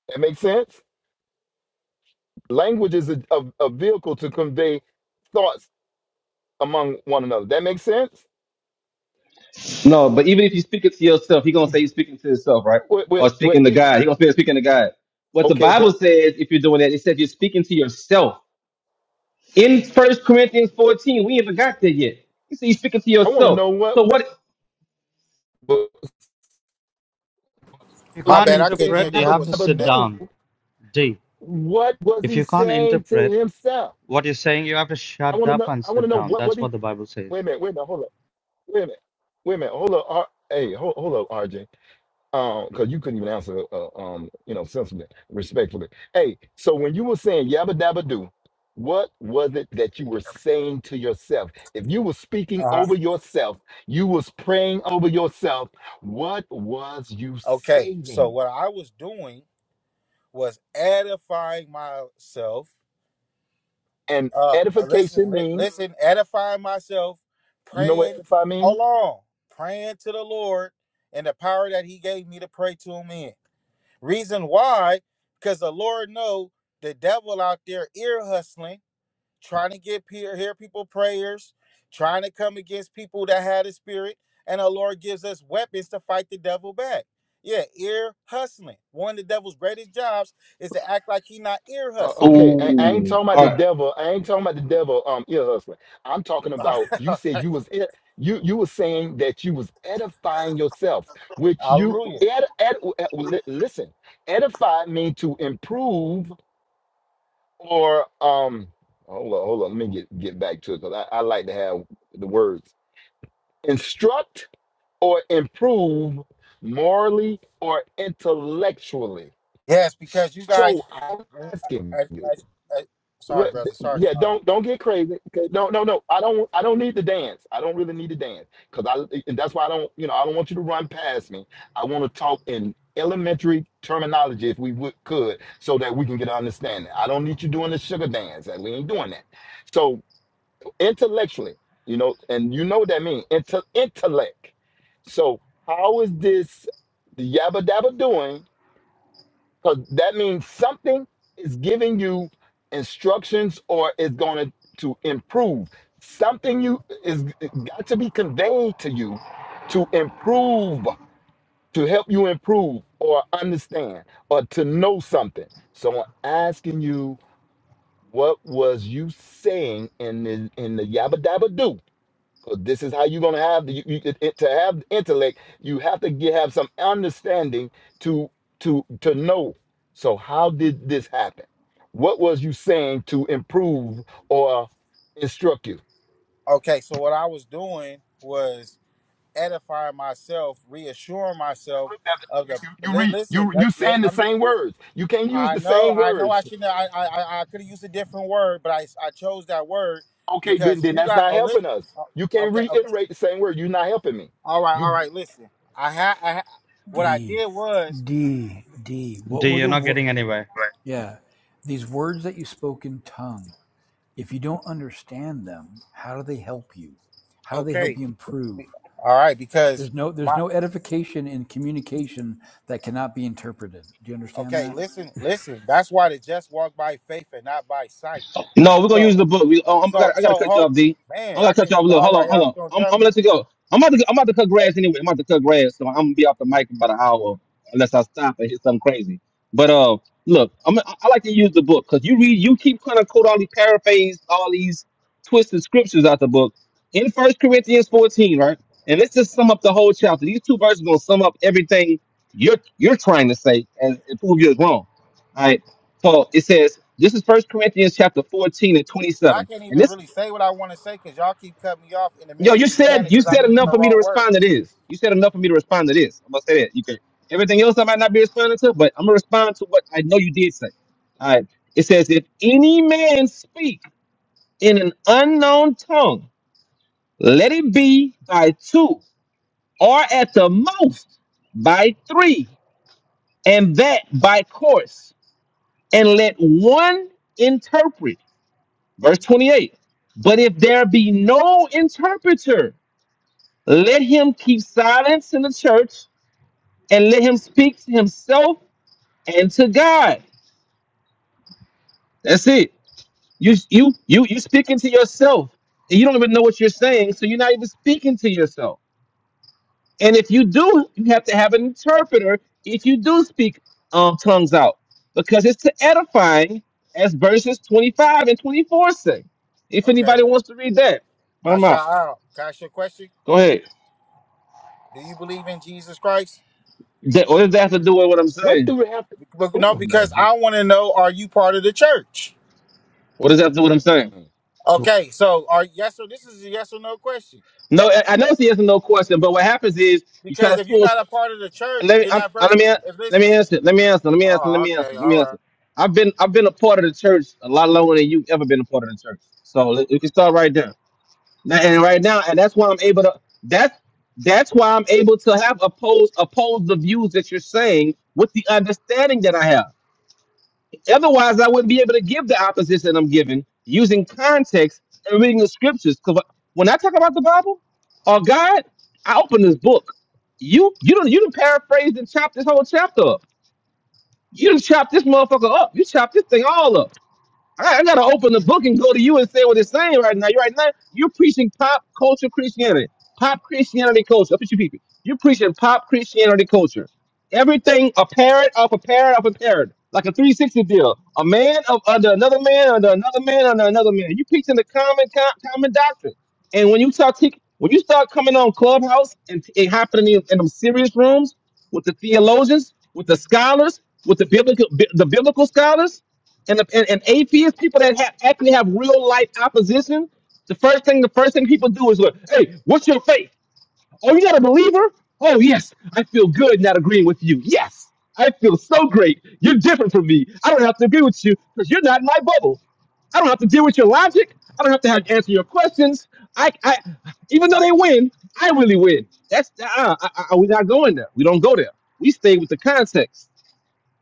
[SPEAKER 5] That makes sense. Language is a, a, a vehicle to convey thoughts among one another. That makes sense.
[SPEAKER 11] No, but even if you speak it to yourself, he gonna say you're speaking to yourself, right?
[SPEAKER 5] Wait, wait,
[SPEAKER 11] Or
[SPEAKER 5] wait,
[SPEAKER 11] speaking to
[SPEAKER 5] eh,
[SPEAKER 11] God. He gonna say speaking to God. What the
[SPEAKER 5] okay,
[SPEAKER 11] Bible
[SPEAKER 5] but
[SPEAKER 11] says, if you're doing that, it says you're speaking to yourself. In First Corinthians 14, we haven't got there yet. He said you're speaking to
[SPEAKER 5] I want to
[SPEAKER 11] yourself.
[SPEAKER 5] know what.
[SPEAKER 11] So what?
[SPEAKER 5] what-
[SPEAKER 6] you
[SPEAKER 5] So
[SPEAKER 10] My
[SPEAKER 5] when
[SPEAKER 6] can't
[SPEAKER 5] he
[SPEAKER 10] bad, I couldn't
[SPEAKER 5] said
[SPEAKER 10] hear
[SPEAKER 6] interpret,
[SPEAKER 10] you.
[SPEAKER 6] you
[SPEAKER 10] I
[SPEAKER 5] "yabba
[SPEAKER 6] have to
[SPEAKER 10] wasn't
[SPEAKER 5] dabba
[SPEAKER 6] sit
[SPEAKER 10] connected.
[SPEAKER 5] do,"
[SPEAKER 6] down. D.
[SPEAKER 5] what was
[SPEAKER 6] If
[SPEAKER 5] he
[SPEAKER 6] you can't
[SPEAKER 5] saying to
[SPEAKER 6] interpret
[SPEAKER 5] himself?
[SPEAKER 6] what you're saying, you have to
[SPEAKER 5] I
[SPEAKER 6] shut
[SPEAKER 5] want to
[SPEAKER 6] up
[SPEAKER 5] know.
[SPEAKER 6] and
[SPEAKER 5] I want
[SPEAKER 6] sit
[SPEAKER 5] to know
[SPEAKER 6] down.
[SPEAKER 5] what was
[SPEAKER 6] That's
[SPEAKER 5] he.
[SPEAKER 6] what the Bible says.
[SPEAKER 5] Wait a minute, wait a minute, hold up, wait a minute, wait a minute, hold up, R- hey, hold, hold up, RJ, um, because you couldn't even answer, uh, um, you know, sensibly, respectfully. Hey, so when you were saying yabba dabba do, what was it that you were saying to yourself? If you were speaking
[SPEAKER 10] Uh-huh.
[SPEAKER 5] over yourself, you was praying over yourself. What was you
[SPEAKER 10] Okay, so
[SPEAKER 5] saying?
[SPEAKER 10] what I was doing was edifying myself
[SPEAKER 5] And
[SPEAKER 10] uh uh, listen
[SPEAKER 5] edification
[SPEAKER 10] li-
[SPEAKER 5] mean,
[SPEAKER 10] listen edifying myself
[SPEAKER 5] you know what
[SPEAKER 10] praying
[SPEAKER 5] edify mean?
[SPEAKER 10] hold on praying to the lord and the power that he gave me to pray to him in reason why because the lord know the devil out there ear hustling trying to get peer hear people prayers trying to come against people that had a spirit and the lord gives us weapons to fight the devil back yeah ear hustling one of the devil's greatest jobs is to act like he not ear
[SPEAKER 5] Uh,
[SPEAKER 10] hustling
[SPEAKER 5] okay, I, I ain't
[SPEAKER 11] Ooh,
[SPEAKER 5] talking about
[SPEAKER 11] all
[SPEAKER 5] the
[SPEAKER 11] right.
[SPEAKER 5] devil. I ain't talking about the devil. Um, ear hustler. I'm talking about you said you was ed- you you were saying that you was edifying yourself, which you
[SPEAKER 10] hallelujah
[SPEAKER 5] ed, ed, ed- li- listen. Edify means to improve or um. Hold on, hold on. Let me get get back to it because I, I like to have the words instruct or improve morally or intellectually.
[SPEAKER 10] Yes, because you guys.
[SPEAKER 5] So I'm
[SPEAKER 10] I,
[SPEAKER 5] asking
[SPEAKER 10] I,
[SPEAKER 5] you.
[SPEAKER 10] I, sorry,
[SPEAKER 5] But,
[SPEAKER 10] brother. Sorry.
[SPEAKER 5] yeah,
[SPEAKER 10] sorry.
[SPEAKER 5] don't don't get crazy. Okay, no, no, no. I don't I don't need to dance. I don't really need to dance because I eh, and that's why I don't you know I don't want you to run past me. I want to talk in elementary terminology if we would, could so that we can get an understanding. I don't need you doing the sugar dance and we ain't doing that. So intellectually, you know, and you know what that means inte- intellect. So how is this yabba dabba doing? because that means something is giving you instructions or is going to to improve something you is got to be conveyed to you to improve to help you improve or understand or to know something so i'm asking you what was you saying in the in the yabba dabba doo? 'Cause This is how you're gonna have the, you, you, it, it- to have intellect. You have to get, have some understanding to to to know. So how did this happen? What was you saying to improve or instruct you?
[SPEAKER 10] Okay, so what I was doing was edifying myself, reassuring myself of
[SPEAKER 5] You,
[SPEAKER 10] the.
[SPEAKER 5] you, you
[SPEAKER 10] Li-
[SPEAKER 5] read
[SPEAKER 10] listen,
[SPEAKER 5] you
[SPEAKER 10] let,
[SPEAKER 5] you
[SPEAKER 10] let,
[SPEAKER 5] saying the
[SPEAKER 10] I'm. Just,
[SPEAKER 5] same words. You can't use
[SPEAKER 10] I
[SPEAKER 5] the
[SPEAKER 10] know,
[SPEAKER 5] same
[SPEAKER 10] I know. I
[SPEAKER 5] words.
[SPEAKER 10] shouldn't. I, I, I, could have used a different word, but I, I chose that word
[SPEAKER 5] Okay,
[SPEAKER 10] because
[SPEAKER 5] but then
[SPEAKER 10] you
[SPEAKER 5] that's
[SPEAKER 10] got.
[SPEAKER 5] not
[SPEAKER 10] Oh, li-
[SPEAKER 5] helping us. You
[SPEAKER 10] oh,
[SPEAKER 5] can't
[SPEAKER 10] okay, okay.
[SPEAKER 5] reiterate the same word. You're not helping me.
[SPEAKER 10] All right, all
[SPEAKER 5] You
[SPEAKER 10] right. Listen, I had. I ha- what I
[SPEAKER 13] D.
[SPEAKER 10] did was
[SPEAKER 13] D. D. What
[SPEAKER 6] D,
[SPEAKER 13] were
[SPEAKER 6] you're
[SPEAKER 13] the
[SPEAKER 6] not
[SPEAKER 13] wo-
[SPEAKER 6] getting anywhere.
[SPEAKER 13] yeah these words that you spoke in tongue? If you don't understand them, how do they help you? How do they help
[SPEAKER 10] okay.
[SPEAKER 13] you improve?
[SPEAKER 10] be- All right, because.
[SPEAKER 13] There's no there's
[SPEAKER 10] my.
[SPEAKER 13] no edification in communication that cannot be interpreted. Do you understand
[SPEAKER 10] Okay,
[SPEAKER 13] that?
[SPEAKER 10] listen, listen. That's why the just walk by faith and not by sight.
[SPEAKER 11] No, we're gonna
[SPEAKER 10] So,
[SPEAKER 11] use the book. We, oh, I'm, I
[SPEAKER 10] so,
[SPEAKER 11] gotta, I gotta
[SPEAKER 10] so,
[SPEAKER 11] cut you
[SPEAKER 10] hold,
[SPEAKER 11] off, D.
[SPEAKER 10] man.
[SPEAKER 11] I
[SPEAKER 10] I
[SPEAKER 11] gotta cut
[SPEAKER 10] can't
[SPEAKER 11] you
[SPEAKER 10] even.
[SPEAKER 11] off. Look,
[SPEAKER 10] All
[SPEAKER 11] hold
[SPEAKER 10] right,
[SPEAKER 11] on, hold
[SPEAKER 10] y'all just
[SPEAKER 11] on.
[SPEAKER 10] gonna
[SPEAKER 11] I'm, I'm
[SPEAKER 10] judge
[SPEAKER 11] gonna
[SPEAKER 10] me,
[SPEAKER 11] let you go. I'm about to, I'm about to cut grass anyway. I'm about to cut grass, so I'm gonna be off the mic in about an hour unless I stop and hit something crazy. But uh, look, I'm, I I like to use the book because you read, you keep kind of quote all these paraphrase all these twisted scriptures out the book in First Corinthians 14, right? And let's just sum up the whole chapter. These two verses gonna sum up everything you're you're trying to say and, and prove you're wrong. All right. So it says, this is First Corinthians chapter 14 and
[SPEAKER 10] but I
[SPEAKER 11] 27.
[SPEAKER 10] can't
[SPEAKER 11] And
[SPEAKER 10] even
[SPEAKER 11] this,
[SPEAKER 10] really say what I want to say because y'all keep cutting me off in the
[SPEAKER 11] yo,
[SPEAKER 10] midst of
[SPEAKER 11] you
[SPEAKER 10] me saying
[SPEAKER 11] said
[SPEAKER 10] it
[SPEAKER 11] you
[SPEAKER 10] because I'm
[SPEAKER 11] said
[SPEAKER 10] using
[SPEAKER 11] enough
[SPEAKER 10] the
[SPEAKER 11] for me to
[SPEAKER 10] wrong word.
[SPEAKER 11] respond to this. You said enough for me to respond to this. I'm gonna say that. You can everything else I might not be responding to, but I'm gonna respond to what I know you did say. All right. It says, if any man speak in an unknown tongue, let it be by two, or at the most by three, and that by course, and let one interpret. Verse 28. But if there be no interpreter, let him keep silence in the church and let him speak to himself and to God. That's it. You you you you speaking to yourself. And you don't even know what you're saying, so you're not even speaking to yourself. And if you do, you have to have an interpreter if you do speak um, tongues out. Because it's to edifying, as verses 25 and 24 say. If
[SPEAKER 10] Okay,
[SPEAKER 11] anybody wants to read that, but
[SPEAKER 10] now
[SPEAKER 11] I'm out.
[SPEAKER 10] shout out. Can I ask you a question?
[SPEAKER 11] Go ahead.
[SPEAKER 10] Do you believe in Jesus Christ?
[SPEAKER 11] That- What does that have to do with what I'm
[SPEAKER 5] what
[SPEAKER 11] saying?
[SPEAKER 5] do we have? To,
[SPEAKER 10] But no,
[SPEAKER 5] oh my
[SPEAKER 10] because
[SPEAKER 5] goodness.
[SPEAKER 10] I want to know: Are you part of the church?
[SPEAKER 11] What does that have to do with what I'm saying?
[SPEAKER 10] Okay, so are yes or this is a yes or no question.
[SPEAKER 11] No, I I know it's a yes or no question, but what happens is you try
[SPEAKER 10] Because
[SPEAKER 11] to
[SPEAKER 10] if you're
[SPEAKER 11] pull.
[SPEAKER 10] not
[SPEAKER 11] st-
[SPEAKER 10] a part of the church,
[SPEAKER 11] Let me,
[SPEAKER 10] then
[SPEAKER 11] I'm,
[SPEAKER 10] that
[SPEAKER 11] I-
[SPEAKER 10] verse.
[SPEAKER 11] let me,
[SPEAKER 10] If
[SPEAKER 11] let
[SPEAKER 10] this,
[SPEAKER 11] me answer. Let me answer. Let me answer. Let
[SPEAKER 10] oh,
[SPEAKER 11] me
[SPEAKER 10] okay,
[SPEAKER 11] answer. Let me
[SPEAKER 10] all right.
[SPEAKER 11] answer. I've been, I've been a part of the church a lot longer than you've ever been a part of the church. So let- we can start right there. Now, and right now, and that's why I'm able to. That's that's why I'm able to have oppose oppose the views that you're saying with the understanding that I have. Otherwise, I wouldn't be able to give the opposition I'm giving using context and reading the scriptures. Because when I talk about the Bible or God, I open this book. You you don't you don't paraphrase and chop this whole chapter up. You done chop this motherfucker up. You chop this thing all up. I, I gotta open the book and go to you and say what it's saying right now. You right now you're preaching pop culture Christianity, pop Christianity culture. Up at you people, you're preaching pop Christianity culture. Everything a parrot of a parrot of a parrot, like a 360 deal. A man of, under another man under another man under another man. You're preaching the common com, common doctrine. And when you start te- when you start coming on Clubhouse and t- it happening in, in them serious rooms with the theologians, with the scholars, with the biblical bi- the biblical scholars and, the, and, and atheist people that have, actually have real life opposition, the first thing the first thing people do is look, hey, what's your faith? Oh, you're not a believer? Oh yes, I feel good not agreeing with you. Yes, I feel so great. You're different from me. I don't have to agree with you because you're not in my bubble. I don't have to deal with your logic. I don't have to have answer your questions. I, I, even though they win, I really win. That's uh, I, I, we're not going there. We don't go there. We stay with the context.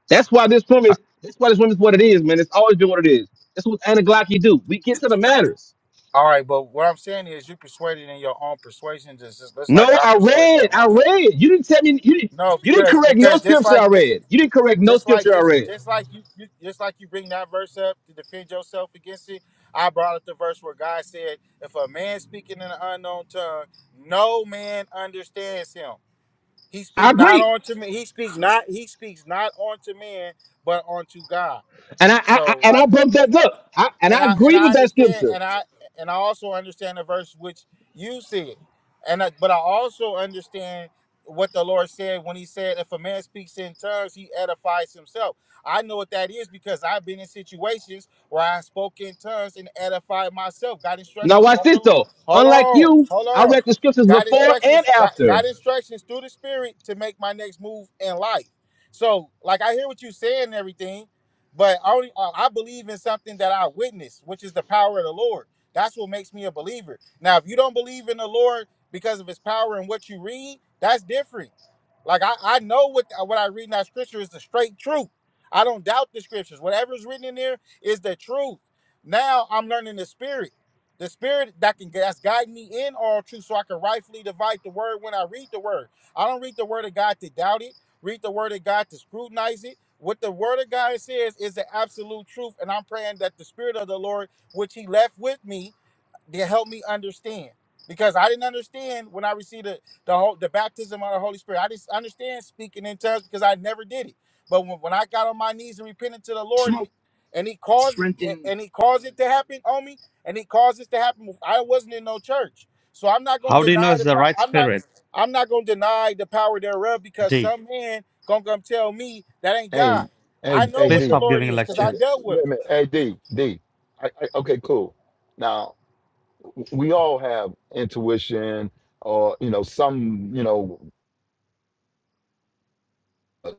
[SPEAKER 11] That's why this room
[SPEAKER 6] h-
[SPEAKER 11] is. That's why this room is what it is, man. It's always been what it is. That's what Anna Glocky do. We get to the matters.
[SPEAKER 10] All right, but what I'm saying is you persuaded in your own persuasion, just just just
[SPEAKER 11] No,
[SPEAKER 10] like I'm
[SPEAKER 11] I
[SPEAKER 10] persuaded
[SPEAKER 11] read.
[SPEAKER 10] in my
[SPEAKER 11] I
[SPEAKER 10] own.
[SPEAKER 11] read. You didn't tell me. You didn't.
[SPEAKER 10] No,
[SPEAKER 11] You didn't
[SPEAKER 10] because
[SPEAKER 11] correct no
[SPEAKER 10] because just
[SPEAKER 11] scripture I
[SPEAKER 10] like this,
[SPEAKER 11] read. You didn't correct no
[SPEAKER 10] just like
[SPEAKER 11] scripture I
[SPEAKER 10] just
[SPEAKER 11] read.
[SPEAKER 10] just like you, you just like you bring that verse up to defend yourself against it. I brought up the verse where God said, "If a man speaking in an unknown tongue, no man understands him. He
[SPEAKER 11] I
[SPEAKER 10] speak not
[SPEAKER 11] agree,
[SPEAKER 10] unto me. He speaks not. He speaks not unto men, but unto God."
[SPEAKER 11] and I, I, I
[SPEAKER 10] So
[SPEAKER 11] and
[SPEAKER 10] like.
[SPEAKER 11] I bumped that up. I, and
[SPEAKER 10] and
[SPEAKER 11] I
[SPEAKER 10] I and
[SPEAKER 11] agree
[SPEAKER 10] I
[SPEAKER 11] with that
[SPEAKER 10] understand,
[SPEAKER 11] scripture.
[SPEAKER 10] and I and I also understand the verse which you said, and I, but I also understand what the Lord said when He said, "If a man speaks in tongues, he edifies himself." I know what that is because I've been in situations where I spoke in tongues and edified myself. Got
[SPEAKER 11] Now
[SPEAKER 10] instructions
[SPEAKER 11] watch
[SPEAKER 10] from the.
[SPEAKER 11] this
[SPEAKER 10] Lo-
[SPEAKER 11] though.
[SPEAKER 10] Hold
[SPEAKER 11] Unlike
[SPEAKER 10] on,
[SPEAKER 11] you,
[SPEAKER 10] hold
[SPEAKER 11] I
[SPEAKER 10] on.
[SPEAKER 11] read the scriptures
[SPEAKER 10] Got
[SPEAKER 11] before and
[SPEAKER 10] instructions. Got, got
[SPEAKER 11] after.
[SPEAKER 10] instructions through the Spirit to make my next move in life. So, like, I hear what you're saying and everything, but I only uh, I believe in something that I witnessed, which is the power of the Lord. That's what makes me a believer. Now, if you don't believe in the Lord because of His power and what you read, that's different. Like I, I know what uh, what I read in that scripture is the straight truth. I don't doubt the scriptures. Whatever's written in there is the truth. Now I'm learning the spirit. The spirit that can that's guiding me in all truth so I can rightfully divide the word when I read the word. I don't read the word of God to doubt it, read the word of God to scrutinize it what the word of God says is the absolute truth. And I'm praying that the spirit of the Lord, which he left with me, to help me understand because I didn't understand when I received the the, whole, the baptism of the Holy Spirit. I didn't understand speaking in tongues because I never did it. But when, when I got on my knees and repented to the Lord Come and he, caused and and he caused it to happen on me and he caused this to happen. I wasn't in no church, so I'm not gonna
[SPEAKER 6] How do you know
[SPEAKER 10] deny
[SPEAKER 6] it's
[SPEAKER 10] the
[SPEAKER 6] the
[SPEAKER 10] power.
[SPEAKER 6] right
[SPEAKER 10] I'm not
[SPEAKER 6] spirit?
[SPEAKER 10] I'm not gonna deny the power thereof because
[SPEAKER 6] D,
[SPEAKER 10] some man gonna come tell me that ain't
[SPEAKER 5] Hey,
[SPEAKER 10] God.
[SPEAKER 5] hey,
[SPEAKER 10] I know
[SPEAKER 5] hey,
[SPEAKER 6] please
[SPEAKER 10] what the
[SPEAKER 5] D.
[SPEAKER 6] stop
[SPEAKER 10] Lord
[SPEAKER 6] giving
[SPEAKER 10] is because
[SPEAKER 5] Hey,
[SPEAKER 10] I
[SPEAKER 5] D-
[SPEAKER 6] lectures.
[SPEAKER 10] dealt with him.
[SPEAKER 5] wait a minute. Hey, D. D. I, I, okay, cool. Now w- we all have intuition, or you know, some, you know, uh,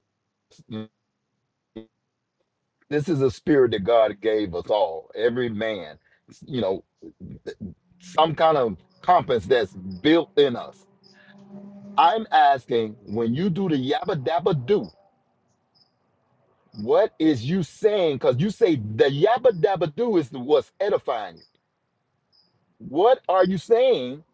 [SPEAKER 5] s- this is a spirit that God gave us all, every man. s- You know, th- some kind of compass that's built in us. I'm asking when you do the yabba dabba do, what is you saying? Because you say the yabba dabba do is what's edifying you. What are you saying?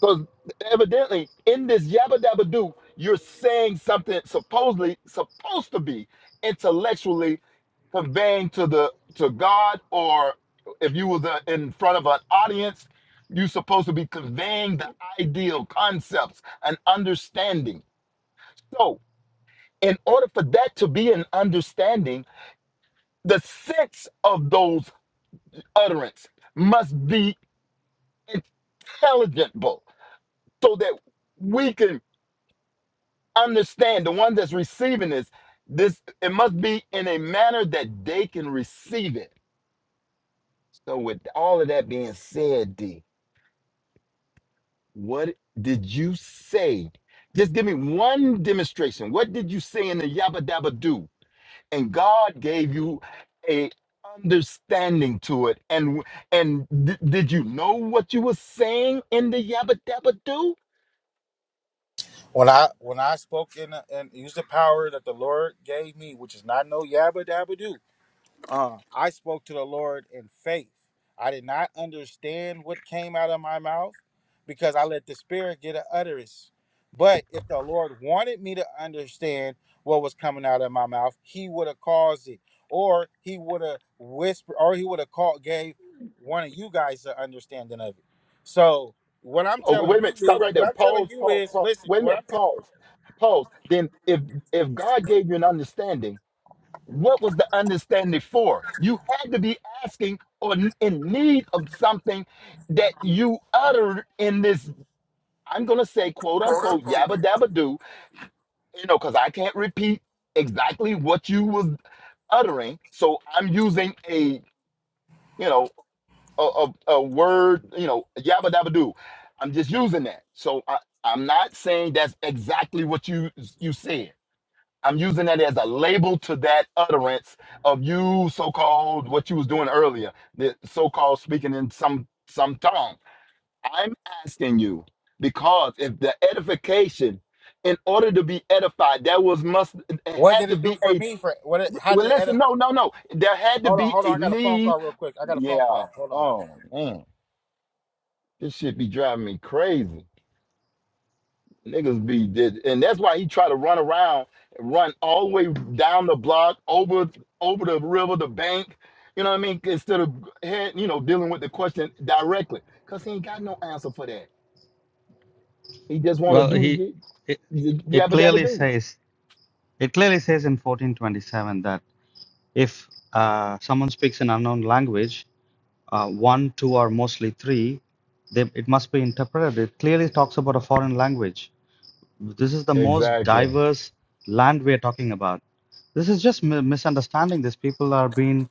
[SPEAKER 5] Because evidently, in this yabba dabba do, you're saying something supposedly supposed to be intellectually conveying to the to God, or if you were uh, in front of an audience, you're supposed to be conveying the ideal concepts and understanding. So, in order for that to be an understanding, the sense of those utterance must be intelligible so that we can understand the one that's receiving this this it must be in a manner that they can receive it so with all of that being said d what did you say just give me one demonstration what did you say in the yabba dabba do and god gave you a understanding to it and and di- did you know what you were saying in the yabba dabba do
[SPEAKER 10] When I when I spoke in and used the power that the Lord gave me, which is not no yabba dabba do, uh, I spoke to the Lord in faith. I did not understand what came out of my mouth because I let the Spirit get an utterance. But if the Lord wanted me to understand what was coming out of my mouth, He would have caused it, or He would have whispered, or He would have called, gave one of you guys an understanding of it. So what I'm
[SPEAKER 5] Oh,
[SPEAKER 10] telling
[SPEAKER 5] wait a minute.
[SPEAKER 10] you
[SPEAKER 5] Stop
[SPEAKER 10] is,
[SPEAKER 5] right
[SPEAKER 10] what
[SPEAKER 5] there.
[SPEAKER 10] I'm telling
[SPEAKER 5] Pause,
[SPEAKER 10] you
[SPEAKER 5] pause,
[SPEAKER 10] is,
[SPEAKER 5] pause.
[SPEAKER 10] listen.
[SPEAKER 5] Wait a
[SPEAKER 10] What I'm
[SPEAKER 5] minute. Pause, pause. Then, if if God gave you an understanding, what was the understanding for? You had to be asking or n- in need of something that you uttered in this. I'm gonna say, quote unquote, yabba dabba do. You know, because I can't repeat exactly what you was uttering. So I'm using a you know a, a, a word, you know, yabba dabba do. I'm just using that. So I, I'm not saying that's exactly what you you said. I'm using that as a label to that utterance of you so-called what you was doing earlier, the so-called speaking in some some tongue. I'm asking you because if the edification, in order to be edified, there was must it
[SPEAKER 10] What
[SPEAKER 5] had
[SPEAKER 10] did
[SPEAKER 5] to
[SPEAKER 10] it do
[SPEAKER 5] be
[SPEAKER 10] for
[SPEAKER 5] a
[SPEAKER 10] me? For what? It, how did
[SPEAKER 5] well.
[SPEAKER 10] it edit?
[SPEAKER 5] Listen, no, no, no. There had to
[SPEAKER 10] Hold on,
[SPEAKER 5] be
[SPEAKER 10] hold on.
[SPEAKER 5] a
[SPEAKER 10] I got a phone
[SPEAKER 5] need.
[SPEAKER 10] call real quick. I got a phone
[SPEAKER 5] Yeah.
[SPEAKER 10] call. Hold on.
[SPEAKER 5] Oh. This shit be driving me crazy. Niggas be did, and that's why he try to run around, run all the way down the block, over over the river, the bank. You know what I mean? Instead of head, you know, dealing with the question directly, cause he ain't got no answer for that. He just want to
[SPEAKER 6] Well,
[SPEAKER 5] do the
[SPEAKER 6] he,
[SPEAKER 5] y-
[SPEAKER 6] it,
[SPEAKER 5] y-
[SPEAKER 6] it
[SPEAKER 5] yabba dabba
[SPEAKER 6] clearly
[SPEAKER 5] do.
[SPEAKER 6] says, it clearly says in 1427 that if uh, someone speaks an unknown language, uh, one, two, or mostly three, they, it must be interpreted. It clearly talks about a foreign language. This is the most
[SPEAKER 5] Exactly.
[SPEAKER 6] diverse land we're talking about. This is just mi- misunderstanding. These people are being,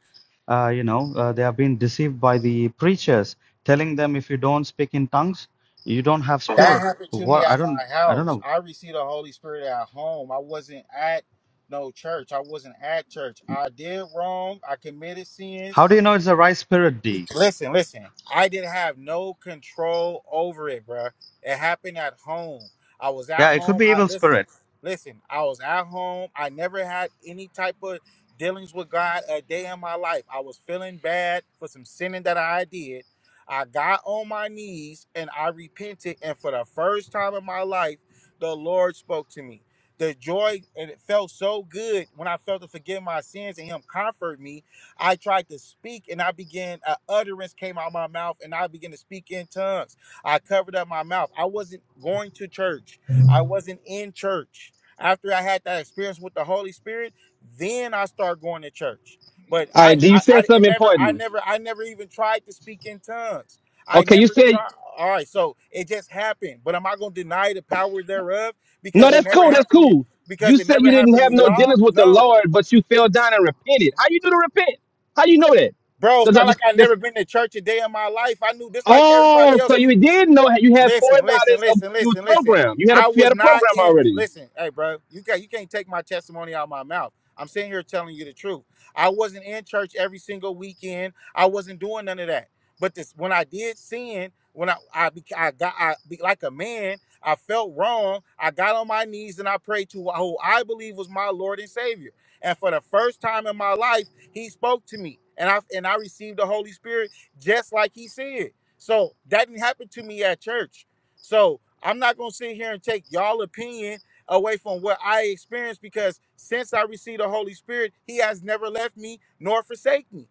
[SPEAKER 6] uh, you know, uh, they are being deceived by the preachers, telling them if you don't speak in tongues, you don't have
[SPEAKER 10] That
[SPEAKER 6] spirit.
[SPEAKER 10] happened to me
[SPEAKER 6] What? I
[SPEAKER 10] at
[SPEAKER 6] don't.
[SPEAKER 10] my
[SPEAKER 6] I don't
[SPEAKER 10] house.
[SPEAKER 6] know.
[SPEAKER 10] I received the Holy Spirit at home. I wasn't at no church. I wasn't at church. I did wrong. I committed sins.
[SPEAKER 6] How do you know it's the right spirit, D?
[SPEAKER 10] Listen, listen. I didn't have no control over it, bruh. It happened at home. I was at
[SPEAKER 6] Yeah, it could
[SPEAKER 10] home.
[SPEAKER 6] be
[SPEAKER 10] I
[SPEAKER 6] evil
[SPEAKER 10] listen,
[SPEAKER 6] spirit.
[SPEAKER 10] listen. I was at home. I never had any type of dealings with God a day in my life. I was feeling bad for some sinning that I did. I got on my knees and I repented, and for the first time in my life, the Lord spoke to me. The joy and it felt so good when I felt to forgive my sins and Him comfort me I tried to speak and I began, An utterance came out of my mouth and I began to speak in tongues. I covered up my mouth. I wasn't going to church, I wasn't in church. After I had that experience with the Holy Spirit, then I started going to church. But
[SPEAKER 11] All
[SPEAKER 10] I,
[SPEAKER 11] right. Do you
[SPEAKER 10] I, I
[SPEAKER 11] said
[SPEAKER 10] it
[SPEAKER 11] something
[SPEAKER 10] never, I
[SPEAKER 11] important?
[SPEAKER 10] never, I never even tried to speak in tongues. I
[SPEAKER 11] Okay, you
[SPEAKER 10] never
[SPEAKER 11] said.
[SPEAKER 10] tried. All right, so it just happened. But am I going to deny the power thereof
[SPEAKER 11] No,
[SPEAKER 10] because it
[SPEAKER 11] that's
[SPEAKER 10] never
[SPEAKER 11] cool. That's
[SPEAKER 10] happened? To,
[SPEAKER 11] cool.
[SPEAKER 10] because
[SPEAKER 11] You
[SPEAKER 10] it
[SPEAKER 11] said you
[SPEAKER 10] never
[SPEAKER 11] didn't
[SPEAKER 10] happened to
[SPEAKER 11] have no
[SPEAKER 10] y'all?
[SPEAKER 11] dealings with the
[SPEAKER 10] No,
[SPEAKER 11] Lord, but you fell down and repented. How you do to repent? How you know that?
[SPEAKER 10] Bro, it's
[SPEAKER 11] Does-
[SPEAKER 10] not
[SPEAKER 11] does-
[SPEAKER 10] like I
[SPEAKER 11] does-
[SPEAKER 10] never been to church a day in my life. I knew just like everybody
[SPEAKER 11] oh, so
[SPEAKER 10] else. We
[SPEAKER 11] you did know you had
[SPEAKER 10] Listen, listen,
[SPEAKER 11] foreknowledge of
[SPEAKER 10] listen,
[SPEAKER 11] you was
[SPEAKER 10] listen, listen.
[SPEAKER 11] programmed. You had a
[SPEAKER 10] I
[SPEAKER 11] you
[SPEAKER 10] was
[SPEAKER 11] had a
[SPEAKER 10] not
[SPEAKER 11] program
[SPEAKER 10] in.
[SPEAKER 11] already.
[SPEAKER 10] Listen, hey, bro, you can not you can't take my testimony out of my mouth. I'm sitting here telling you the truth. I wasn't in church every single weekend. I wasn't doing none of that. But this, when I did sin, when I I, bec- I got I be, like a man, I felt wrong. I got on my knees and I prayed to who I believe was my Lord and Savior. And for the first time in my life, He spoke to me, and I and I received the Holy Spirit just like He said. So that didn't happen to me at church. So I'm not gonna sit here and take y'all opinion away from what I experienced because since I received the Holy Spirit, He has never left me nor forsake me.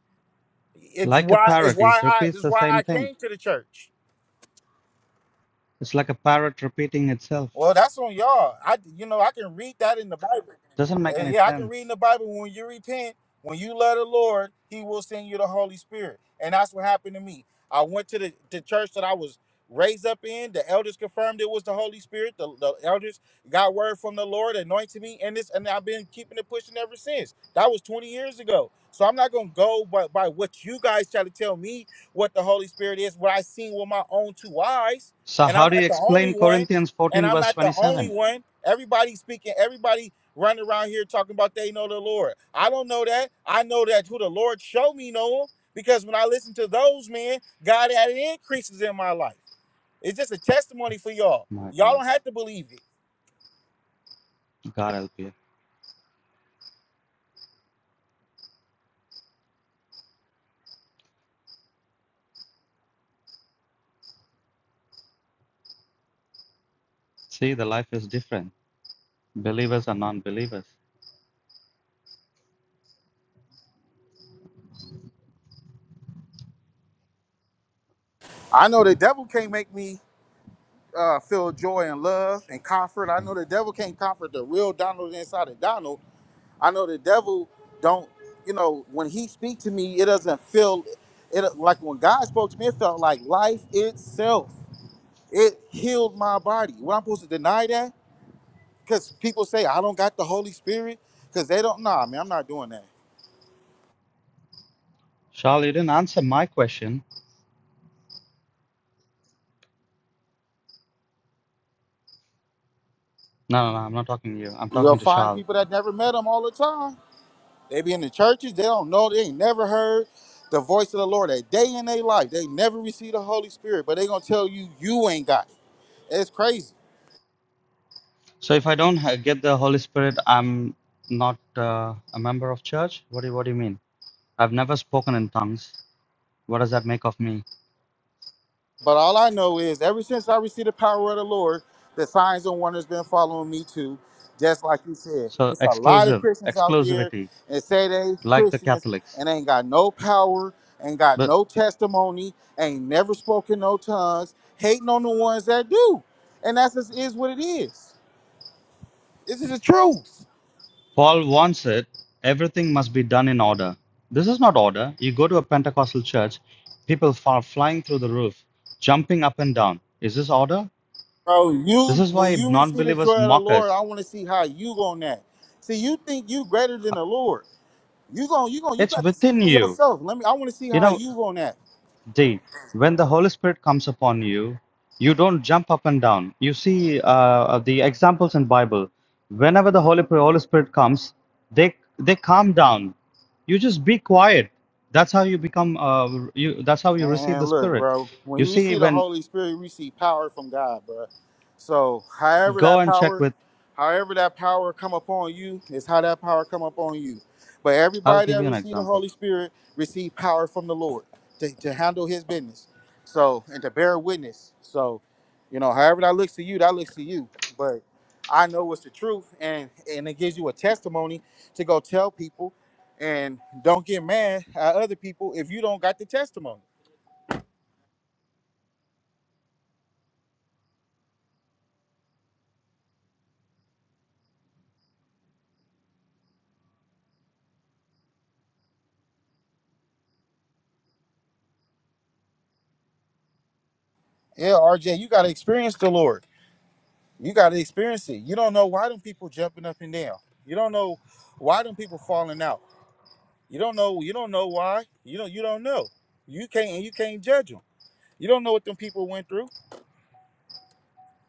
[SPEAKER 10] It's
[SPEAKER 6] Like a
[SPEAKER 10] why it's
[SPEAKER 6] parrot, it
[SPEAKER 10] why I
[SPEAKER 6] repeats
[SPEAKER 10] it's
[SPEAKER 6] the
[SPEAKER 10] why
[SPEAKER 6] same
[SPEAKER 10] I
[SPEAKER 6] thing.
[SPEAKER 10] came to the church.
[SPEAKER 6] It's like a parrot repeating itself.
[SPEAKER 10] Well, that's on y'all. I, you know, I can read that in the Bible.
[SPEAKER 6] Doesn't make
[SPEAKER 10] Uh,
[SPEAKER 6] any
[SPEAKER 10] yeah, I can
[SPEAKER 6] sense.
[SPEAKER 10] read in the Bible when you repent, when you love the Lord, He will send you the Holy Spirit, and that's what happened to me. I went to the, the church that I was raised up in. The elders confirmed it was the Holy Spirit. The, the elders got word from the Lord, anointed me, and this, and I've been keeping it pushing ever since. That was 20 years ago. So I'm not gonna go by, by what you guys try to tell me what the Holy Spirit is, what I seen with my own two eyes,
[SPEAKER 6] So
[SPEAKER 10] and I'm
[SPEAKER 6] how do you
[SPEAKER 10] not the only
[SPEAKER 6] explain
[SPEAKER 10] one
[SPEAKER 6] Corinthians
[SPEAKER 10] and
[SPEAKER 6] 14
[SPEAKER 10] I'm
[SPEAKER 6] verse
[SPEAKER 10] not the only
[SPEAKER 6] 27?
[SPEAKER 10] one. Everybody speaking, everybody running around here talking about they know the Lord. I don't know that. I know that who the Lord showed me know him because when I listen to those men, God added increases in my life. It's just a testimony for y'all.
[SPEAKER 6] My
[SPEAKER 10] Y'all
[SPEAKER 6] God,
[SPEAKER 10] don't have to believe it.
[SPEAKER 6] God help you. See, the life is different. Believers and non-believers.
[SPEAKER 10] I know the devil can't make me uh, feel joy and love and comfort. I
[SPEAKER 6] See,
[SPEAKER 10] know the devil can't comfort the real Donald inside of Donald. I know the devil don't, you know, when he speak to me, it doesn't feel it like when God spoke to me, it felt like life itself. It healed my body. What I'm supposed to deny that? Because people say I don't got the Holy Spirit. Because they don't nah, man, I'm not doing that.
[SPEAKER 6] Shal, you didn't answer my question. No, no, no. I'm not talking to you. I'm
[SPEAKER 10] You'll
[SPEAKER 6] talking to
[SPEAKER 10] find
[SPEAKER 6] Shal.
[SPEAKER 10] people that never met him all the time. They be in the churches, they don't know, they ain't never heard the voice of the Lord a day in their life. They never received the Holy Spirit, but they gonna tell you you ain't got it. It's crazy.
[SPEAKER 6] So if I don't ha- get the Holy Spirit, I'm not uh, a member of church. What do you, What do you mean? I've never spoken in tongues. What does that make of me?
[SPEAKER 10] But all I know is, ever since I received the power of the Lord, the signs and wonders been following me too. Just like you said,
[SPEAKER 6] So
[SPEAKER 10] it's a lot of
[SPEAKER 6] exclusive,
[SPEAKER 10] Christians out there
[SPEAKER 6] exclusivity,
[SPEAKER 10] and say they
[SPEAKER 6] like the
[SPEAKER 10] Christians
[SPEAKER 6] Catholics.
[SPEAKER 10] and ain't got no power, ain't got
[SPEAKER 6] But.
[SPEAKER 10] no testimony, ain't never spoken no tongues, hating on the ones that do. And that's just is what it is. This is the truth.
[SPEAKER 6] Paul wants it everything must be done in order. This is not order. You go to a Pentecostal church, people are flying through the roof, jumping up and down. Is this order?
[SPEAKER 10] Bro,
[SPEAKER 6] This
[SPEAKER 10] you
[SPEAKER 6] is
[SPEAKER 10] when
[SPEAKER 6] why
[SPEAKER 10] you
[SPEAKER 6] non
[SPEAKER 10] receive the
[SPEAKER 6] believers
[SPEAKER 10] joy of the
[SPEAKER 6] mock
[SPEAKER 10] Lord,
[SPEAKER 6] us.
[SPEAKER 10] I want to see how you gonna act. See, you think you greater than the Lord. You gon' you gon' you
[SPEAKER 6] It's
[SPEAKER 10] got to see
[SPEAKER 6] within
[SPEAKER 10] for
[SPEAKER 6] you.
[SPEAKER 10] yourself. Let me. I want to see
[SPEAKER 6] You
[SPEAKER 10] how
[SPEAKER 6] know,
[SPEAKER 10] you on that.
[SPEAKER 6] D. When the Holy Spirit comes upon you, you don't jump up and down. You see uh, the examples in Bible. Whenever the Holy Holy Spirit comes, they they calm down. You just be quiet. That's how you become. Uh, you that's how you receive the
[SPEAKER 10] Man, look,
[SPEAKER 6] Spirit.
[SPEAKER 10] bro. When
[SPEAKER 6] You
[SPEAKER 10] you
[SPEAKER 6] see,
[SPEAKER 10] see the
[SPEAKER 6] when
[SPEAKER 10] Holy Spirit, we see power from God, bro. So, however
[SPEAKER 6] go
[SPEAKER 10] that
[SPEAKER 6] and check
[SPEAKER 10] power,
[SPEAKER 6] with.
[SPEAKER 10] however that power come upon you, is how that power come upon you. But
[SPEAKER 6] I'll
[SPEAKER 10] everybody
[SPEAKER 6] give
[SPEAKER 10] that
[SPEAKER 6] you an
[SPEAKER 10] receive the
[SPEAKER 6] example.
[SPEAKER 10] Holy Spirit receive power from the Lord to, to handle His business. So, and to bear witness. So, you know, however that looks to you, that looks to you. But I know it's the truth, and and it gives you a testimony to go tell people. And don't get mad at other people if you don't got the testimony. Yeah, RJ, you gotta experience the Lord. You gotta experience it. You don't know why them people jumping up and down. You don't know why them people falling out. You don't know. You don't know why. You don't. You don't know. You can't. You can't judge them. You don't know what them people went through.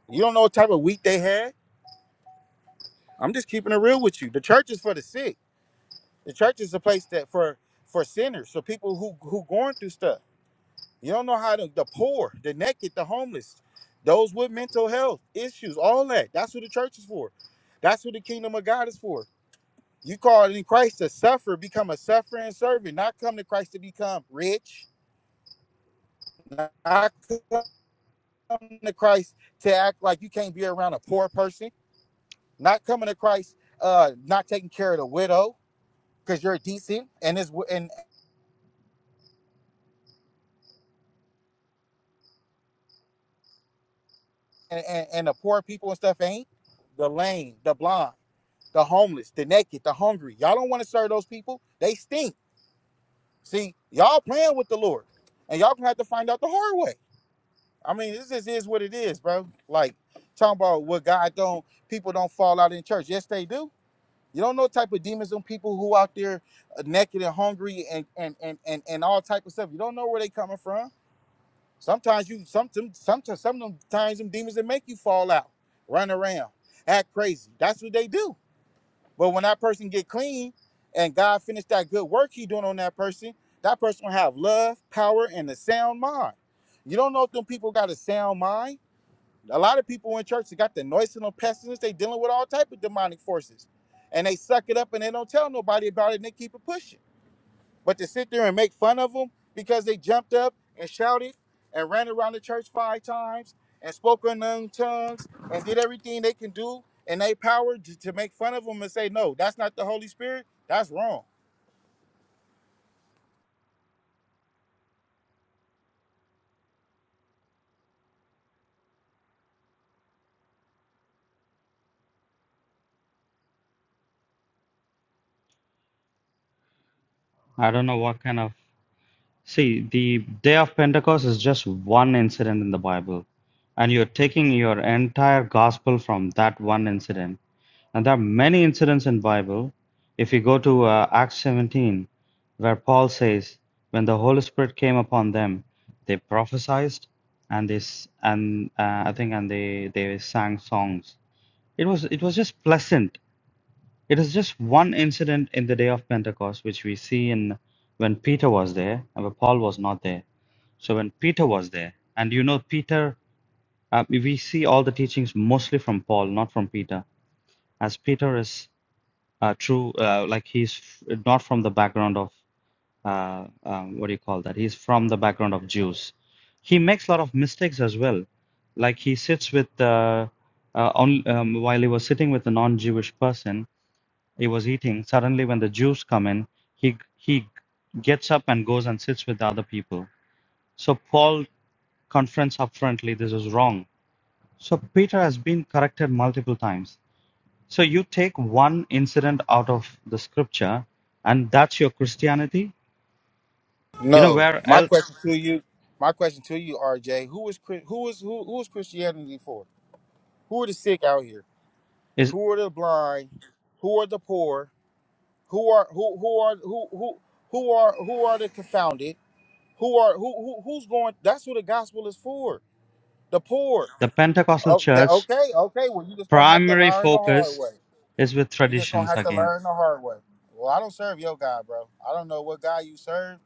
[SPEAKER 10] You don't know what type of week they had. I'm just keeping it real with you. The church is for the sick. The church is a place that for for sinners, for people who who going through stuff. You don't know how to, the poor, the naked, the homeless, those with mental health issues, all that. That's what the church is for. That's what the kingdom of God is for. You called in Christ to suffer, become a suffering servant, not come to Christ to become rich, not come to Christ to act like you can't be around a poor person, not coming to Christ, uh, not taking care of the widow because you're decent and is and, and and and the poor people and stuff ain't the lame, the blind. the homeless, the naked, the hungry. Y'all don't want to serve those people. They stink. See, y'all playing with the Lord. And y'all gonna have to find out the hard way. I mean, this just is what it is, bro. Like talking about what God don't people don't fall out in church. Yes, they do. You don't know the type of demons on people who out there uh, naked and hungry and and and and, and all type of stuff. You don't know where they coming from. Sometimes you some some some some times them demons that make you fall out, run around, act crazy. That's what they do. But when that person get clean and God finish that good work he doing on that person, that person will have love, power, and a sound mind. You don't know if them people got a sound mind. A lot of people in church they got the noise and the pestilence. They dealing with all type of demonic forces, and they suck it up and they don't tell nobody about it. and They keep it pushing. But to sit there and make fun of them because they jumped up and shouted and ran around the church five times and spoke in known tongues and did everything they can do in their power to, to make fun of them and say, no, that's not the Holy Spirit. That's wrong.
[SPEAKER 6] I don't know what kind of. See, the day of Pentecost is just one incident in the Bible, and you're taking your entire gospel from that one incident And there are many incidents in Bible. If you go to uh, Acts 17, where Paul says, when the Holy Spirit came upon them, they prophesied, and they s- and uh, I think and they they sang songs. It was it was just pleasant. It is just one incident in the day of Pentecost which we see in when Peter was there and when Paul was not there. So when Peter was there, and you know Peter, uh, we see all the teachings mostly from Paul, not from Peter, as Peter is uh, true uh, like he's f- not from the background of uh, um, what do you call that he's from the background of jews he makes a lot of mistakes as well like he sits with uh, uh, on um, while he was sitting with a non-jewish person he was eating suddenly when the jews come in he he gets up and goes and sits with the other people so paul confronts upfrontly this is wrong so peter has been corrected multiple times so you take one incident out of the scripture, and that's your Christianity. You know
[SPEAKER 10] No.
[SPEAKER 6] where
[SPEAKER 10] My
[SPEAKER 6] else
[SPEAKER 10] question to you, my question to you, RJ, Who is was Chri- who is who, who is Christianity for? Who are the sick out here?
[SPEAKER 6] is
[SPEAKER 10] Who are the blind? Who are the poor? Who are who who are who who who are who are the confounded? Who are who, who who's going? That's who the gospel is for. The poor.
[SPEAKER 6] the Pentecostal
[SPEAKER 10] Oh, th-
[SPEAKER 6] church?
[SPEAKER 10] okay, okay. Well, you just gonna have to
[SPEAKER 6] Primary
[SPEAKER 10] learn the hard
[SPEAKER 6] focus
[SPEAKER 10] way.
[SPEAKER 6] is with
[SPEAKER 10] You just gonna
[SPEAKER 6] traditions
[SPEAKER 10] have to
[SPEAKER 6] again.
[SPEAKER 10] learn the hard way. Well, I don't serve your God, bro. I don't know what God you serve.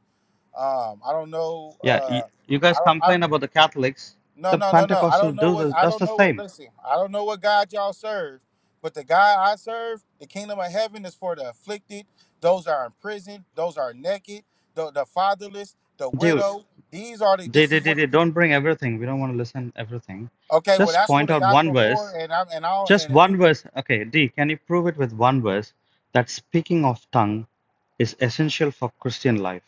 [SPEAKER 10] Um, I don't know.
[SPEAKER 6] Yeah, you,
[SPEAKER 10] Uh,
[SPEAKER 6] you guys
[SPEAKER 10] I don't. I,
[SPEAKER 6] complain about the Catholics.
[SPEAKER 10] no,
[SPEAKER 6] The
[SPEAKER 10] no, no, no. I
[SPEAKER 6] Pentecostal
[SPEAKER 10] don't know
[SPEAKER 6] do
[SPEAKER 10] what.
[SPEAKER 6] the,
[SPEAKER 10] I
[SPEAKER 6] does
[SPEAKER 10] don't
[SPEAKER 6] the
[SPEAKER 10] know what.
[SPEAKER 6] same.
[SPEAKER 10] Listen, I don't know what God y'all serve, but the God I serve, the kingdom of heaven is for the afflicted, those that are in prison, those that are naked, the, the fatherless, the
[SPEAKER 6] Dude,
[SPEAKER 10] widow. These are the.
[SPEAKER 6] they,
[SPEAKER 10] This
[SPEAKER 6] they,
[SPEAKER 10] is
[SPEAKER 6] they,
[SPEAKER 10] what the
[SPEAKER 6] they don't bring everything. We don't want to listen everything.
[SPEAKER 10] Okay, well
[SPEAKER 6] Just
[SPEAKER 10] that's what
[SPEAKER 6] point
[SPEAKER 10] the
[SPEAKER 6] out one
[SPEAKER 10] gospel
[SPEAKER 6] verse
[SPEAKER 10] for, and I'm and I'll
[SPEAKER 6] Just
[SPEAKER 10] and if you
[SPEAKER 6] one verse. Okay, D, can you prove it with one verse that speaking of tongue is essential for Christian life?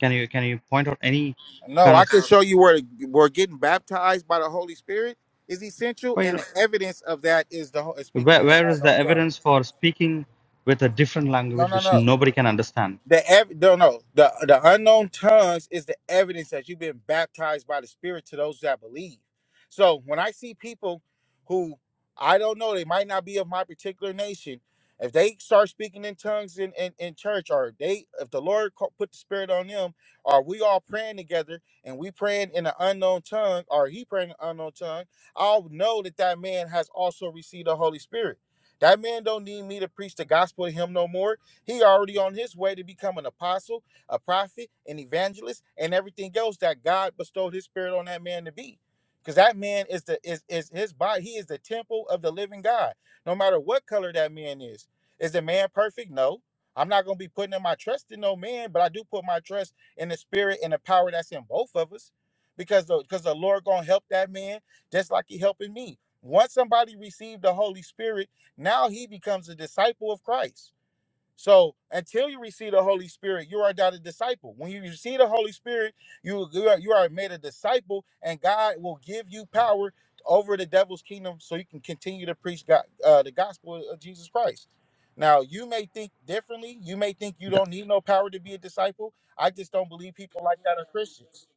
[SPEAKER 6] Can you can you point out any
[SPEAKER 10] no,
[SPEAKER 6] kind
[SPEAKER 10] I
[SPEAKER 6] of
[SPEAKER 10] can show you where where getting baptized by the Holy Spirit is essential,
[SPEAKER 6] well, you
[SPEAKER 10] and
[SPEAKER 6] know,
[SPEAKER 10] the evidence of that is the ho- is speaking
[SPEAKER 6] where
[SPEAKER 10] in the
[SPEAKER 6] where is the
[SPEAKER 10] unknown tongue.
[SPEAKER 6] evidence for speaking with a different
[SPEAKER 10] No,
[SPEAKER 6] language
[SPEAKER 10] no,
[SPEAKER 6] which
[SPEAKER 10] no.
[SPEAKER 6] nobody can understand?
[SPEAKER 10] The ev- no no the the unknown tongues is the evidence that you've been baptized by the Spirit to those that believe. So when I see people who I don't know, they might not be of my particular nation. If they start speaking in tongues in, in, in church, or they if the Lord co- put the Spirit on them, or we all praying together and we praying in an unknown tongue, or he praying in an unknown tongue, I'll know that that man has also received the Holy Spirit. That man don't need me to preach the gospel to him no more he already on his way to become an apostle, a prophet, an evangelist, and everything else that God bestowed his spirit on that man to be. Because that man is the is, is his body, he is the temple of the living God, no matter what color that man is. Is the man perfect? No. I'm not gonna be putting in my trust in no man, but I do put my trust in the spirit and the power that's in both of us. Because the because the Lord gonna help that man just like he helping me. Once somebody received the Holy Spirit, now he becomes a disciple of Christ. So until you receive the Holy Spirit, you are not a disciple. When you receive the Holy Spirit, you you are, you are made a disciple, and God will give you power over the devil's kingdom, so you can continue to preach God, uh, the gospel of Jesus Christ. Now, you may think differently. You may think you
[SPEAKER 6] The-
[SPEAKER 10] don't need no power to be a disciple. I just don't believe people like that are Christians.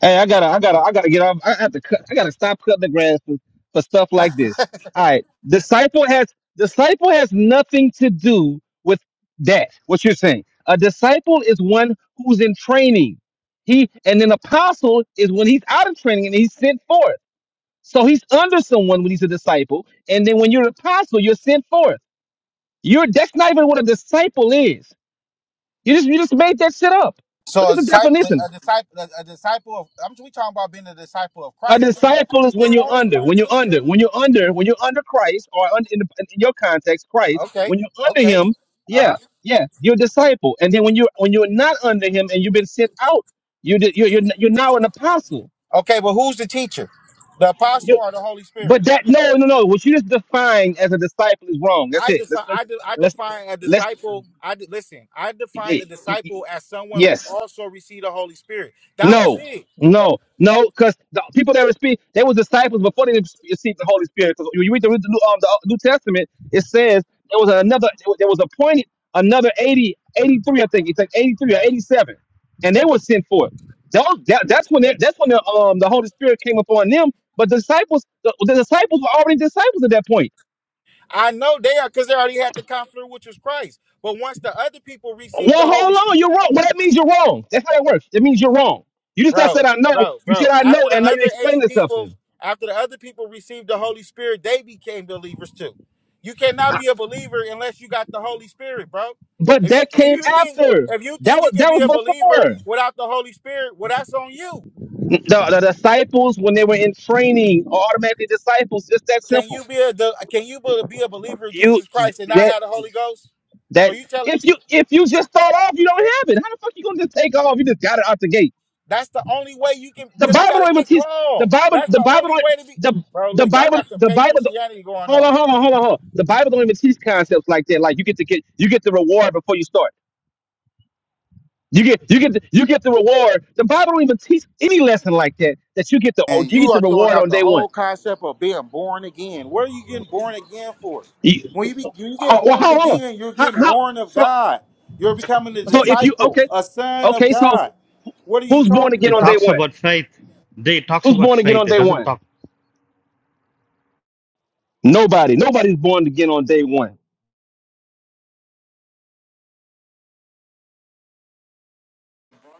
[SPEAKER 11] Hey, I gotta, I gotta, I gotta get off. I have to cut. I gotta stop cutting the grass for, for stuff like this. All right, disciple has disciple has nothing to do with that. What you're saying? A disciple is one who's in training. He and an apostle is when he's out of training and he's sent forth. So he's under someone when he's a disciple, and then when you're an apostle, you're sent forth. You're that's not even what a disciple is. You just you just made that shit up.
[SPEAKER 10] So
[SPEAKER 11] Look
[SPEAKER 10] a
[SPEAKER 11] at the
[SPEAKER 10] disciple,
[SPEAKER 11] definition.
[SPEAKER 10] a disciple, a, a disciple of I'm we talking about being a disciple of
[SPEAKER 11] A
[SPEAKER 10] Christ. You can be.
[SPEAKER 11] disciple is when
[SPEAKER 10] It's
[SPEAKER 11] you're
[SPEAKER 10] only
[SPEAKER 11] under, when you're under, when you're under, when you're under Christ, or under, in, the, in your context,
[SPEAKER 10] one.
[SPEAKER 11] Christ.
[SPEAKER 10] Okay.
[SPEAKER 11] When you're under
[SPEAKER 10] Okay.
[SPEAKER 11] Him,
[SPEAKER 10] Uh huh.
[SPEAKER 11] yeah, yeah, you're a disciple. And then when you are when you're not under Him and you've been sent out, you di- you're, you're you're now an apostle.
[SPEAKER 10] Okay, but who's the teacher? The apostle
[SPEAKER 11] You,
[SPEAKER 10] or the Holy Spirit?
[SPEAKER 11] but that no no no, what you just defined as a disciple is wrong. That's
[SPEAKER 10] I
[SPEAKER 11] it. Let's
[SPEAKER 10] decide. I,
[SPEAKER 11] let's
[SPEAKER 10] de- I
[SPEAKER 11] let's
[SPEAKER 10] define a
[SPEAKER 11] let's
[SPEAKER 10] disciple. I de- listen. I define
[SPEAKER 11] yeah,
[SPEAKER 10] a
[SPEAKER 11] y- y-
[SPEAKER 10] disciple as someone who
[SPEAKER 11] yes.
[SPEAKER 10] also received the Holy Spirit. That was
[SPEAKER 11] No,
[SPEAKER 10] it.
[SPEAKER 11] no, no, because the people that were speaking, they were disciples before they received the Holy Spirit. 'Cause when you read the, the, New- um, the uh, New Testament, it says there was another, there was appointed another 80, 83, I think it's like 83 or 87, and they were sent forth. Those, that, that's when they, that's when the, um, the Holy Spirit came upon them. But the disciples, the, the disciples were already disciples at that point.
[SPEAKER 10] I know they are because they already had the Comforter, which was Christ. But once the other people received the
[SPEAKER 11] Well,
[SPEAKER 10] Holy
[SPEAKER 11] hold
[SPEAKER 10] Spirit.
[SPEAKER 11] on, you're wrong. Well, that means you're wrong. That's how it works. It means you're wrong. You just not said
[SPEAKER 10] bro,
[SPEAKER 11] I know.
[SPEAKER 10] bro,
[SPEAKER 11] You said
[SPEAKER 10] bro.
[SPEAKER 11] I know,
[SPEAKER 10] After the
[SPEAKER 11] and now you're
[SPEAKER 10] other
[SPEAKER 11] explaining
[SPEAKER 10] 80 people,
[SPEAKER 11] something.
[SPEAKER 10] after the other people received the Holy Spirit, they became believers too. You cannot be a believer unless you got the Holy Spirit, bro.
[SPEAKER 11] But
[SPEAKER 10] If you
[SPEAKER 11] that
[SPEAKER 10] if
[SPEAKER 11] came
[SPEAKER 10] you think
[SPEAKER 11] after.
[SPEAKER 10] if you
[SPEAKER 11] That
[SPEAKER 10] think you
[SPEAKER 11] was
[SPEAKER 10] can
[SPEAKER 11] that
[SPEAKER 10] be
[SPEAKER 11] was
[SPEAKER 10] a believer
[SPEAKER 11] before.
[SPEAKER 10] without the Holy Spirit, well, that's on you.
[SPEAKER 11] The, the disciples, when they were in training, are automatically disciples. It's that
[SPEAKER 10] Can
[SPEAKER 11] simple.
[SPEAKER 10] you be a the, can you be be a believer of
[SPEAKER 11] You
[SPEAKER 10] Jesus Christ and not
[SPEAKER 11] that
[SPEAKER 10] have the Holy Ghost? So
[SPEAKER 11] that
[SPEAKER 10] you telling
[SPEAKER 11] if you if you just start off, you don't have it. How the fuck you gonna just take off? You just got it out the gate.
[SPEAKER 10] that's the only way you can
[SPEAKER 11] The
[SPEAKER 10] because you
[SPEAKER 11] Bible
[SPEAKER 10] got
[SPEAKER 11] don't
[SPEAKER 10] to
[SPEAKER 11] even
[SPEAKER 10] get
[SPEAKER 11] teach. The
[SPEAKER 10] called.
[SPEAKER 11] Bible.
[SPEAKER 10] That's
[SPEAKER 11] The
[SPEAKER 10] the
[SPEAKER 11] Bible
[SPEAKER 10] only
[SPEAKER 11] don't.
[SPEAKER 10] way to be,
[SPEAKER 11] The
[SPEAKER 10] bro.
[SPEAKER 11] the
[SPEAKER 10] Look, y'all
[SPEAKER 11] Bible.
[SPEAKER 10] got some
[SPEAKER 11] The
[SPEAKER 10] fake
[SPEAKER 11] Bible.
[SPEAKER 10] Christianity going
[SPEAKER 11] Hold
[SPEAKER 10] on.
[SPEAKER 11] on. Hold on. Hold on. Hold on. The Bible don't even teach concepts like that. Like you get to get you get the reward before you start. You get you get you get the reward. The Bible don't even teach any lesson like that. That you get the oh,
[SPEAKER 10] And
[SPEAKER 11] you get
[SPEAKER 10] you
[SPEAKER 11] the
[SPEAKER 10] are throwing
[SPEAKER 11] reward
[SPEAKER 10] out
[SPEAKER 11] on
[SPEAKER 10] the
[SPEAKER 11] day one.
[SPEAKER 10] whole concept of being born again. Where are you getting born again for?
[SPEAKER 11] You,
[SPEAKER 10] When you, be, when you
[SPEAKER 11] oh,
[SPEAKER 10] get
[SPEAKER 11] well,
[SPEAKER 10] born
[SPEAKER 11] hold on.
[SPEAKER 10] again, you're
[SPEAKER 11] How,
[SPEAKER 10] getting
[SPEAKER 11] how
[SPEAKER 10] born of
[SPEAKER 11] so
[SPEAKER 10] God. You're becoming a
[SPEAKER 11] so if you
[SPEAKER 10] disciple,
[SPEAKER 11] okay
[SPEAKER 10] a son of
[SPEAKER 11] okay so
[SPEAKER 10] God. What are you
[SPEAKER 11] who's born
[SPEAKER 10] talking
[SPEAKER 11] again
[SPEAKER 6] It
[SPEAKER 11] on day
[SPEAKER 10] about?
[SPEAKER 6] talks
[SPEAKER 11] one?
[SPEAKER 6] about faith. D, it talks
[SPEAKER 11] Who's
[SPEAKER 6] about
[SPEAKER 11] born again on
[SPEAKER 6] faith. It
[SPEAKER 11] day
[SPEAKER 6] doesn't
[SPEAKER 11] one?
[SPEAKER 6] talk
[SPEAKER 11] Nobody. Nobody's born again on day one.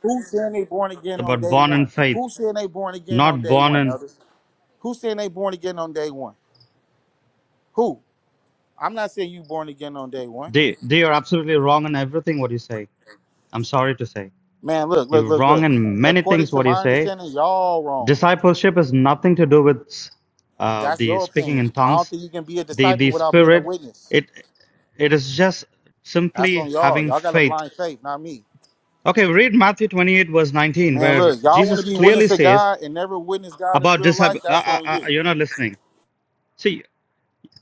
[SPEAKER 10] Who's saying they born again on
[SPEAKER 6] about
[SPEAKER 10] day
[SPEAKER 6] born in
[SPEAKER 10] one?
[SPEAKER 6] faith,
[SPEAKER 10] Who's saying they born again on
[SPEAKER 6] not
[SPEAKER 10] day
[SPEAKER 6] born
[SPEAKER 10] one,
[SPEAKER 6] in
[SPEAKER 10] elders? Who's saying they born again on day one? Who? I'm not saying you born again on day one.
[SPEAKER 6] D. D, are absolutely wrong in everything what you say. I'm sorry to say.
[SPEAKER 10] Man, look, look,
[SPEAKER 6] You're
[SPEAKER 10] look,
[SPEAKER 6] wrong
[SPEAKER 10] look.
[SPEAKER 6] in many
[SPEAKER 10] According
[SPEAKER 6] things
[SPEAKER 10] to
[SPEAKER 6] what you
[SPEAKER 10] my
[SPEAKER 6] say
[SPEAKER 10] understanding, y'all wrong.
[SPEAKER 6] Discipleship is nothing to do with uh,
[SPEAKER 10] That's
[SPEAKER 6] the
[SPEAKER 10] your
[SPEAKER 6] speaking
[SPEAKER 10] opinion.
[SPEAKER 6] in
[SPEAKER 10] I don't
[SPEAKER 6] tongues.
[SPEAKER 10] think you can be a
[SPEAKER 6] The
[SPEAKER 10] disciple
[SPEAKER 6] the
[SPEAKER 10] without being a
[SPEAKER 6] Spirit,
[SPEAKER 10] witness.
[SPEAKER 6] it it is just
[SPEAKER 10] That's
[SPEAKER 6] simply
[SPEAKER 10] on y'all.
[SPEAKER 6] having
[SPEAKER 10] Y'all got a
[SPEAKER 6] faith.
[SPEAKER 10] blind faith, not me.
[SPEAKER 6] Okay, read Matthew 28 verse 19,
[SPEAKER 10] Man,
[SPEAKER 6] where
[SPEAKER 10] look, y'all want
[SPEAKER 6] Jesus
[SPEAKER 10] to be witness
[SPEAKER 6] clearly
[SPEAKER 10] to
[SPEAKER 6] says
[SPEAKER 10] God and never witness God in
[SPEAKER 6] about
[SPEAKER 10] real life.
[SPEAKER 6] disciple.
[SPEAKER 10] That's
[SPEAKER 6] Uh,
[SPEAKER 10] on
[SPEAKER 6] uh, uh,
[SPEAKER 10] you.
[SPEAKER 6] you're not listening. See,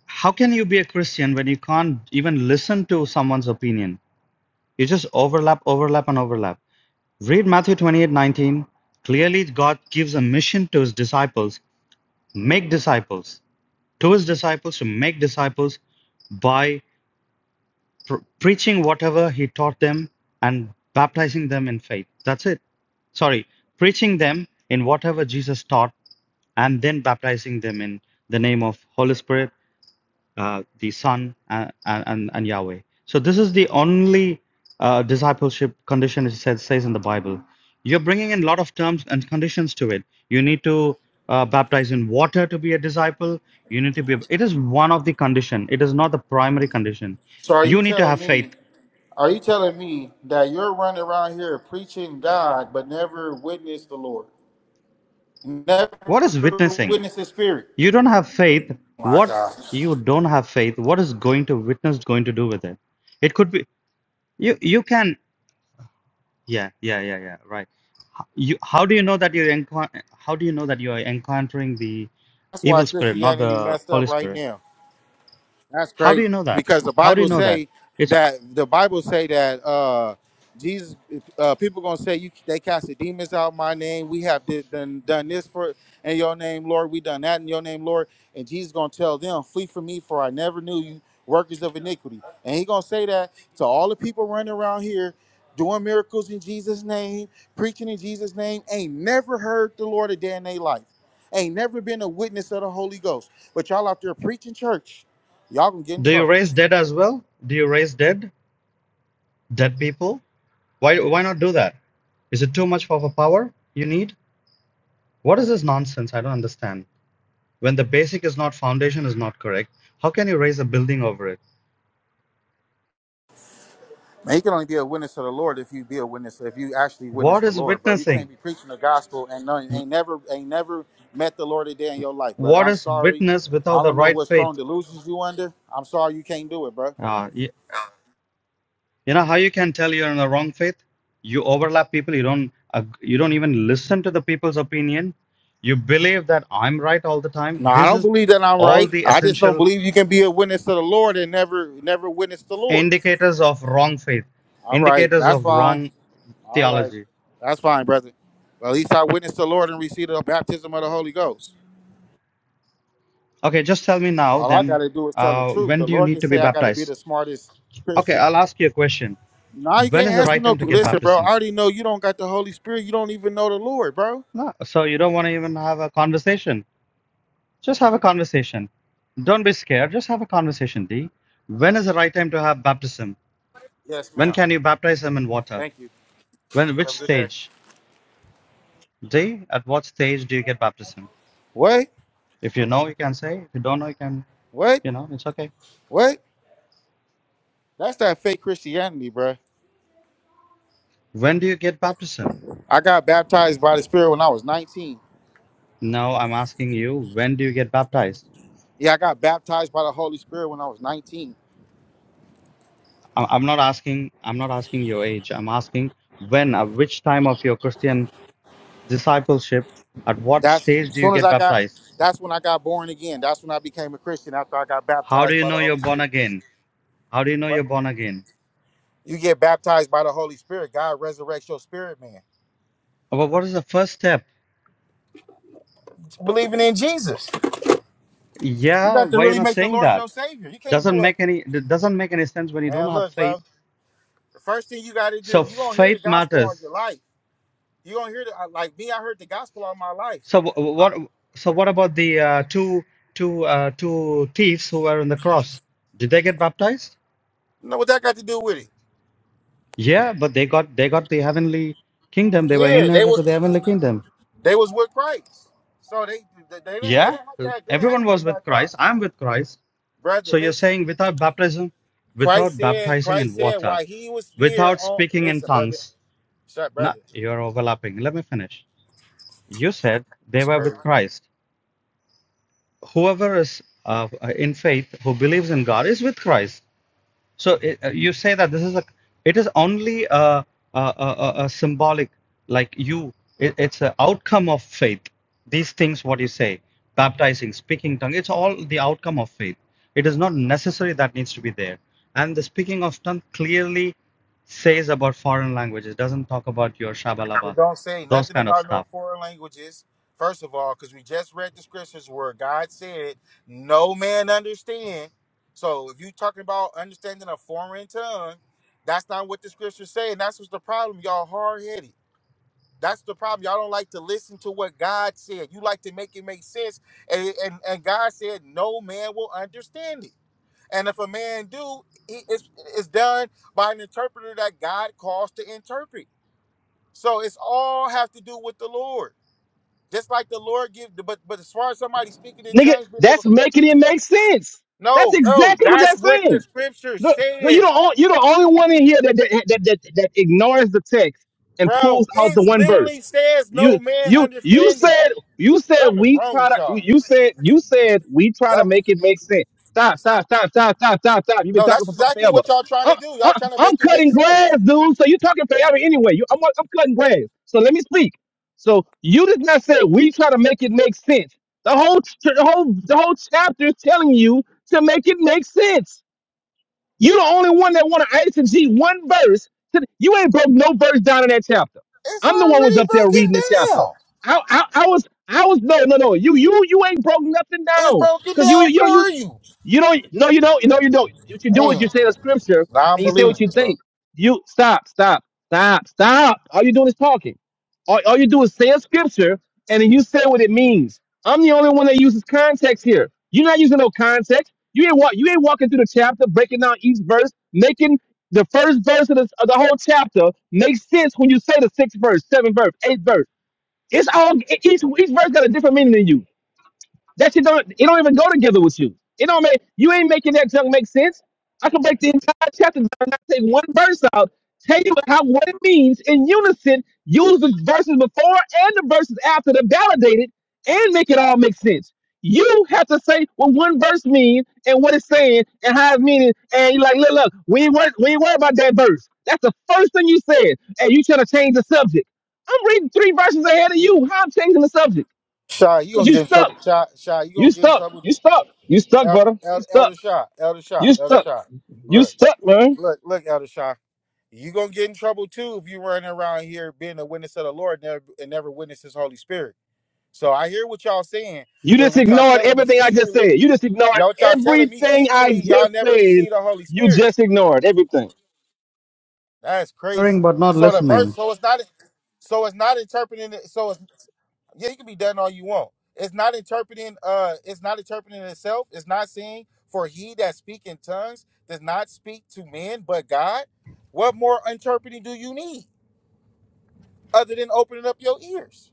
[SPEAKER 6] how can you be a Christian when you can't even listen to someone's opinion? You just overlap, overlap, and overlap. Read Matthew 28 19. Clearly, God gives a mission to his disciples Make disciples. To his disciples to make disciples by pr- preaching whatever he taught them and baptizing them in faith. That's it. Sorry, preaching them in whatever Jesus taught and then baptizing them in the name of Holy Spirit uh, the Son, uh, and, and, and Yahweh. So this is the only uh, discipleship condition it says, says in the Bible. You're bringing in a lot of terms and conditions to it. You need to uh, baptize in water to be a disciple. You need to be. It is one of the condition. It is not the primary condition.
[SPEAKER 10] So are you
[SPEAKER 6] You need to
[SPEAKER 10] telling
[SPEAKER 6] have faith.
[SPEAKER 10] me? Are you telling me that you're running around here preaching God but never witness the Lord? Never
[SPEAKER 6] What is witnessing?
[SPEAKER 10] witness the Spirit.
[SPEAKER 6] You don't have faith.
[SPEAKER 10] My
[SPEAKER 6] What
[SPEAKER 10] God,
[SPEAKER 6] you don't have faith. What is going to witness going to do with it? It could be you. You can. Yeah. Yeah. Yeah. Yeah. Right. you how do you know that you're encou- how do you know that you're encountering the
[SPEAKER 10] that's why
[SPEAKER 6] evil spirit not
[SPEAKER 10] Christianity
[SPEAKER 6] the
[SPEAKER 10] messed up
[SPEAKER 6] holy
[SPEAKER 10] right
[SPEAKER 6] spirit
[SPEAKER 10] now. That's
[SPEAKER 6] how do you
[SPEAKER 10] crazy
[SPEAKER 6] know that
[SPEAKER 10] because the
[SPEAKER 6] how do you
[SPEAKER 10] Bible
[SPEAKER 6] know that
[SPEAKER 10] say
[SPEAKER 6] it's
[SPEAKER 10] that the Bible say that uh Jesus uh people gonna say you they cast the demons out in my name. We have did, done done this for in your name, Lord. We done that in your name, Lord. And Jesus gonna tell them, flee from me, for I never knew you, workers of iniquity. And he gonna say that to all the people running around here. Doing miracles in Jesus' name, preaching in Jesus' name, ain't never heard the Lord a day in their life, ain't never been a witness of the Holy Ghost. But y'all out there preaching church, Y'all gonna get in
[SPEAKER 6] do you
[SPEAKER 10] trouble.
[SPEAKER 6] raise dead as well do you raise dead dead people why why not do that is it too much of a power you need what is this nonsense i don't understand when the basic is not foundation is not correct how can you raise a building over it
[SPEAKER 10] Man, you can only be a witness to the Lord if you be a witness, if you actually witness
[SPEAKER 6] what
[SPEAKER 10] the
[SPEAKER 6] is
[SPEAKER 10] Lord, bro. You can't
[SPEAKER 6] witnessing
[SPEAKER 10] be preaching the gospel and none, ain't never ain't never met the Lord a day in your life, brother.
[SPEAKER 6] what
[SPEAKER 10] I'm
[SPEAKER 6] is
[SPEAKER 10] sorry.
[SPEAKER 6] witness
[SPEAKER 10] I
[SPEAKER 6] without the
[SPEAKER 10] don't know
[SPEAKER 6] right
[SPEAKER 10] what strong
[SPEAKER 6] faith
[SPEAKER 10] delusions you under. I'm sorry you can't do it, bro.
[SPEAKER 6] Uh, You know how you can tell you're in the wrong faith? You overlap people. You don't. ag- You don't even listen to the people's opinion. You believe that I'm right all the time.
[SPEAKER 10] No, I
[SPEAKER 6] This
[SPEAKER 10] don't
[SPEAKER 6] is
[SPEAKER 10] believe that I'm
[SPEAKER 6] all
[SPEAKER 10] right.
[SPEAKER 6] the
[SPEAKER 10] I just don't
[SPEAKER 6] essential
[SPEAKER 10] believe you can be a witness to the Lord and never never witness the Lord.
[SPEAKER 6] indicators of wrong faith,
[SPEAKER 10] All right,
[SPEAKER 6] indicators
[SPEAKER 10] that's
[SPEAKER 6] of
[SPEAKER 10] fine.
[SPEAKER 6] wrong
[SPEAKER 10] All right.
[SPEAKER 6] theology.
[SPEAKER 10] That's fine, brother. Well, at least I witnessed the Lord and received the baptism of the Holy Ghost.
[SPEAKER 6] Okay, just tell me now.
[SPEAKER 10] All I
[SPEAKER 6] Then,
[SPEAKER 10] gotta do is tell the
[SPEAKER 6] uh,
[SPEAKER 10] truth.
[SPEAKER 6] when
[SPEAKER 10] The
[SPEAKER 6] do you
[SPEAKER 10] Lord
[SPEAKER 6] need
[SPEAKER 10] didn't
[SPEAKER 6] to be
[SPEAKER 10] say I gotta be
[SPEAKER 6] baptized?
[SPEAKER 10] the smartest
[SPEAKER 6] Okay,
[SPEAKER 10] Christian.
[SPEAKER 6] I'll ask you a question.
[SPEAKER 10] Now you
[SPEAKER 6] When
[SPEAKER 10] can't
[SPEAKER 6] is the
[SPEAKER 10] ask me
[SPEAKER 6] right
[SPEAKER 10] no.
[SPEAKER 6] time to get
[SPEAKER 10] Listen, bro. I
[SPEAKER 6] baptism?
[SPEAKER 10] already know you don't got the Holy Spirit. You don't even know the Lord, bro.
[SPEAKER 6] No, so you don't want to even have a conversation. Just have a conversation. Don't be scared. Just have a conversation, D. When is the right time to have baptism?
[SPEAKER 10] Yes,
[SPEAKER 6] When
[SPEAKER 10] ma'am.
[SPEAKER 6] can you baptize them in water?
[SPEAKER 10] Thank you.
[SPEAKER 6] When,
[SPEAKER 10] Have
[SPEAKER 6] which
[SPEAKER 10] a good day.
[SPEAKER 6] stage? D, at what stage do you get baptism?
[SPEAKER 10] What?
[SPEAKER 6] If you know, you can say. If you don't know, you can,
[SPEAKER 10] What?
[SPEAKER 6] you know, it's okay.
[SPEAKER 10] What? That's that fake Christianity, bro.
[SPEAKER 6] When do you get baptism?
[SPEAKER 10] I got baptized by the Spirit when I was 19.
[SPEAKER 6] No, I'm asking you, when do you get baptized?
[SPEAKER 10] Yeah, I got baptized by the Holy Spirit when I was 19.
[SPEAKER 6] I- am not asking, I'm not asking your age. I'm asking when, at which time of your Christian discipleship, at what
[SPEAKER 10] That's
[SPEAKER 6] stage
[SPEAKER 10] as
[SPEAKER 6] do you
[SPEAKER 10] soon as
[SPEAKER 6] get
[SPEAKER 10] I got.
[SPEAKER 6] baptized?
[SPEAKER 10] That's when I got born again. That's when I became a Christian after I got
[SPEAKER 6] How do
[SPEAKER 10] baptized
[SPEAKER 6] you
[SPEAKER 10] by the
[SPEAKER 6] know you're
[SPEAKER 10] Holy
[SPEAKER 6] born
[SPEAKER 10] Spirit.
[SPEAKER 6] again? How do you know you're
[SPEAKER 10] What?
[SPEAKER 6] born again?
[SPEAKER 10] You get baptized by the Holy Spirit. God resurrects your spirit, man.
[SPEAKER 6] But what is the first step?
[SPEAKER 10] It's believing in Jesus. You
[SPEAKER 6] Yeah,
[SPEAKER 10] got to
[SPEAKER 6] why you're
[SPEAKER 10] really
[SPEAKER 6] not
[SPEAKER 10] make the
[SPEAKER 6] saying
[SPEAKER 10] Lord
[SPEAKER 6] that?
[SPEAKER 10] your Savior. You can't do
[SPEAKER 6] Doesn't
[SPEAKER 10] a
[SPEAKER 6] make any it doesn't make any sense when you don't
[SPEAKER 10] man.
[SPEAKER 6] have
[SPEAKER 10] Look,
[SPEAKER 6] faith.
[SPEAKER 10] bro. The first thing you got to
[SPEAKER 6] So
[SPEAKER 10] do, you gonna hear the
[SPEAKER 6] faith
[SPEAKER 10] gospel on
[SPEAKER 6] matters.
[SPEAKER 10] your life. You gonna hear the uh, like me. I heard the gospel on my life.
[SPEAKER 6] So wh- wh- what? So what about the uh, two two uh, two thieves who were on the cross? Did they get baptized?
[SPEAKER 10] You know what that got to do with it?
[SPEAKER 6] Yeah, but they got they got the heavenly kingdom. They were
[SPEAKER 10] Yeah, they
[SPEAKER 6] inherited
[SPEAKER 10] were
[SPEAKER 6] to the heavenly kingdom.
[SPEAKER 10] they was with Christ, so they they, they didn't they
[SPEAKER 6] Yeah,
[SPEAKER 10] didn't have to have, they didn't have to
[SPEAKER 6] everyone was
[SPEAKER 10] get
[SPEAKER 6] with Christ.
[SPEAKER 10] baptized,
[SPEAKER 6] I'm with Christ.
[SPEAKER 10] brother.
[SPEAKER 6] So you're
[SPEAKER 10] Listen,
[SPEAKER 6] saying without baptism,
[SPEAKER 10] Christ
[SPEAKER 6] without
[SPEAKER 10] said
[SPEAKER 6] baptizing in
[SPEAKER 10] Christ said
[SPEAKER 6] water,
[SPEAKER 10] while he was there
[SPEAKER 6] without
[SPEAKER 10] on.
[SPEAKER 6] speaking in
[SPEAKER 10] Listen, brother.
[SPEAKER 6] tongues.
[SPEAKER 10] Shut,
[SPEAKER 6] No,
[SPEAKER 10] brother.
[SPEAKER 6] you're overlapping. Let me finish. You said they were with Christ. Whoever is uh, in faith who believes in God is with Christ. So uh, you say that this is a it is only a a, a, a- a symbolic like you it, it's an outcome of faith. These things what you say, baptizing, speaking tongue, it's all the outcome of faith. It is not necessary that needs to be there. And the speaking of tongue clearly says about foreign languages, doesn't talk about your shabalaba,
[SPEAKER 10] It don't say
[SPEAKER 6] those
[SPEAKER 10] nothing
[SPEAKER 6] kind of
[SPEAKER 10] about no
[SPEAKER 6] stuff
[SPEAKER 10] foreign languages. First of all, because we just read the scriptures where God said, "No man understand." So if you talking about understanding a foreign tongue, that's not what the scriptures say, and that's what's the problem. Y'all hard headed. That's the problem. Y'all don't like to listen to what God said. You like to make it make sense, and and, and God said, "No man will understand it." And if a man do, he, it's, it's done by an interpreter that God calls to interpret. So it's all have to do with the Lord. Just like the Lord give, but but as far as somebody speaking in
[SPEAKER 11] Nigga,
[SPEAKER 10] tongues being able,
[SPEAKER 11] that's making it make sense. That's
[SPEAKER 10] no, no,
[SPEAKER 11] exactly what
[SPEAKER 10] that's
[SPEAKER 11] that's
[SPEAKER 10] what the
[SPEAKER 11] saying.
[SPEAKER 10] scripture
[SPEAKER 11] Look, look, you
[SPEAKER 10] said,
[SPEAKER 11] don't you're the only one in here that that, that that that ignores the text and
[SPEAKER 10] bro.
[SPEAKER 11] pulls out
[SPEAKER 10] It
[SPEAKER 11] the one verse.
[SPEAKER 10] literally says no
[SPEAKER 11] You
[SPEAKER 10] man
[SPEAKER 11] you you
[SPEAKER 10] understanding.
[SPEAKER 11] said you said
[SPEAKER 10] Something is
[SPEAKER 11] we
[SPEAKER 10] wrong
[SPEAKER 11] try
[SPEAKER 10] with
[SPEAKER 11] to you,
[SPEAKER 10] y'all.
[SPEAKER 11] you said you said we try to
[SPEAKER 10] Something.
[SPEAKER 11] make it make sense. Stop stop stop stop stop stop stop. You've been
[SPEAKER 10] No,
[SPEAKER 11] talking
[SPEAKER 10] that's
[SPEAKER 11] for fu-
[SPEAKER 10] exactly
[SPEAKER 11] forever.
[SPEAKER 10] what y'all trying
[SPEAKER 11] I'm,
[SPEAKER 10] to do. Y'all
[SPEAKER 11] I'm
[SPEAKER 10] trying to
[SPEAKER 11] I'm
[SPEAKER 10] make it make
[SPEAKER 11] cutting grass,
[SPEAKER 10] sense.
[SPEAKER 11] dude. So you're talking forever anyway. You, I'm I'm cutting grass. So let me speak. So you did not say we try to make it make sense. The whole ch- the whole the whole chapter is telling you to make it make sense. You the only one that want to exegete one verse. To, you ain't broke no verse down in that chapter.
[SPEAKER 10] It's
[SPEAKER 11] I'm the one was
[SPEAKER 10] already
[SPEAKER 11] up there
[SPEAKER 10] broken
[SPEAKER 11] reading the chapter.
[SPEAKER 10] down.
[SPEAKER 11] I, I, I was I was no no no. You you you ain't broke nothing
[SPEAKER 10] It's
[SPEAKER 11] down
[SPEAKER 10] broken
[SPEAKER 11] because you
[SPEAKER 10] down
[SPEAKER 11] you you.
[SPEAKER 10] for you.
[SPEAKER 11] You don't. No, you don't. No, you don't. What you do is
[SPEAKER 10] Man,
[SPEAKER 11] you say the scripture and you say what you
[SPEAKER 10] non-believers, bro.
[SPEAKER 11] think. You stop, stop, stop, stop. All you doing is talking. All, all you do is say a scripture and then you say what it means. I'm the only one that uses context here. You're not using no context. You ain't walk, you ain't walking through the chapter, breaking down each verse, making the first verse of the, of the whole chapter make sense when you say the sixth verse, seventh verse, eighth verse. It's all each each verse got a different meaning than you. That shit don't it don't even go together with you. It don't make you ain't making that junk make sense. I can break the entire chapter down and I take one verse out, tell you how what it means in unison, use the verses before and the verses after to validate it and make it all make sense. You have to say what one verse means and what it's saying and how it's meaning. And you're like, look, look, we ain't worried, we ain't worried about that verse. That's the first thing you said. And you trying to change the subject. I'm reading three verses ahead of you. How I'm changing the subject?
[SPEAKER 10] Shy, you
[SPEAKER 11] Because
[SPEAKER 10] gonna
[SPEAKER 11] you
[SPEAKER 10] get in
[SPEAKER 11] stuck.
[SPEAKER 10] trouble. Shy, shy, you
[SPEAKER 11] You
[SPEAKER 10] gonna get in
[SPEAKER 11] stuck.
[SPEAKER 10] trouble
[SPEAKER 11] You stuck. You stuck,
[SPEAKER 10] El,
[SPEAKER 11] brother.
[SPEAKER 10] El,
[SPEAKER 11] You stuck.
[SPEAKER 10] Elder Shah, Elder Shah,
[SPEAKER 11] You
[SPEAKER 10] Elder
[SPEAKER 11] stuck.
[SPEAKER 10] Shah.
[SPEAKER 11] You
[SPEAKER 10] Look,
[SPEAKER 11] stuck, man.
[SPEAKER 10] look, look, Elder Shah. You gonna get in trouble too if you running around here being a witness of the Lord never, and never witness His Holy Spirit. So I hear what y'all saying,
[SPEAKER 11] You
[SPEAKER 10] but
[SPEAKER 11] just
[SPEAKER 10] what y'all
[SPEAKER 11] ignored
[SPEAKER 10] telling me
[SPEAKER 11] everything I just
[SPEAKER 10] secretly,
[SPEAKER 11] said. You just ignored
[SPEAKER 10] y'all what y'all telling me
[SPEAKER 11] everything I
[SPEAKER 10] secretly, y'all
[SPEAKER 11] just
[SPEAKER 10] never
[SPEAKER 11] said.
[SPEAKER 10] received the Holy
[SPEAKER 11] You
[SPEAKER 10] Spirit.
[SPEAKER 11] just ignored everything.
[SPEAKER 10] That's
[SPEAKER 6] Hearing
[SPEAKER 10] crazy.
[SPEAKER 6] but not
[SPEAKER 10] So the
[SPEAKER 6] listening.
[SPEAKER 10] verse, so it's not, so it's not interpreting it. So it's Yeah, you can be done all you want. It's not interpreting. Uh, it's not interpreting itself. It's not saying for he that speak in tongues does not speak to men but God. What more interpreting do you need other than opening up your ears?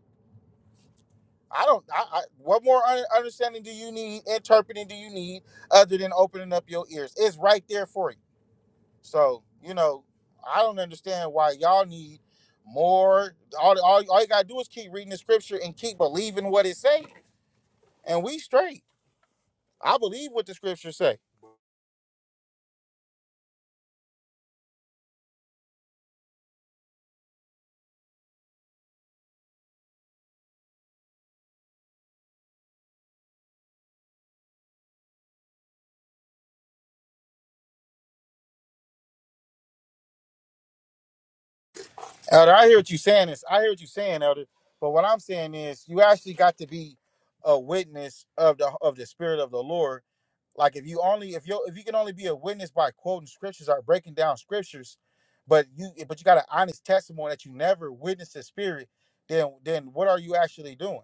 [SPEAKER 10] I don't. I, I, what more un- understanding do you need? Interpreting do you need other than opening up your ears? It's right there for you. So you know, I don't understand why y'all need more. All all, all you gotta do is keep reading the scripture and keep believing what it say, and we straight. I believe what the scriptures say. Elder, I hear what you're saying. Is I hear what you're saying, Elder. But what I'm saying is, you actually got to be a witness of the of the Spirit of the Lord. Like if you only if you if you can only be a witness by quoting scriptures or breaking down scriptures, but you but you got an honest testimony that you never witnessed the Spirit, then then what are you actually doing?